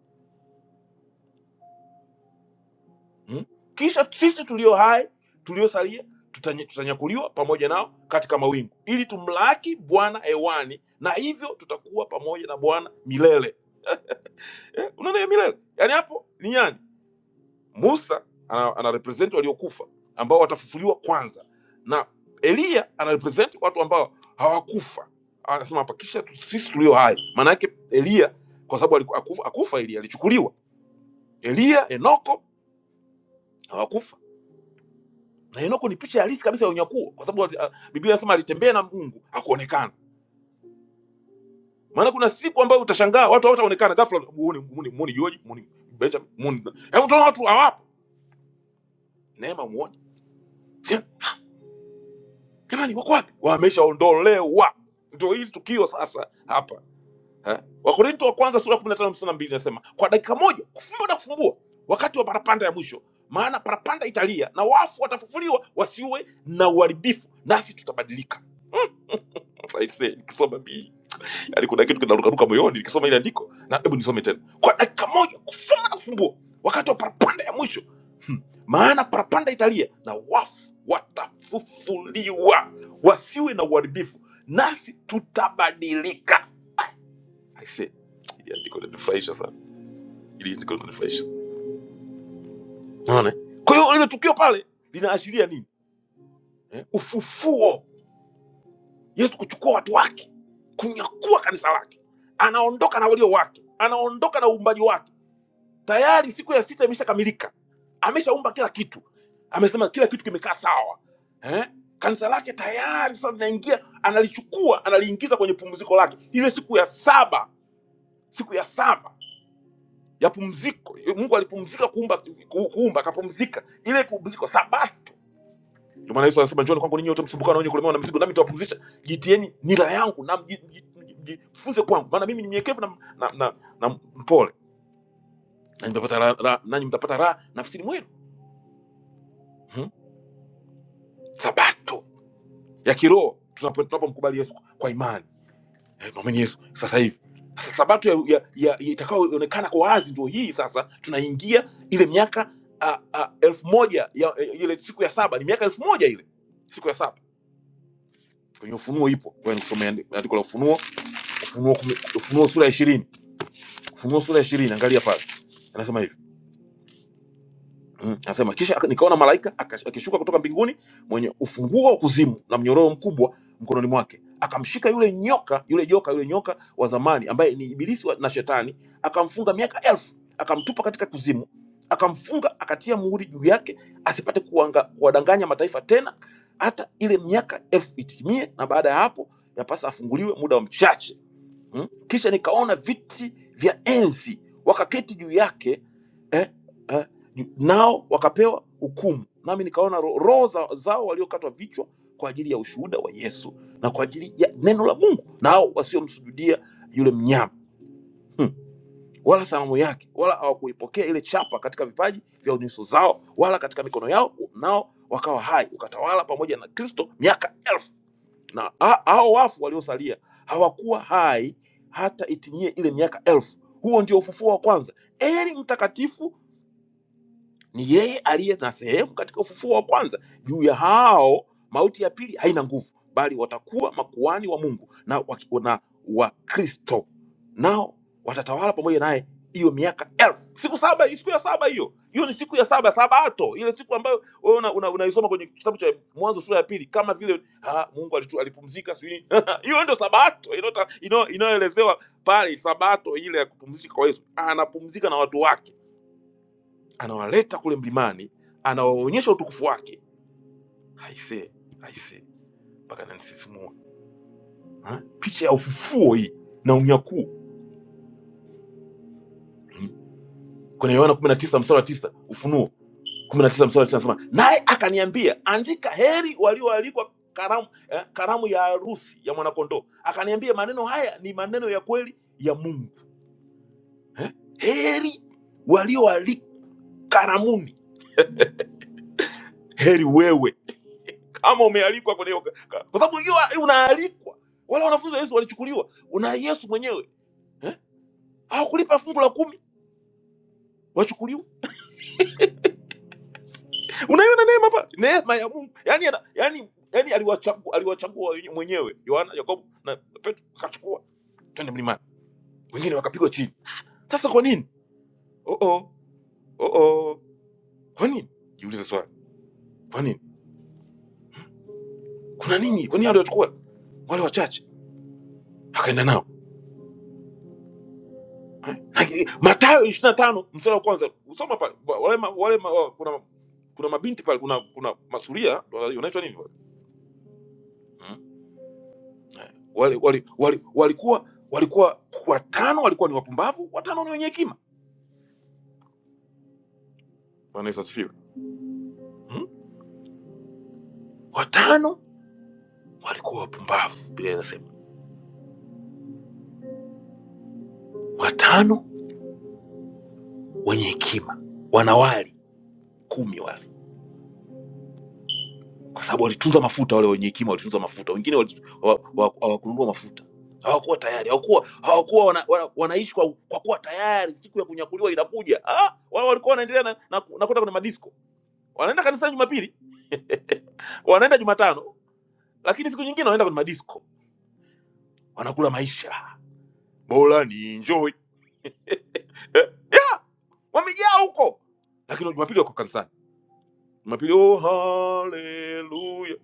mm? kisha sisi tulio hai tuliosalia tutanye- tutanyakuliwa pamoja nao katika mawingu ili tumlaki bwana hewani na hivyo tutakuwa pamoja na bwana milele eh, unaona hiyo milele yaani hapo ni yani musa ana, ana represent waliokufa ambao watafufuliwa kwanza na eliya ana represent watu ambao hawakufa anasema hapa kisha tu- sisi tulio hai maana yake eliya kwa sababu aliku- hakufa hakufa eliya alichukuliwa eliya enoko hawakufa na Henoko ni picha halisi kabisa ya unyakuo, kwa sababu uh, Biblia inasema alitembea na Mungu hakuonekana. Maana kuna siku ambayo utashangaa watu hawataonekana, ghafla muone muone muone George muone Benjamin muone, hebu utaona watu hawapo, neema muone Je, jamani, wako wapi? Wameshaondolewa. Ndio hili tukio sasa hapa ha? Wakorinto wa kwanza sura ya 15 mstari wa 2 inasema kwa dakika moja kufumba na kufumbua, wakati wa parapanda ya mwisho, maana parapanda italia na wafu watafufuliwa wasiwe na uharibifu, nasi tutabadilika. I say, nikisoma Biblia. yani kuna kitu kinarukaruka moyoni nikisoma ile andiko na hebu nisome tena kwa dakika moja kufuma na kufumbua wakati wa parapanda ya mwisho hmm. maana parapanda italia na wafu watafufuliwa wasiwe na uharibifu nasi tutabadilika I say, ili andiko linanifurahisha sana ili andiko linanifurahisha unaona eh? kwa hiyo lile tukio pale linaashiria nini eh? ufufuo yesu kuchukua watu wake kunyakua kanisa lake anaondoka na walio wake anaondoka na uumbaji wake tayari siku ya sita imeshakamilika ameshaumba kila kitu amesema kila kitu kimekaa sawa eh? kanisa lake tayari sasa linaingia analichukua analiingiza kwenye pumziko lake ile siku ya saba siku ya saba ya pumziko mungu alipumzika kuumba ku- kuumba akapumzika ile pumziko sabato ndio maana yesu anasema njoni kwangu ninyi wote msumbukao na wenye kulemewa na mizigo nami nitawapumzisha jitieni nila yangu na mji- mji- mji- mjifunze kwangu maana mimi ni mnyenyekevu na, na, na, na mpole nanyi mtapata raha ra, nanyi mtapata raha nafsini mwenu Hmm? sabato ya kiroho tunapo- tunapomkubali yesu kwa imani Eh, mwamini yesu sasa hivi sasa sabato ya, ya, ya, ya itakayoonekana kwa wazi ndio hii sasa tunaingia ile miaka a, a, elfu moja ya, ya, ile siku ya saba ni miaka elfu moja ile siku ya saba kwenye ufunuo ipo Ngoja nikusomee andi- andiko la ufunuo ufunuo, kumi- ufunuo sura ya ishirini ufunuo sura ya ishirini angalia pale anasema hivi Mm, anasema kisha aka- nikaona malaika aka- akishuka kutoka mbinguni mwenye ufunguo wa kuzimu na mnyororo mkubwa mkononi mwake, akamshika yule nyoka, yule joka, yule nyoka wa zamani ambaye ni ibilisi wa- na shetani, akamfunga miaka elfu, akamtupa katika kuzimu, akamfunga, akatia muhuri juu yake, asipate kuwanga- kuwadanganya mataifa tena, hata ile miaka elfu itimie, na baada ya hapo yapasa afunguliwe muda wa mchache mm? Kisha nikaona viti vya enzi wakaketi juu yake eh, eh, ju- nao wakapewa hukumu. Nami nikaona ro- roho za, zao waliokatwa vichwa kwa ajili ya ushuhuda wa Yesu na kwa ajili ya neno la Mungu, nao wasiomsujudia yule mnyama hmm. wala sanamu yake, wala hawakuipokea ile chapa katika vipaji vya nyuso zao, wala katika mikono yao, nao wakawa hai, ukatawala pamoja na Kristo miaka elfu na ha- hao wafu waliosalia hawakuwa hai hata itimie ile miaka elfu. Huo ndio ufufuo wa kwanza. Eli mtakatifu ni yeye aliye na sehemu katika ufufuo wa kwanza. Juu ya hao mauti ya pili haina nguvu, bali watakuwa makuhani wa Mungu na wa, na wa Kristo, nao watatawala pamoja naye hiyo miaka elfu. Siku saba, siku ya saba hiyo hiyo ni siku ya saba, sabato, ile siku ambayo wewe unaisoma una, una unaisoma kwenye kitabu cha Mwanzo sura ya pili, kama vile ha, Mungu alitu, alipumzika sijui nini. hiyo ndio sabato inayota- inayo- inayoelezewa pale, sabato ile ya kupumzika kwa Yesu, anapumzika na watu wake anawaleta kule mlimani, anawaonyesha utukufu wake. Aisee, aisee, mpaka nanisisimua Ha? picha ya ufufuo hii na unyakuo hmm. kwenye Yohana kumi na tisa mstari wa tisa Ufunuo kumi na tisa mstari wa tisa anasema naye akaniambia, andika, heri walioalikwa karamu, eh, karamu ya harusi ya mwanakondoo. Akaniambia maneno haya ni maneno ya kweli ya Mungu. Heri walioalikwa karamuni, heri wewe ama umealikwa kwenye hiyo ka- ka- kwa sababu hiyo unaalikwa. Wale wanafunzi wa Yesu walichukuliwa una Yesu mwenyewe eh? hawakulipa fungu la kumi wachukuliwa. Unaiona neema pale, neema ya Mungu yani, yana- yani, yani aliwachagua aliwachagua wenye- mwenyewe Yohana, Yakobo na Petro, akachukua twende mlimani, wengine wakapigwa chini. Sasa kwa nini? oh -oh, oh -oh. Kwa nini? Jiulize swali, kwa nini? Kuna nini? Kwa nini aliwachukua wale wachache akaenda nao? Haki- Mathayo ishirini na tano mstari wa kwanza usoma pale Wa- wale, ma- wale ma, wa- kuna, kuna mabinti pale kuna, kuna masuria unaitwa nini wale? Hmm? Eh. Wale, wale, wale, walikuwa walikuwa watano walikuwa ni wapumbavu watano ni wenye hekima Bwana Yesu asifiwe hmm? watano walikuwa wapumbavu Biblia inasema watano wenye hekima wanawali kumi wale kwa sababu walitunza mafuta. Wale wenye hekima walitunza mafuta, wengine wali- hawa- hawa- hawakununua mafuta, hawakuwa tayari, hawakuwa hawakuwa wana, wana, wanaishi kwa, kwa kuwa tayari siku ya kunyakuliwa inakuja. Ah, wao walikuwa wanaendelea na, na, na kwenda kwenye madisko, wanaenda kanisani Jumapili, wanaenda Jumatano, lakini siku nyingine wanaenda kwenye madisko, wanakula maisha bora ni enjoy eh, yeah, wamejaa huko, lakini Jumapili wako kanisani. Jumapili, oh haleluya,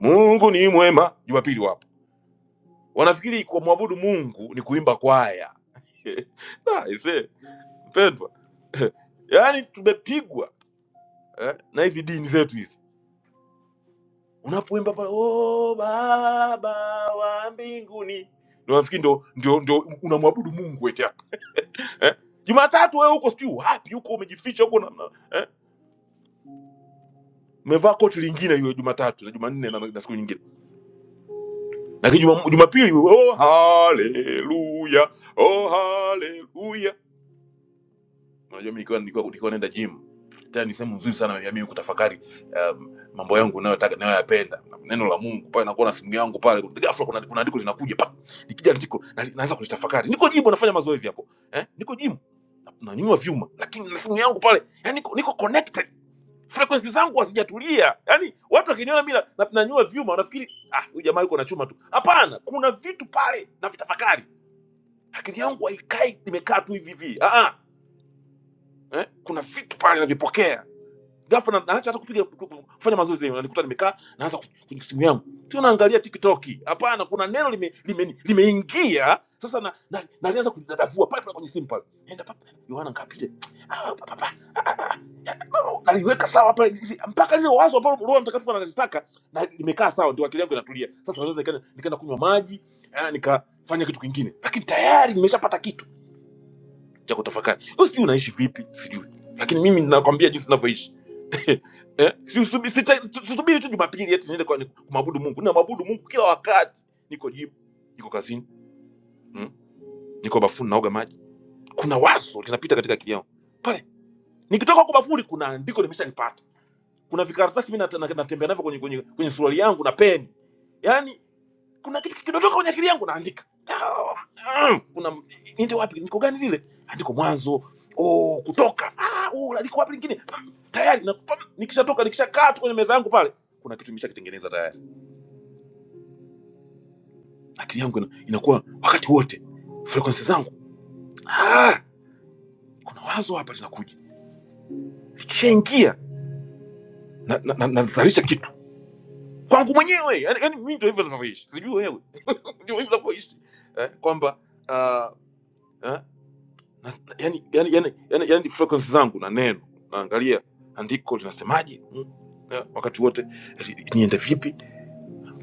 Mungu ni mwema. Jumapili wapo wanafikiri kumwabudu mungu ni kuimba kwaya Da, ise mpendwa yaani tumepigwa eh, na hizi dini zetu hizi unapoimba pale "Oh, baba wa mbinguni ndio nafikiri ndio ndio ndio unamwabudu mungu eti hapa eh? jumatatu wewe huko sijui wapi huko umejificha huko na, na, eh? umevaa koti lingine hiyo jumatatu na jumanne na, na siku nyingine lakini Juma- jumapili wewe, oh haleluya oh haleluya unajua mi nikiwa nikiwa nikiwa naenda gym tena ni sehemu nzuri sana ya mimi kutafakari um, mambo yangu nayotaka nayoyapenda neno la Mungu pale nakuwa na simu yangu pale ghafla kuna kuna andiko linakuja pa nikija ndiko na, naanza kulitafakari niko gym nafanya mazoezi hapo eh niko gym na- nanyanyua vyuma lakini na simu yangu pale yani niko, niko connected frequency zangu hazijatulia yani watu wakiniona mimi na- na- nanyanyua vyuma wanafikiri ah huyu jamaa yuko na chuma tu hapana kuna vitu pale na vitafakari akili yangu haikai nimekaa tu hivi hivi ah ah, eh kuna vitu pale navipokea ghafla na- naacha hata kupiga kufanya mazoezi yenyewe, nanikuta nimekaa naanza ku- kwenye simu yangu tu naangalia TikTok. Hapana, kuna neno limeingia lime, lime limeingia. sasa na na- nalianza kudadavua pale pale kwenye simu pale, nenda papa Yohana ngapi ile Ah, pa- pa- pa. Oh, naliweka sawa pale mpaka lile wazo ambalo Roho Mtakatifu analitaka na limekaa sawa, ndio akili yangu inatulia. Sasa naweza nikaenda nikaenda kunywa maji eh, nikafanya kitu kingine, lakini tayari nimeshapata kitu cha kutafakari wewe sijui unaishi vipi sijui lakini mimi nakwambia jinsi ninavyoishi Eh, si usubi- sita- su- susubiri tu Jumapili eti niende kwa- ni- kumwabudu Mungu. Ninamwabudu Mungu kila wakati, niko jimu, niko kazini, mm, niko bafuni naoga maji. Kuna wazo linapita katika akili yangu pale, nikitoka huko bafuni, kuna andiko nimeshalipata, kuna vikaratasi mimi nat- na- natembea navyo kwenye, kwenye, kwenye suruali yangu na peni, yaani kuna kitu kikidondoka kwenye akili yangu naandika. Ah, mm, Kuna niende wapi? Niko gani lile? Andiko mwanzo. Oh, kutoka. Ah, oh, la- liko wapi lingine? Mm, Tayari na pam, nikishatoka nikishakaa tu kwenye meza yangu pale, kuna kitu nimeshakitengeneza tayari. Akili yangu ina, inakuwa wakati wote frequency zangu. Ah, kuna wazo hapa linakuja. Ikishaingia na na, na, nazalisha kitu kwangu mwenyewe. Yaani yaani mimi ndio hivyo ninavyoishi. Sijui wewe. Ndio hivyo ninavyoishi. Eh, kwamba uh, eh, na, na- yani, yani, yani, yani, yani frequency zangu na neno naangalia andiko linasemaje mm, na wakati wote li- niende vipi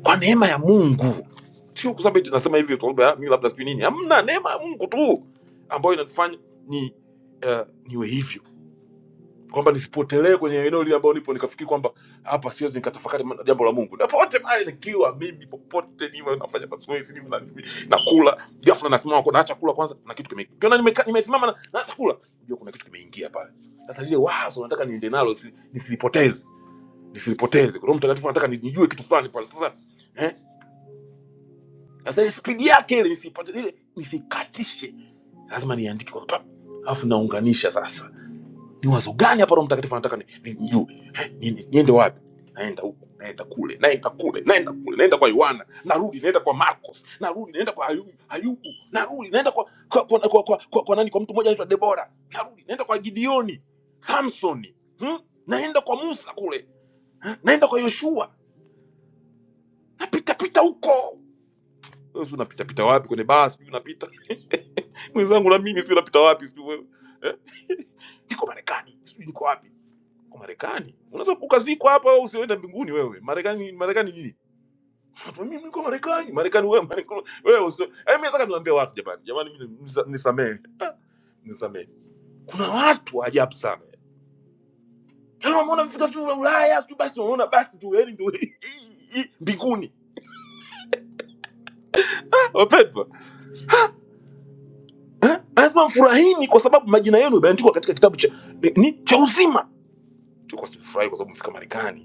kwa neema ya mungu sio kwa sababu eti nasema hivi kwa sababu ya mimi labda sijui nini hamna neema ya mungu tu ambayo inanifanya ni uh, niwe hivyo kwamba nisipotelee kwenye eneo lile ambao nipo nikafikiri kwamba hapa siwezi nikatafakari ma- jambo la Mungu. Na popote pale nikiwa mimi, popote niwe nafanya mazoezi, niwe na- nakula, ghafla nasimama kwa naacha kula kwanza na kitu kimeingia. Ukiona nimeka- nimesimama na naacha kula, unajua kuna kitu kimeingia pale. Sasa lile wazo nataka niende nalo si- nisilipoteze, nisilipoteze. Roho Mtakatifu anataka ni- nijue kitu fulani pale. Sasa eh, sasa ile spidi yake ile nisipoteze ile nisikatishe. Lazima niandike kwa pap. Alafu naunganisha sasa ni wazo gani hapa roho mtakatifu anataka ni- ni- nijue Eh, nini niende wapi naenda huku naenda kule naenda kule naenda kule naenda kwa yohana narudi naenda kwa marcos narudi naenda kwa ayubu ayubu narudi naenda kwa kwa, kwa, kwa, kwa, kwa, kwa nani kwa mtu mmoja anaitwa debora narudi naenda kwa gideoni samsoni hmm? naenda kwa musa kule eh, naenda kwa yoshua napita pita huko Wewe si unapita pita wapi kwenye basi sijui unapita mwenzangu na mimi sijui unapita wapi sijui wewe eh? niko marekani sijui niko wapi Kwa Marekani unaweza ukazikwa hapa wewe usioenda mbinguni wewe. Marekani Marekani nini? Watu, Mimi niko Marekani, Marekani wewe, Marekani wewe usio. Eh, mimi nataka niwaambie watu jamani, jamani mimi nisa- nisamehe. Ah, Nisamehe. Kuna watu wa ajabu sana. Yaani unaona vifika sio Ulaya, sio basi unaona basi tu yaani ndio hii- hii- mbinguni. Ah, Wapendwa. Eh? Lazima mfurahini kwa sababu majina yenu yameandikwa katika kitabu cha ni cha uzima. Tu kwa sababu mfurahi kwa sababu mfika Marekani.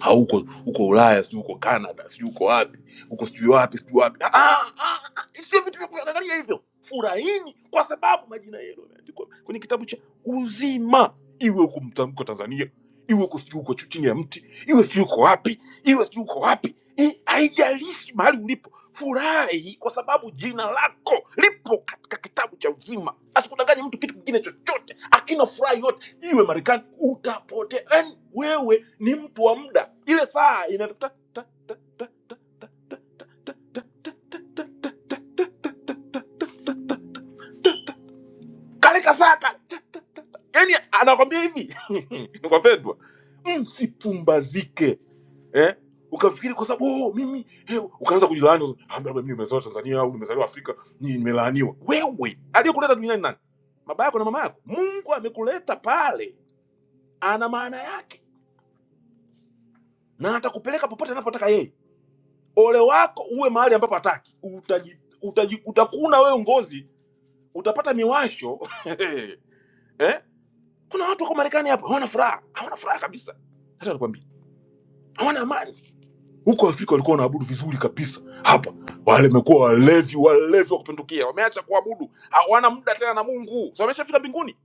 hauko uko ulaya sijui uko canada sijui uko wapi uko sijui wapi sijui wapi Ah, ah, ah, ah, sio vitu vya kuangalia hivyo furahini kwa sababu majina yenu yameandikwa kwenye kitabu cha uzima iwe uko mta- uko tanzania iwe uko sijui uko chini ya mti iwe sijui uko wapi iwe sijui uko wapi I- haijalishi mahali ulipo furahi kwa sababu jina lako lipo katika kitabu cha uzima asikudanganye mtu kitu kingine chochote akina furaha yote Iu memberikan udah poten, we we nim tuam dah. Ile sah ini. Kali kahsah kan? Ini anak kami ini. Nukapet buat si pumbazike. Eh, uka fikir kuasa. Oh, mimi uka masa ku dilanu Amerika Milenial mesra Tanzania, uku mesrau Afrika ni Milenial we we. Adio kuleta minat nanti. Ma baga kuna mamak. Munggu amikule tapale ana maana yake na atakupeleka popote anapotaka yeye. Ole wako uwe mahali ambapo hataki, utaji, utaji, utakuna wewe ngozi, utapata miwasho eh? Kuna watu wako Marekani hapa hawana furaha, hawana furaha kabisa, hata nakwambia hawana amani. Huko Afrika walikuwa wanaabudu vizuri kabisa, hapa wale wamekuwa walevi, walevi wa kupindukia, wameacha kuabudu, hawana muda tena na Mungu, so wameshafika mbinguni.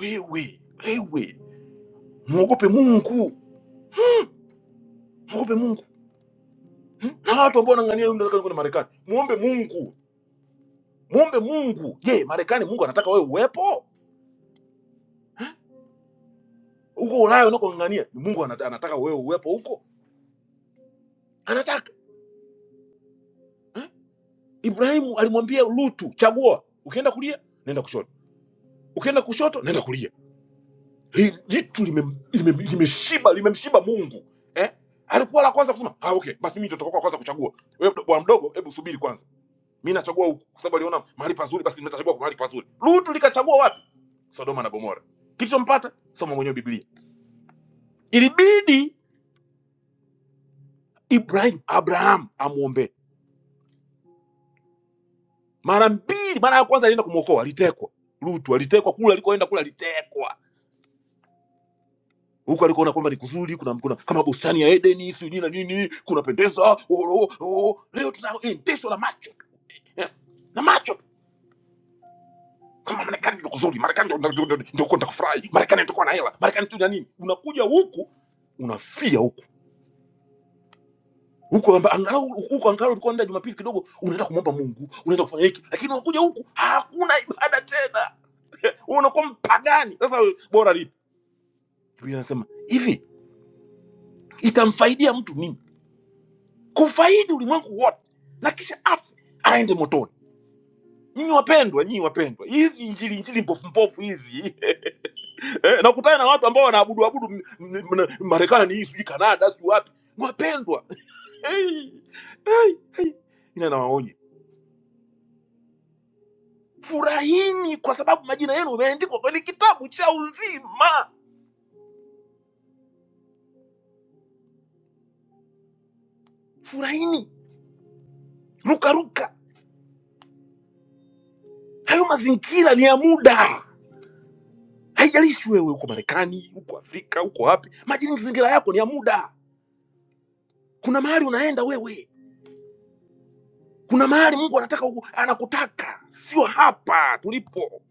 Wewe wewe, mwogope Mungu, mwogope Mungu hmm? na watu ambao wanang'ania hiyo ndio Marekani, muombe Mungu mwombe Mungu. Je, Marekani Mungu anataka wewe uwepo Eh? huko Ulaya unakong'ang'ania? ni Mungu anata- anataka wewe uwepo huko? Anataka Eh? Ibrahimu alimwambia Lutu, chagua, ukienda kulia nenda kushoto, ukienda kushoto nenda kulia. Hili jitu limem- limem- limeshiba limemshiba Mungu eh? Alikuwa la kwanza kusema ah, okay, basi mimi nitatoka kwa kwanza kuchagua. Wewe mdo- bwana mdogo, hebu subiri kwanza, mimi nachagua huku kwa sababu aliona mahali pazuri, basi nitachagua kwa mahali pazuri. Lutu likachagua wapi? Sodoma na Gomora. Kilichompata soma mwenyewe Biblia. Ilibidi Ibrahim, Abraham amwombee mara mbili. Mara ya kwanza alienda kumwokoa, alitekwa. Lutu alitekwa kule alikoenda kule, alitekwa huko, alikoona kwamba ni kuzuri, kuna, kuna kama bustani ya Edeni sijui na nini, kunapendeza. Oh, oh, oh. Leo tunaendeshwa na macho tu, eh, na macho tu kama Marekani ndio kuzuri, Marekani ndio ndio- ndio- ndio kwenda kufurahi, Marekani ndio kuwa na hela, Marekani tu na nini. Unakuja huku unafia huku huko amba- angalau huko angalau ulikuwa unaenda Jumapili kidogo, unaenda kumwomba Mungu, unaenda kufanya hiki, lakini unakuja huku hakuna ibada tena Wewe unakuwa mpagani. Sasa bora lipi? Biblia inasema hivi, itamfaidia mtu nini? Kufaidi ulimwengu wote na kisha afe aende motoni. Nyinyi wapendwa, nyinyi wapendwa, hizi injili injili mpofu mpofu hizi eh, nakutana na watu ambao wanaabudu abudu m- m- m- Marekani hii sijui Kanada sijui wapi. Wapendwa, hey, hey, hey. Ina nawaonye furahini kwa sababu majina yenu yameandikwa kwenye kitabu cha uzima. Furahini, rukaruka. Hayo mazingira ni ya muda. haijalishi wewe uko Marekani, uko Afrika, uko wapi, majini mazingira yako ni ya muda. Kuna mahali unaenda wewe, kuna mahali Mungu anataka uku- anakutaka, sio hapa tulipo.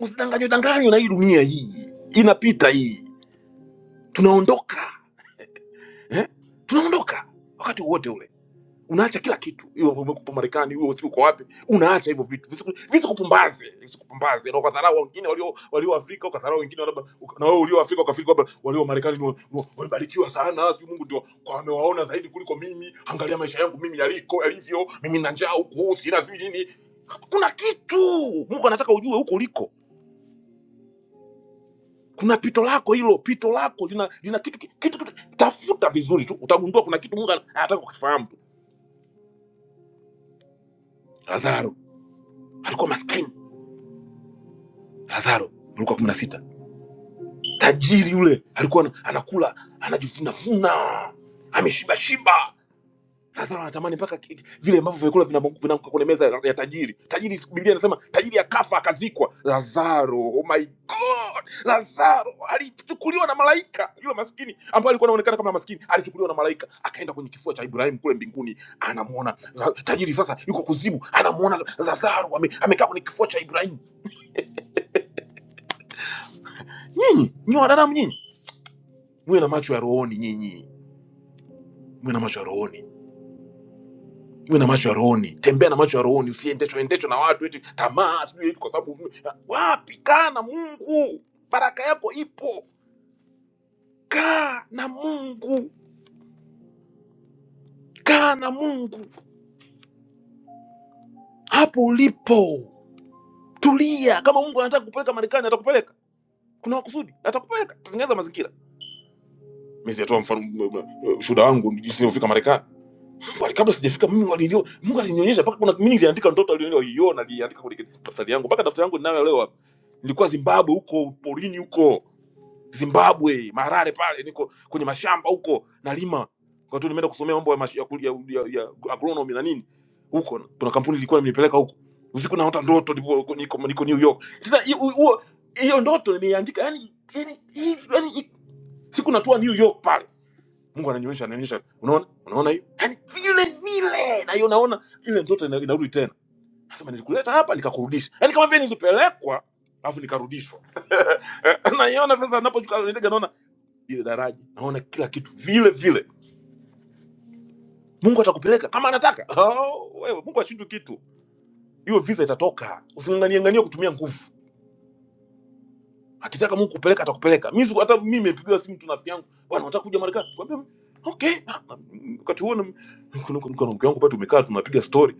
Usidanganywe danganywe na hii dunia, hii inapita, hii tunaondoka eh? tunaondoka wakati wowote ule. unaacha kila kitu iwe umekupa marekani iwe usiku uko wapi unaacha hivyo vitu Visiku- visikupumbaze visikupumbaze na ukadharau wengine walio walio afrika ukadharau wengine labda uka- na wewe ulio afrika ukafikiri kwamba walio marekani ni wa- ni wa- wamebarikiwa sana si mungu ndio kwa amewaona zaidi kuliko mimi angalia maisha yangu mimi yaliko yalivyo mimi na njaa huku sina sijui nini kuna kitu mungu anataka ujue huko uliko kuna pito lako hilo pito lako lina lina kitu kitu, kitu tafuta vizuri tu utagundua kuna kitu mungu anataka kukifahamu tu lazaro alikuwa maskini Lazaro alikuwa kumi na sita, tajiri yule alikuwa ana- anakula anajifunafuna ameshibashiba. Lazaro anatamani mpaka ki- vile ambavyo vyakula vinamwanguka vinaanguka kwenye meza ya ya tajiri. Tajiri, Biblia inasema tajiri akafa akazikwa. Lazaro, oh my God, Lazaro alichukuliwa na malaika yule maskini ambaye alikuwa anaonekana kama maskini, alichukuliwa na malaika akaenda kwenye kifua cha Ibrahimu kule mbinguni. Anamwona Za- tajiri sasa yuko kuzimu, anamwona Lazaro ame- amekaa kwenye kifua cha Ibrahimu. Nyinyi nyi wanadamu nyinyi mwe na macho ya rohoni nyinyi mwe na macho ya rohoni mwe na macho ya rohoni tembea na macho ya rohoni usiendeshwe endeshwe na watu eti tamaa sijui hivi kwa sababu wapi kaa na mungu baraka yako ipo kaa na mungu kaa na mungu hapo ulipo tulia kama mungu anataka kupeleka marekani atakupeleka kuna makusudi atakupeleka tutengeneza mazingira mimi sijatoa mfano m- m- m- ushuhuda wangu jinsi nilivyofika marekani Bali kabla sijafika mimi walinio, Mungu alinionyesha mpaka kuna mimi niliandika ndoto aliyoiona, niliandika kwenye daftari yangu mpaka daftari yangu ninayo leo hapa. Nilikuwa Zimbabwe huko porini huko Zimbabwe Harare pale, niko kwenye mashamba huko nalima, wakati nimeenda kusomea mambo ya, mash- ya, kul- ya, ya, ya agronomy na nini huko. Kuna kampuni ilikuwa imenipeleka huko, usiku naota ndoto niko, niko, niko New York. Sasa hiyo huo- hiyo ndoto nimeiandika yani, yani, hivi- yani, siku natua New York pale mungu ananionyesha ananionyesha unaona unaona hiyo yani vile vile na hiyo naona ile mtoto ina- inarudi tena nasema nilikuleta hapa nikakurudisha yani kama vile nilipelekwa alafu nikarudishwa naiona sasa naposhuka nitega naona ile daraja naona kila kitu vile vile mungu atakupeleka kama anataka oh, wewe mungu ashindwi kitu hiyo visa itatoka usinganganiangania kutumia nguvu akitaka mungu kupeleka atakupeleka mimi siku- hata mimi nimepigiwa simu tu rafiki yangu bwana unataka kuja marekani Nikamwambia, okay Ah, mm, wakati huo na- niko niko- niko na mke wangu pale tumekaa tunapiga story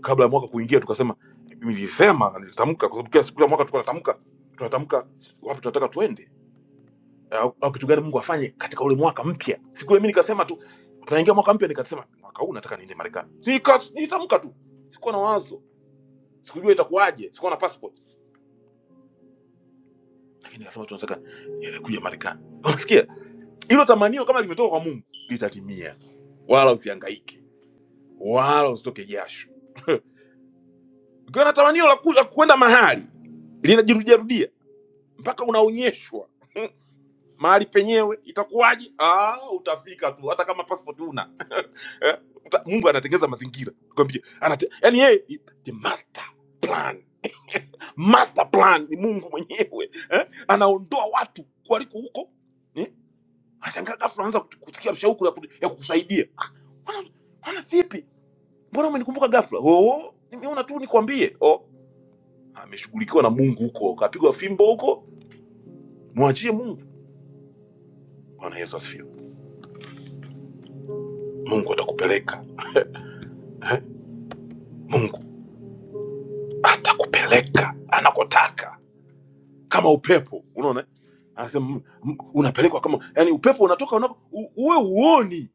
kabla ya mwaka kuingia tukasema nilisema na nilitamka kwa sababu kila siku ya mwaka tulikuwa tunatamka tunatamka wapi tunataka tuende au, au kitu gani Mungu afanye katika ule mwaka mpya. Siku ile mimi nikasema tu tunaingia mwaka mpya, nikasema mwaka huu nataka niende Marekani. Sikas nilitamka tu, sikuwa na wazo, sikujua itakuwaje, sikuwa na passport, lakini nikasema tu nataka eh, kuja Marekani. Unasikia hilo tamanio kama lilivyotoka kwa Mungu litatimia, wala usihangaike, wala usitoke jasho. Ukiwa na tamanio la ku- la kwenda mahali linajirudiarudia mpaka unaonyeshwa mahali penyewe itakuwaje. Ah, utafika tu hata kama passport una eh, uta, Mungu anatengeza mazingira kwambie, anate yani yeye the master plan master plan ni Mungu mwenyewe eh? Anaondoa watu waliko huko eh? Anashangaa ghafla anaanza kutu- kusikia shauku ya, ku- ya kukusaidia. Bwana bwana, vipi, mbona umenikumbuka ghafla? Oh, nimeona tu nikwambie. Oh, ameshughulikiwa na Mungu huko, kapigwa fimbo huko, mwachie Mungu. Bwana Yesu asifiwe. Mungu atakupeleka eh? Mungu atakupeleka anakotaka kama upepo, unaona eh? Anasema m- m- unapelekwa kama yani upepo unatoka unako, u- uwe uoni,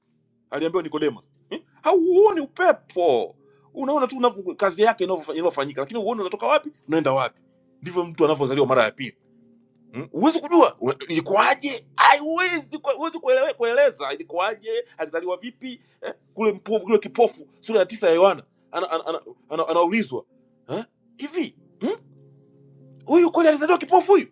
aliambiwa Nicodemus eh? Hauoni upepo, unaona tu unavyo- kazi yake inavyofanyika, lakini uoni unatoka wapi unaenda wapi. Ndivyo mtu anavyozaliwa mara ya pili. Mm, huwezi kujua we- ilikuwaje haiwezi kue- huwezi kuelewe- kueleza ilikuwaje alizaliwa vipi eh? kule mpofu kule kipofu sura ya tisa ya yohana ana, ana, ana, ana, anaulizwa eh? hivi huyu kweli alizaliwa kipofu huyu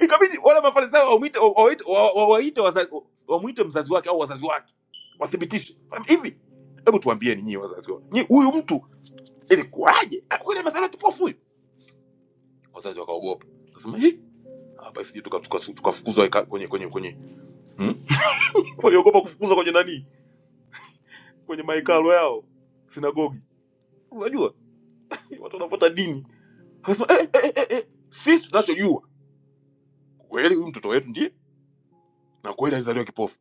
ikabidi wale mafarisayo wamwite- wa- wawaite wa- wa- waite wazazi- wamwite mzazi wake au wazazi wake wathibitishe hivi hebu tuambieni nyie wazazi wa nyie huyu mtu ilikuwaje Ah, kweli amezaliwa kipofu huyu wazazi wakaogopa sema hii hapa sije tukafukuzwa tuka, tuka tukafukuzwa ika- kwenye kwenye kwenye hmm?" waliogopa kufukuzwa kwenye nani, kwenye mahekalo yao sinagogi. Unajua watu wanafuata dini, wanasema eh, eh, eh, eh, eh, sisi tunachojua kweli huyu mtoto wetu ndiye, na kweli alizaliwa kipofu,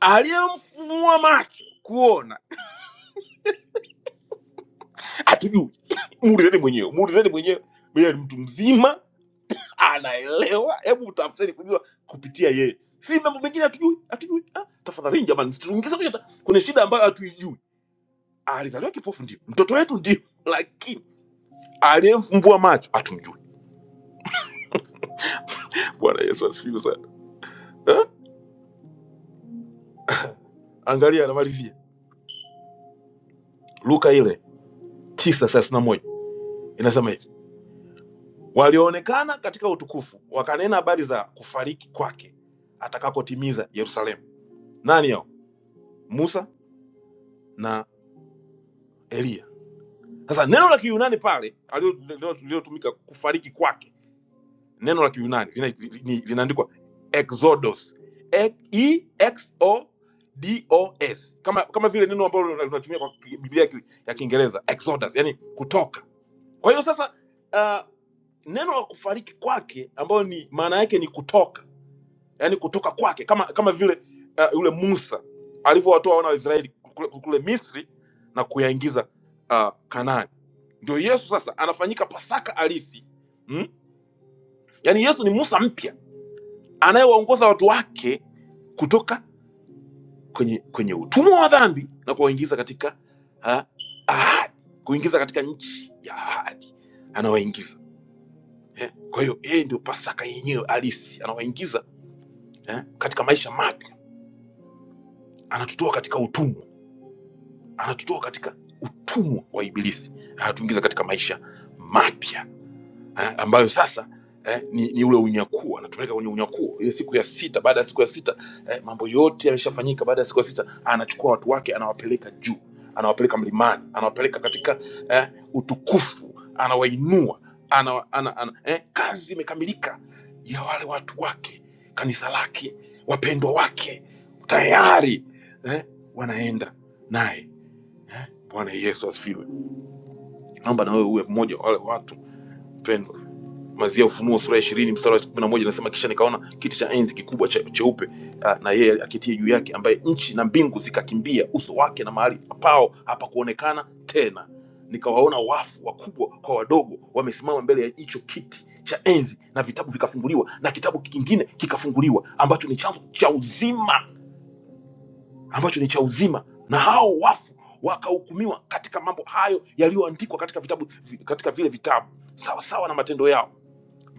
aliyemfumua macho kuona hatujui. Muulizeni mwenyewe, muulizeni mwenyewe. Yeye ni mtu mzima, anaelewa. Hebu tafuteni kujua kupitia yeye, si mambo mengine hatujui, hatujui. Ah, tafadhalini jamani, msituingize kwenye ta- kwenye shida ambayo hatuijui. Alizaliwa kipofu, ndio mtoto wetu, ndio lakini aliyemfumbua macho hatumjui. Bwana Yesu asifiwe sana. Eh? Angalia, anamalizia Luka ile tisa thelathini na moja inasema hivi, walioonekana katika utukufu wakanena habari za kufariki kwake atakakotimiza Yerusalemu. Nani hao? Musa na Eliya. Sasa neno la Kiyunani pale alio- lilo- lililotumika kufariki kwake, neno la Kiyunani lina- ni- linaandikwa exodos E- E- X O D O S kama kama vile neno ambalo linatumia kwa Biblia ya Ki- ya Kiingereza exodus, yani kutoka kwa hiyo sasa uh, neno la kufariki kwake ambayo ni maana yake ni kutoka yaani kutoka kwake kama kama vile uh, yule musa alivyowatoa wana wa israeli kule, kule misri na kuyaingiza uh, kanaani ndio yesu sasa anafanyika pasaka halisi mm? yaani yesu ni musa mpya anayewaongoza watu wake kutoka kwenye kwenye utumwa wa dhambi na kuwaingiza katika uh, ahadi kuingiza katika nchi ya ahadi anawaingiza eh. Kwa hiyo yeye ndio Pasaka yenyewe halisi, anawaingiza eh, katika maisha mapya, anatutoa katika utumwa, anatutoa katika utumwa wa Ibilisi, anatuingiza katika maisha mapya eh, ambayo sasa eh, ni, ni ule unyakuo anatupeleka kwenye unyakuo ile siku ya sita baada ya siku ya sita eh, mambo yote yameshafanyika baada ya siku ya sita anachukua watu wake anawapeleka juu anawapeleka mlimani anawapeleka katika eh, utukufu anawainua ana, ana, ana, eh, kazi imekamilika ya wale watu wake kanisa lake wapendwa wake tayari eh, wanaenda naye eh, bwana yesu asifiwe naomba na wewe uwe mmoja wa wale watu pendwa mazia Ufunuo sura ya ishirini mstari wa kumi na moja inasema, kisha nikaona kiti cha enzi kikubwa cha- cheupe ah, na yeye akitie juu yake, ambaye nchi na mbingu zikakimbia uso wake, na mahali pao hapakuonekana tena. Nikawaona wafu wakubwa kwa wadogo, wamesimama mbele ya hicho kiti cha enzi, na vitabu vikafunguliwa, na kitabu kingine kikafunguliwa, ambacho ni chanzo cha uzima, ambacho ni cha uzima, na hao wafu wakahukumiwa katika mambo hayo yaliyoandikwa katika vitabu katika vile vitabu sawa sawa na matendo yao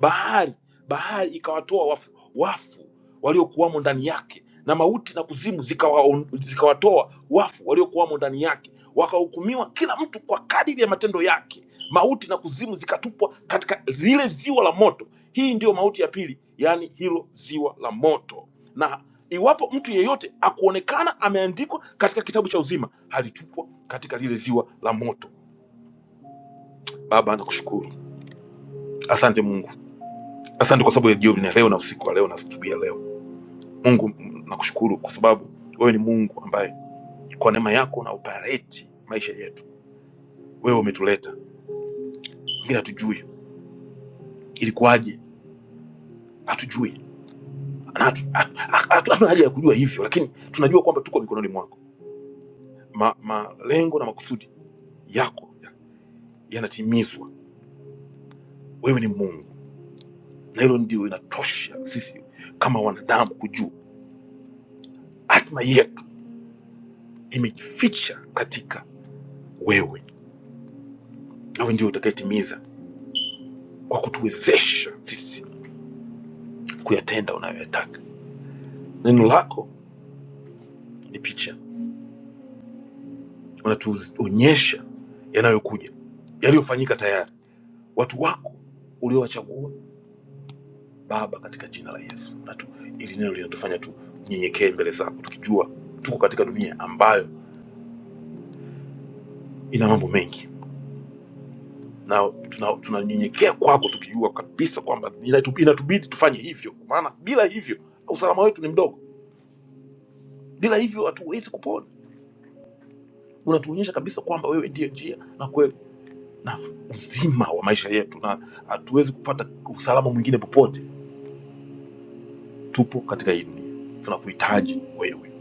bahari bahari ikawatoa wafu, wafu waliokuwamo ndani yake na mauti na kuzimu zikawa- zikawatoa wafu waliokuwamo ndani yake wakahukumiwa kila mtu kwa kadiri ya matendo yake mauti na kuzimu zikatupwa katika lile ziwa la moto hii ndiyo mauti ya pili yaani hilo ziwa la moto na iwapo mtu yeyote akuonekana ameandikwa katika kitabu cha uzima alitupwa katika lile ziwa la moto baba nakushukuru asante mungu Asante kwa sababu ya jioni ya leo na usiku wa leo na asubuhi ya leo. Mungu, m- nakushukuru kwa sababu wewe ni Mungu ambaye kwa neema yako unaopareti maisha yetu. Wewe umetuleta, wengine hatujui ilikuwaje, hatujui Na hatu- hatu- hatu- hatuna haja ya kujua hivyo, lakini tunajua kwamba tuko mikononi mwako. Ma- Malengo na makusudi yako ya- yanatimizwa. Wewe ni Mungu, na hilo ndio inatosha sisi kama wanadamu kujua. Hatima yetu imejificha katika wewe, nawe ndio utakayetimiza kwa kutuwezesha sisi kuyatenda unayoyataka. Neno lako ni picha, unatuonyesha yanayokuja, yaliyofanyika tayari, watu wako uliowachagua Baba, katika jina la Yesu. Na tu- hili neno linatufanya tu nyenyekee mbele zako, tukijua tuko katika dunia ambayo ina mambo mengi, na tunanyenyekea tuna tunanyenyekea kwako, tukijua kabisa kwamba inatu- inatubidi tufanye hivyo, kwa maana bila hivyo usalama wetu ni mdogo, bila hivyo hatuwezi kupona. Unatuonyesha kabisa kwamba wewe ndiye njia na kweli na uzima wa maisha yetu, na hatuwezi kupata usalama mwingine popote. Tupo katika hii dunia, tunakuhitaji wewe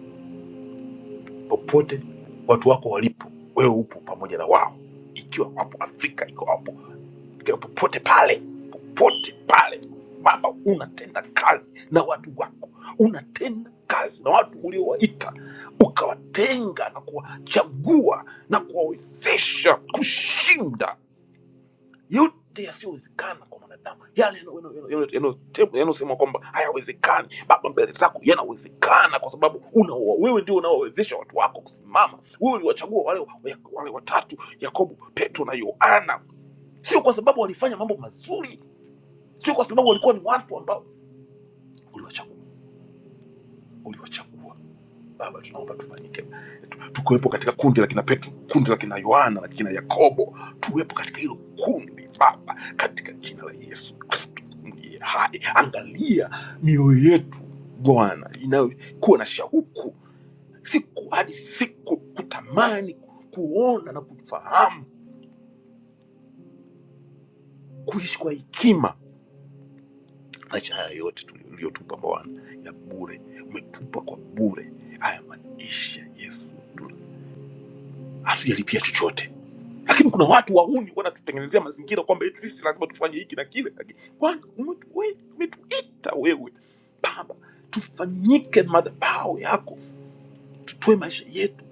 popote watu wako walipo, wewe upo pamoja na wao, ikiwa wapo Afrika, iko wapo ikiwa popote pale, popote pale Baba, unatenda kazi na watu wako, unatenda kazi na watu uliowaita ukawatenga na kuwachagua na kuwawezesha kushinda yote yasiyowezekana kwa mwanadamu, yale yanayosemwa yano, yano, yano, yano, yano yanayosemwa kwamba hayawezekani, Baba, mbele zako yanawezekana, kwa sababu una wewe ndio unaowezesha watu wako kusimama. Wewe uliwachagua wale, wale watatu, Yakobo, Petro na Yohana, sio kwa sababu walifanya mambo mazuri, sio kwa sababu walikuwa ni watu ambao uliwachagua. Uliwachagua Baba, tunaomba tufanyike tukiwepo katika kundi la kina Petro, kundi la kina Yohana na kina Yakobo, tuwepo katika hilo kundi Baba, katika jina la Yesu Kristo mliye hai. Angalia mioyo yetu Bwana inayokuwa na shauku siku hadi siku, kutamani kuona na kufahamu, kuishi kwa hekima. Maisha haya yote tuli- uliyotupa Bwana ya bure, umetupa kwa bure haya maisha Yesu, tuna- hatujalipia chochote lakini kuna watu wahuni wanatutengenezea mazingira kwamba eti sisi lazima tufanye hiki na kile. Lakini Bwana, umetu- we- umetuita wewe Baba, tufanyike madhabahu yako, tutoe maisha yetu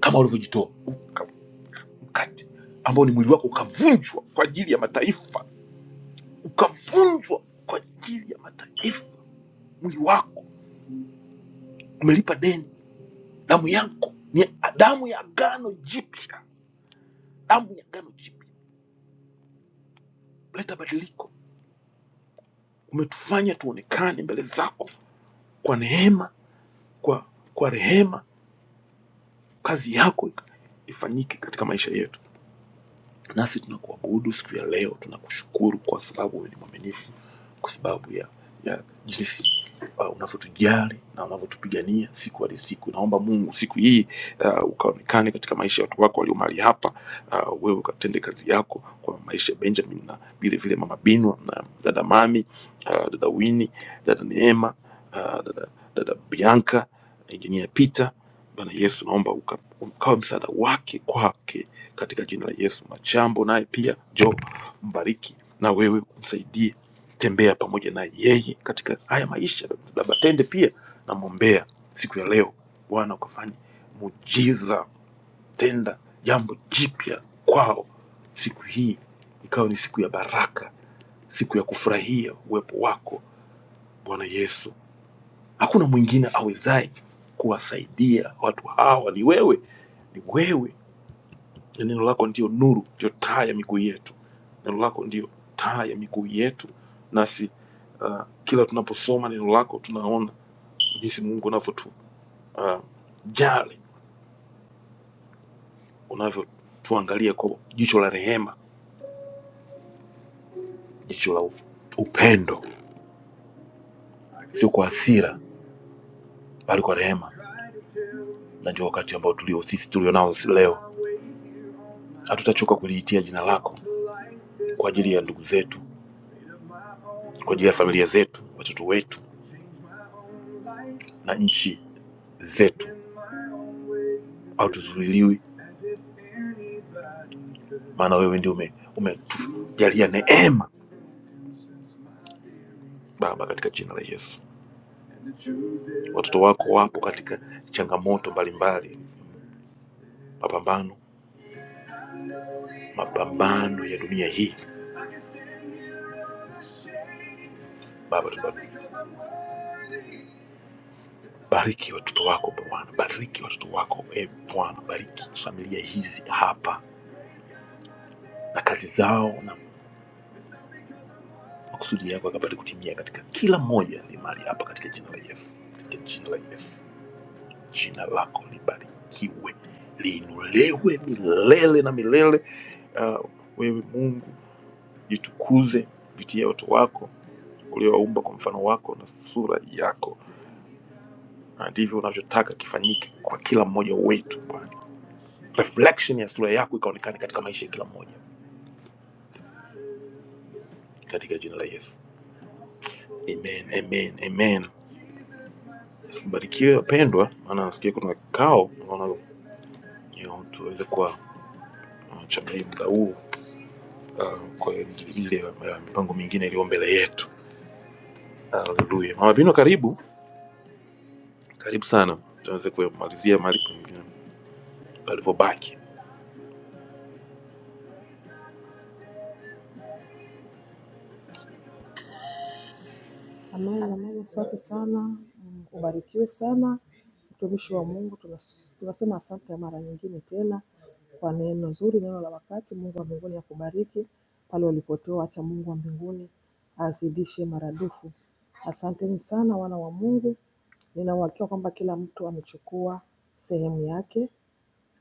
kama ulivyojitoa uka- mkate ambao ni mwili wako ukavunjwa kwa ajili ya mataifa, ukavunjwa kwa ajili ya mataifa. Mwili wako umelipa deni, damu yako ni damu ya agano jipya, damu ya agano jipya. Leta badiliko, umetufanya tuonekane mbele zako kwa neema kwa, kwa rehema, kazi yako ifanyike katika maisha yetu. Nasi tunakuabudu siku ya leo, tunakushukuru kwa sababu wewe ni mwaminifu, kwa sababu ya ya jinsi uh, unavyotujali na unavyotupigania siku hadi siku. Naomba Mungu siku hii uh, ukaonekane katika maisha ya watu wako walio mahali hapa. Uh, wewe ukatende kazi yako kwa maisha ya Benjamin na vile vile mama Binwa na dada Mami, uh, dada Winnie, dada Neema, uh, dada, dada Bianca, Injinia Peter. Bwana Yesu, naomba uka- ukawe msaada wake kwake katika jina la Yesu. Machambo naye pia jo, mbariki na wewe msaidie, tembea pamoja na yeye katika haya maisha. Baba Tende pia namwombea siku ya leo, Bwana ukafanye muujiza, tenda jambo jipya kwao siku hii, ikawa ni siku ya baraka, siku ya kufurahia uwepo wako Bwana Yesu. Hakuna mwingine awezaye kuwasaidia watu hawa, ni wewe, ni wewe na neno lako ndio nuru, ndio taa ya miguu yetu. Neno lako ndio taa ya miguu yetu, nasi uh, kila tunaposoma neno lako tunaona jinsi Mungu unavyotu uh, jali, unavyotuangalia kwa jicho la rehema, jicho la u- upendo, sio kwa hasira, bali kwa rehema. Na ndio wakati ambao tulio sisi tulionao leo, hatutachoka kuliitia jina lako kwa ajili ya ndugu zetu, kwa ajili ya familia zetu, watoto wetu na nchi zetu, au tuzuiliwi, maana wewe ndio ume- umetujalia neema Baba, katika jina la Yesu. Watoto wako wapo katika changamoto mbalimbali, mapambano, mapambano ya dunia hii. Baba, tubariki bariki watoto wako Bwana, bariki watoto wako e Bwana, bariki familia hizi hapa na kazi zao, na makusudi yako yakapate kutimia katika kila mmoja aliye mahali hapa, katika jina la Yesu, katika jina la Yesu. Jina lako libarikiwe, liinuliwe milele na milele. Ah, wewe Mungu jitukuze kupitia watu wako uliowaumba kwa mfano wako na sura yako, na ndivyo unavyotaka kifanyike kwa kila mmoja wetu Bwana. Reflection ya sura yako ikaonekane katika maisha ya kila mmoja, katika jina la Yesu, amen, amen, amen. Barikiwe wapendwa, maana nasikia kuna kikao, naona you know, tuweze kuwa uh, chamili muda huu uh, kwa ile uh, mipango mingine iliyo mbele yetu haleluya mama pino karibu karibu sana tuanze kumalizia mali pengine palivyobaki
Amen, amen. Asante sana, ubarikiwe sana mtumishi wa Mungu. tunas- Tunasema asante mara nyingine tena kwa neno zuri, neno la wakati. Mungu wa mbinguni akubariki pale ulipotoa, acha Mungu wa mbinguni azidishe maradufu. Asanteni sana wana wa Mungu, nina uhakika kwamba kila mtu amechukua sehemu yake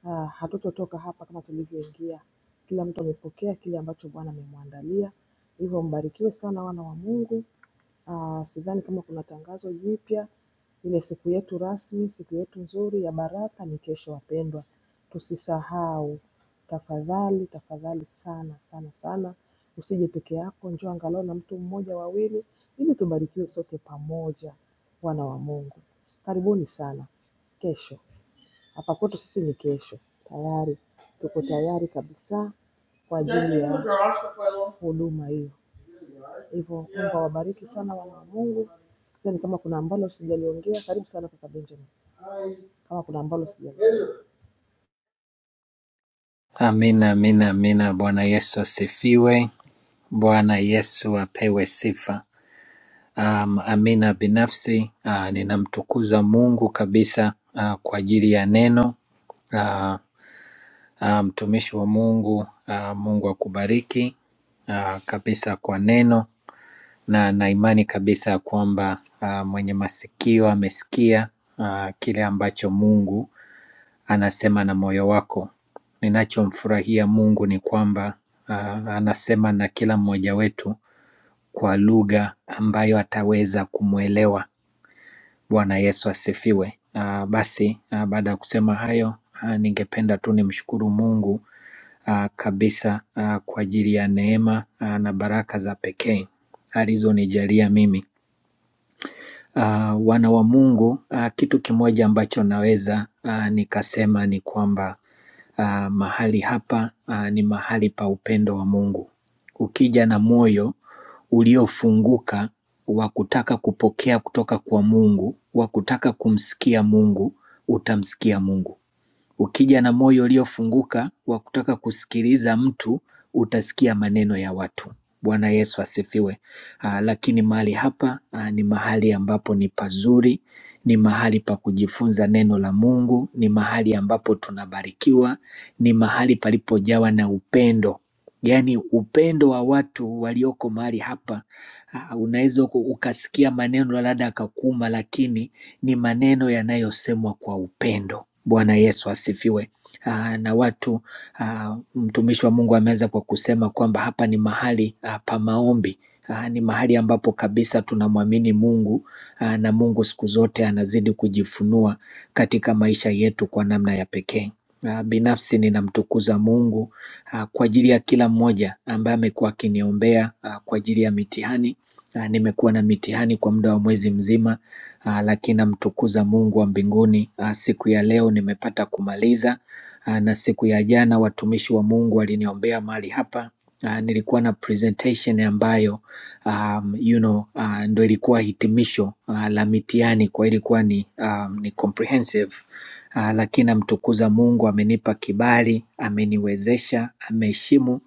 ah, hatutotoka hapa kama tulivyoingia. Kila mtu amepokea kile ambacho Bwana amemwandalia. Hivyo mbarikiwe sana wana wa Mungu. Ah, sidhani kama kuna tangazo jipya. Ile siku yetu rasmi, siku yetu nzuri ya baraka ni kesho, wapendwa, tusisahau tafadhali, tafadhali sana sana sana, usije peke yako, njoo angalau na mtu mmoja wawili, ili tubarikiwe sote pamoja, wana wa Mungu. Karibuni sana kesho. Hapa kwetu sisi ni kesho tayari, tuko tayari kabisa kwa ajili ya huduma hiyo. Hivyo Mungu awabariki sana wana wa Mungu. Yaani kama kuna ambalo sijaliongea, karibu sana kaka Benjamin, kama kuna ambalo sijaliongea.
Amina, amina, amina. Bwana Yesu asifiwe. Bwana Yesu apewe sifa. Um, amina. Binafsi uh, ninamtukuza Mungu kabisa uh, kwa ajili ya neno Ah, ah, mtumishi wa Mungu. ah, Mungu akubariki ah, kabisa kwa neno na na imani kabisa ya kwamba ah, mwenye masikio amesikia ah, kile ambacho Mungu anasema na moyo wako. Ninachomfurahia Mungu ni kwamba ah, anasema na kila mmoja wetu kwa lugha ambayo ataweza kumwelewa. Bwana Yesu asifiwe. Ah, Basi ah, baada ya kusema hayo, ah, ningependa tu nimshukuru Mungu uh, kabisa uh, kwa ajili ya neema uh, na baraka za pekee alizonijalia mimi. Uh, Wana wa Mungu, uh, kitu kimoja ambacho naweza uh, nikasema ni kwamba uh, mahali hapa uh, ni mahali pa upendo wa Mungu. Ukija na moyo uliofunguka wa kutaka kupokea kutoka kwa Mungu, wa kutaka kumsikia Mungu, utamsikia Mungu. Ukija na moyo uliofunguka wa kutaka kusikiliza mtu, utasikia maneno ya watu. Bwana Yesu asifiwe. Ah, lakini mahali hapa ah, ni mahali ambapo ni pazuri, ni mahali pa kujifunza neno la Mungu, ni mahali ambapo tunabarikiwa, ni mahali palipojawa na upendo. Yaani upendo wa watu walioko mahali hapa, ah, unaweza uku- ukasikia maneno labda akakuuma, lakini ni maneno yanayosemwa kwa upendo Bwana Yesu asifiwe. Aa, na watu aa, mtumishi wa Mungu ameweza kwa kusema kwamba hapa ni mahali aa, pa maombi. Aa, ni mahali ambapo kabisa tunamwamini Mungu aa, na Mungu siku zote anazidi kujifunua katika maisha yetu kwa namna ya pekee. Ah, Binafsi ninamtukuza Mungu ah, kwa ajili ya kila mmoja ambaye amekuwa akiniombea ah, kwa ajili ya mitihani. Ah, Nimekuwa na mitihani kwa muda wa mwezi mzima Uh, lakini namtukuza Mungu wa mbinguni. Uh, Siku ya leo nimepata kumaliza, uh, na siku ya jana watumishi wa Mungu waliniombea mahali hapa. Uh, nilikuwa na presentation ambayo um, you know, uh, ndo ilikuwa hitimisho uh, la mitihani kwa ilikuwa ni, um, ni comprehensive uh, lakini namtukuza Mungu amenipa kibali, ameniwezesha, ameheshimu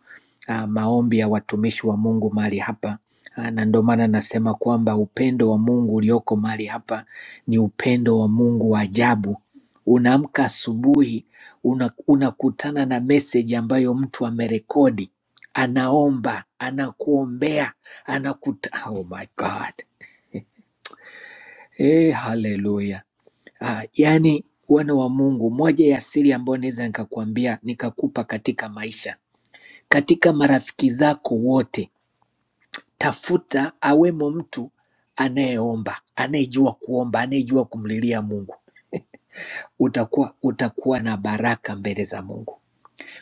ah, maombi ya watumishi wa Mungu mahali hapa. Ah, Na ndio maana nasema kwamba upendo wa Mungu ulioko mahali hapa ni upendo wa Mungu wa ajabu. Unaamka asubuhi, una- unakutana na meseji ambayo mtu amerekodi, anaomba, anakuombea, anakuta. Oh my God. Hey, haleluya. Ah, yaani wana wa Mungu, moja ya siri ambayo naweza nikakwambia nikakupa katika maisha, katika marafiki zako wote tafuta awemo mtu anayeomba, anayejua kuomba, anayejua kumlilia Mungu. Utakuwa utakuwa na baraka mbele za Mungu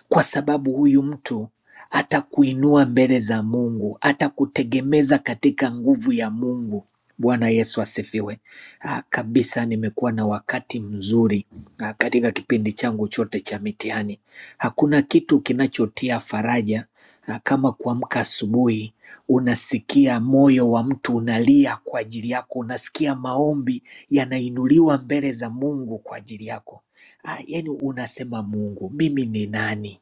kwa sababu huyu mtu atakuinua mbele za Mungu, atakutegemeza katika nguvu ya Mungu. Bwana Yesu asifiwe. Ah, kabisa nimekuwa na wakati mzuri ah, katika kipindi changu chote cha mitihani. Hakuna kitu kinachotia faraja ah, kama kuamka asubuhi unasikia moyo wa mtu unalia kwa ajili yako, unasikia maombi yanainuliwa mbele za Mungu kwa ajili yako. Ah, yani unasema Mungu, mimi ni nani?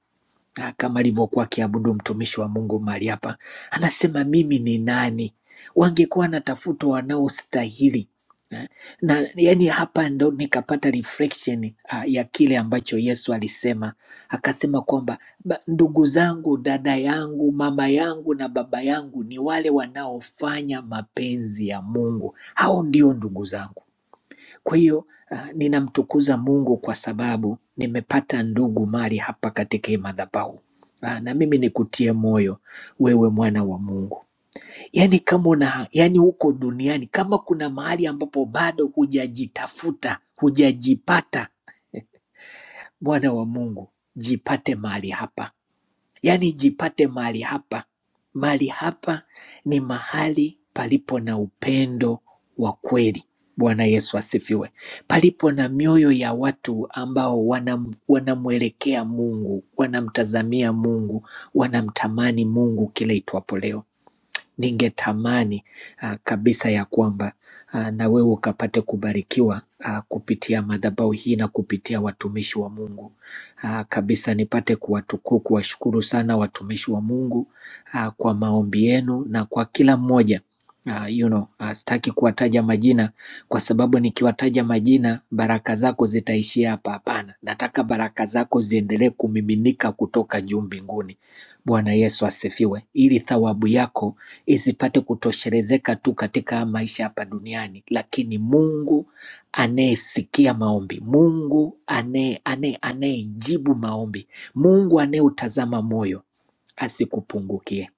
Ah, kama alivyokuwa akiabudu mtumishi wa Mungu mahali hapa, anasema mimi ni nani? Wangekuwa natafuta wanaostahili Eh, na yani hapa ndo nikapata reflection ah, ya kile ambacho Yesu alisema, akasema kwamba "Ba- ndugu zangu, dada yangu, mama yangu na baba yangu ni wale wanaofanya mapenzi ya Mungu, hao ndio ndugu zangu. Kwa hiyo uh, ninamtukuza Mungu kwa sababu nimepata ndugu mali hapa katika hii madhabahu. Ah, na mimi nikutie moyo wewe mwana wa Mungu. Yaani kama una, yaani huko duniani kama kuna mahali ambapo bado hujajitafuta, hujajipata mwana wa Mungu, jipate mahali hapa. Yaani jipate mahali hapa. Mahali hapa ni mahali palipo na upendo wa kweli. Bwana Yesu asifiwe. Palipo na mioyo ya watu ambao wanam, wanamwelekea Mungu, wanamtazamia Mungu, wanamtamani Mungu kila itwapo leo ningetamani ah, kabisa ya kwamba ah, na wewe ukapate kubarikiwa ah, kupitia madhabahu hii na kupitia watumishi wa Mungu ah, kabisa nipate kuwatukuu, kuwashukuru sana watumishi wa Mungu ah, kwa maombi yenu na kwa kila mmoja Uh, you know, uh, sitaki kuwataja majina kwa sababu nikiwataja majina baraka zako zitaishia hapa. Hapana, nataka baraka zako ziendelee kumiminika kutoka juu mbinguni. Bwana Yesu asifiwe, ili thawabu yako isipate kutosherezeka tu katika maisha hapa duniani, lakini Mungu anayesikia maombi, Mungu anaye- anaye- anayejibu maombi, Mungu anayeutazama moyo asikupungukie,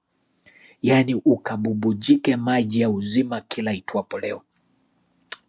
yaani ukabubujike maji ya uzima kila itwapo leo.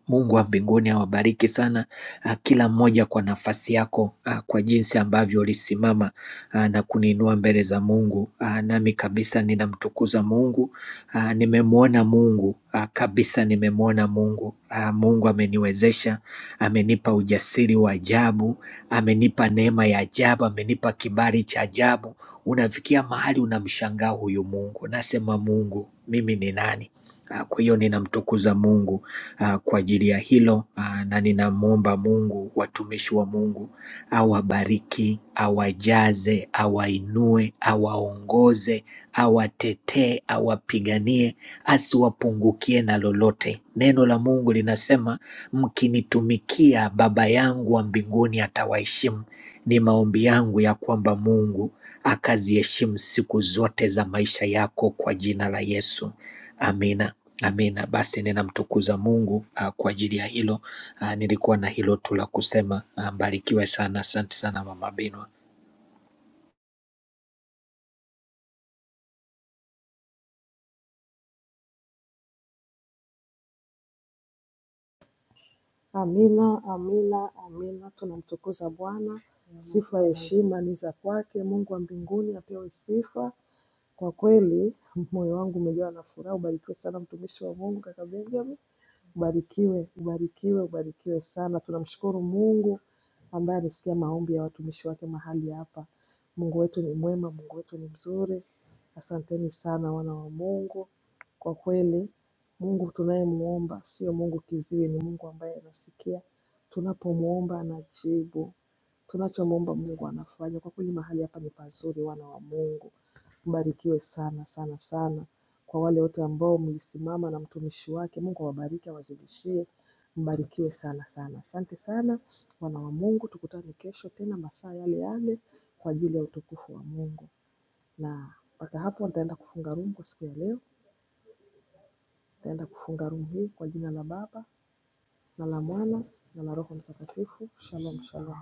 Mungu wa mbinguni awabariki sana ah, kila mmoja kwa nafasi yako, ah, kwa jinsi ambavyo ulisimama ah, na kuniinua mbele za Mungu. Ah, Nami kabisa ninamtukuza Mungu, Ah, nimemwona Mungu ah, kabisa, nimemwona Mungu. Ah, Mungu ameniwezesha, amenipa ujasiri wa ajabu, amenipa neema ya ajabu, amenipa kibali cha ajabu. Unafikia mahali unamshangaa huyu Mungu, nasema Mungu, mimi ni nani? Ah, Kwa hiyo ninamtukuza Mungu ah, kwa ajili ya hilo ah, na ninamwomba Mungu, watumishi wa Mungu awabariki, awajaze, awainue, awaongoze, awatetee, awapiganie, asiwapungukie na lolote. Neno la Mungu linasema mkinitumikia, Baba yangu wa mbinguni atawaheshimu. Ni maombi yangu ya kwamba Mungu akaziheshimu siku zote za maisha yako kwa jina la Yesu. Amina. Amina. Basi ninamtukuza Mungu uh, kwa ajili ya hilo. Uh, nilikuwa na hilo tu la kusema. Uh, mbarikiwe sana. Asante sana Mama Bino.
Amina, amina, amina. Tunamtukuza Bwana, sifa heshima ni za kwake. Mungu wa mbinguni apewe sifa. Kwa kweli moyo wangu umejawa na furaha. Ubarikiwe sana mtumishi wa Mungu kaka Benjamin. Ubarikiwe, ubarikiwe, ubarikiwe sana. Tunamshukuru Mungu ambaye amesikia maombi ya watumishi wake mahali hapa. Mungu wetu ni mwema, Mungu wetu ni mzuri. Asanteni sana wana wa Mungu. Kwa kweli, Mungu tunayemuomba sio Mungu kiziwi, ni Mungu ambaye anasikia tunapomuomba, anajibu tunachomuomba Mungu anafanya. Kwa kweli mahali hapa ni pazuri, wana wa Mungu, mbarikiwe sana sana sana kwa wale wote ambao mlisimama na mtumishi wake. Mungu awabariki, awazidishie, mbarikiwe sana sana. Asante sana wana wa Mungu, tukutane kesho tena masaa yale yale kwa ajili ya utukufu wa Mungu. Na mpaka hapo nitaenda kufunga room kwa siku ya leo. Nitaenda kufunga room hii kwa jina la Baba na la Mwana na la Roho Mtakatifu. Shalom, shalom.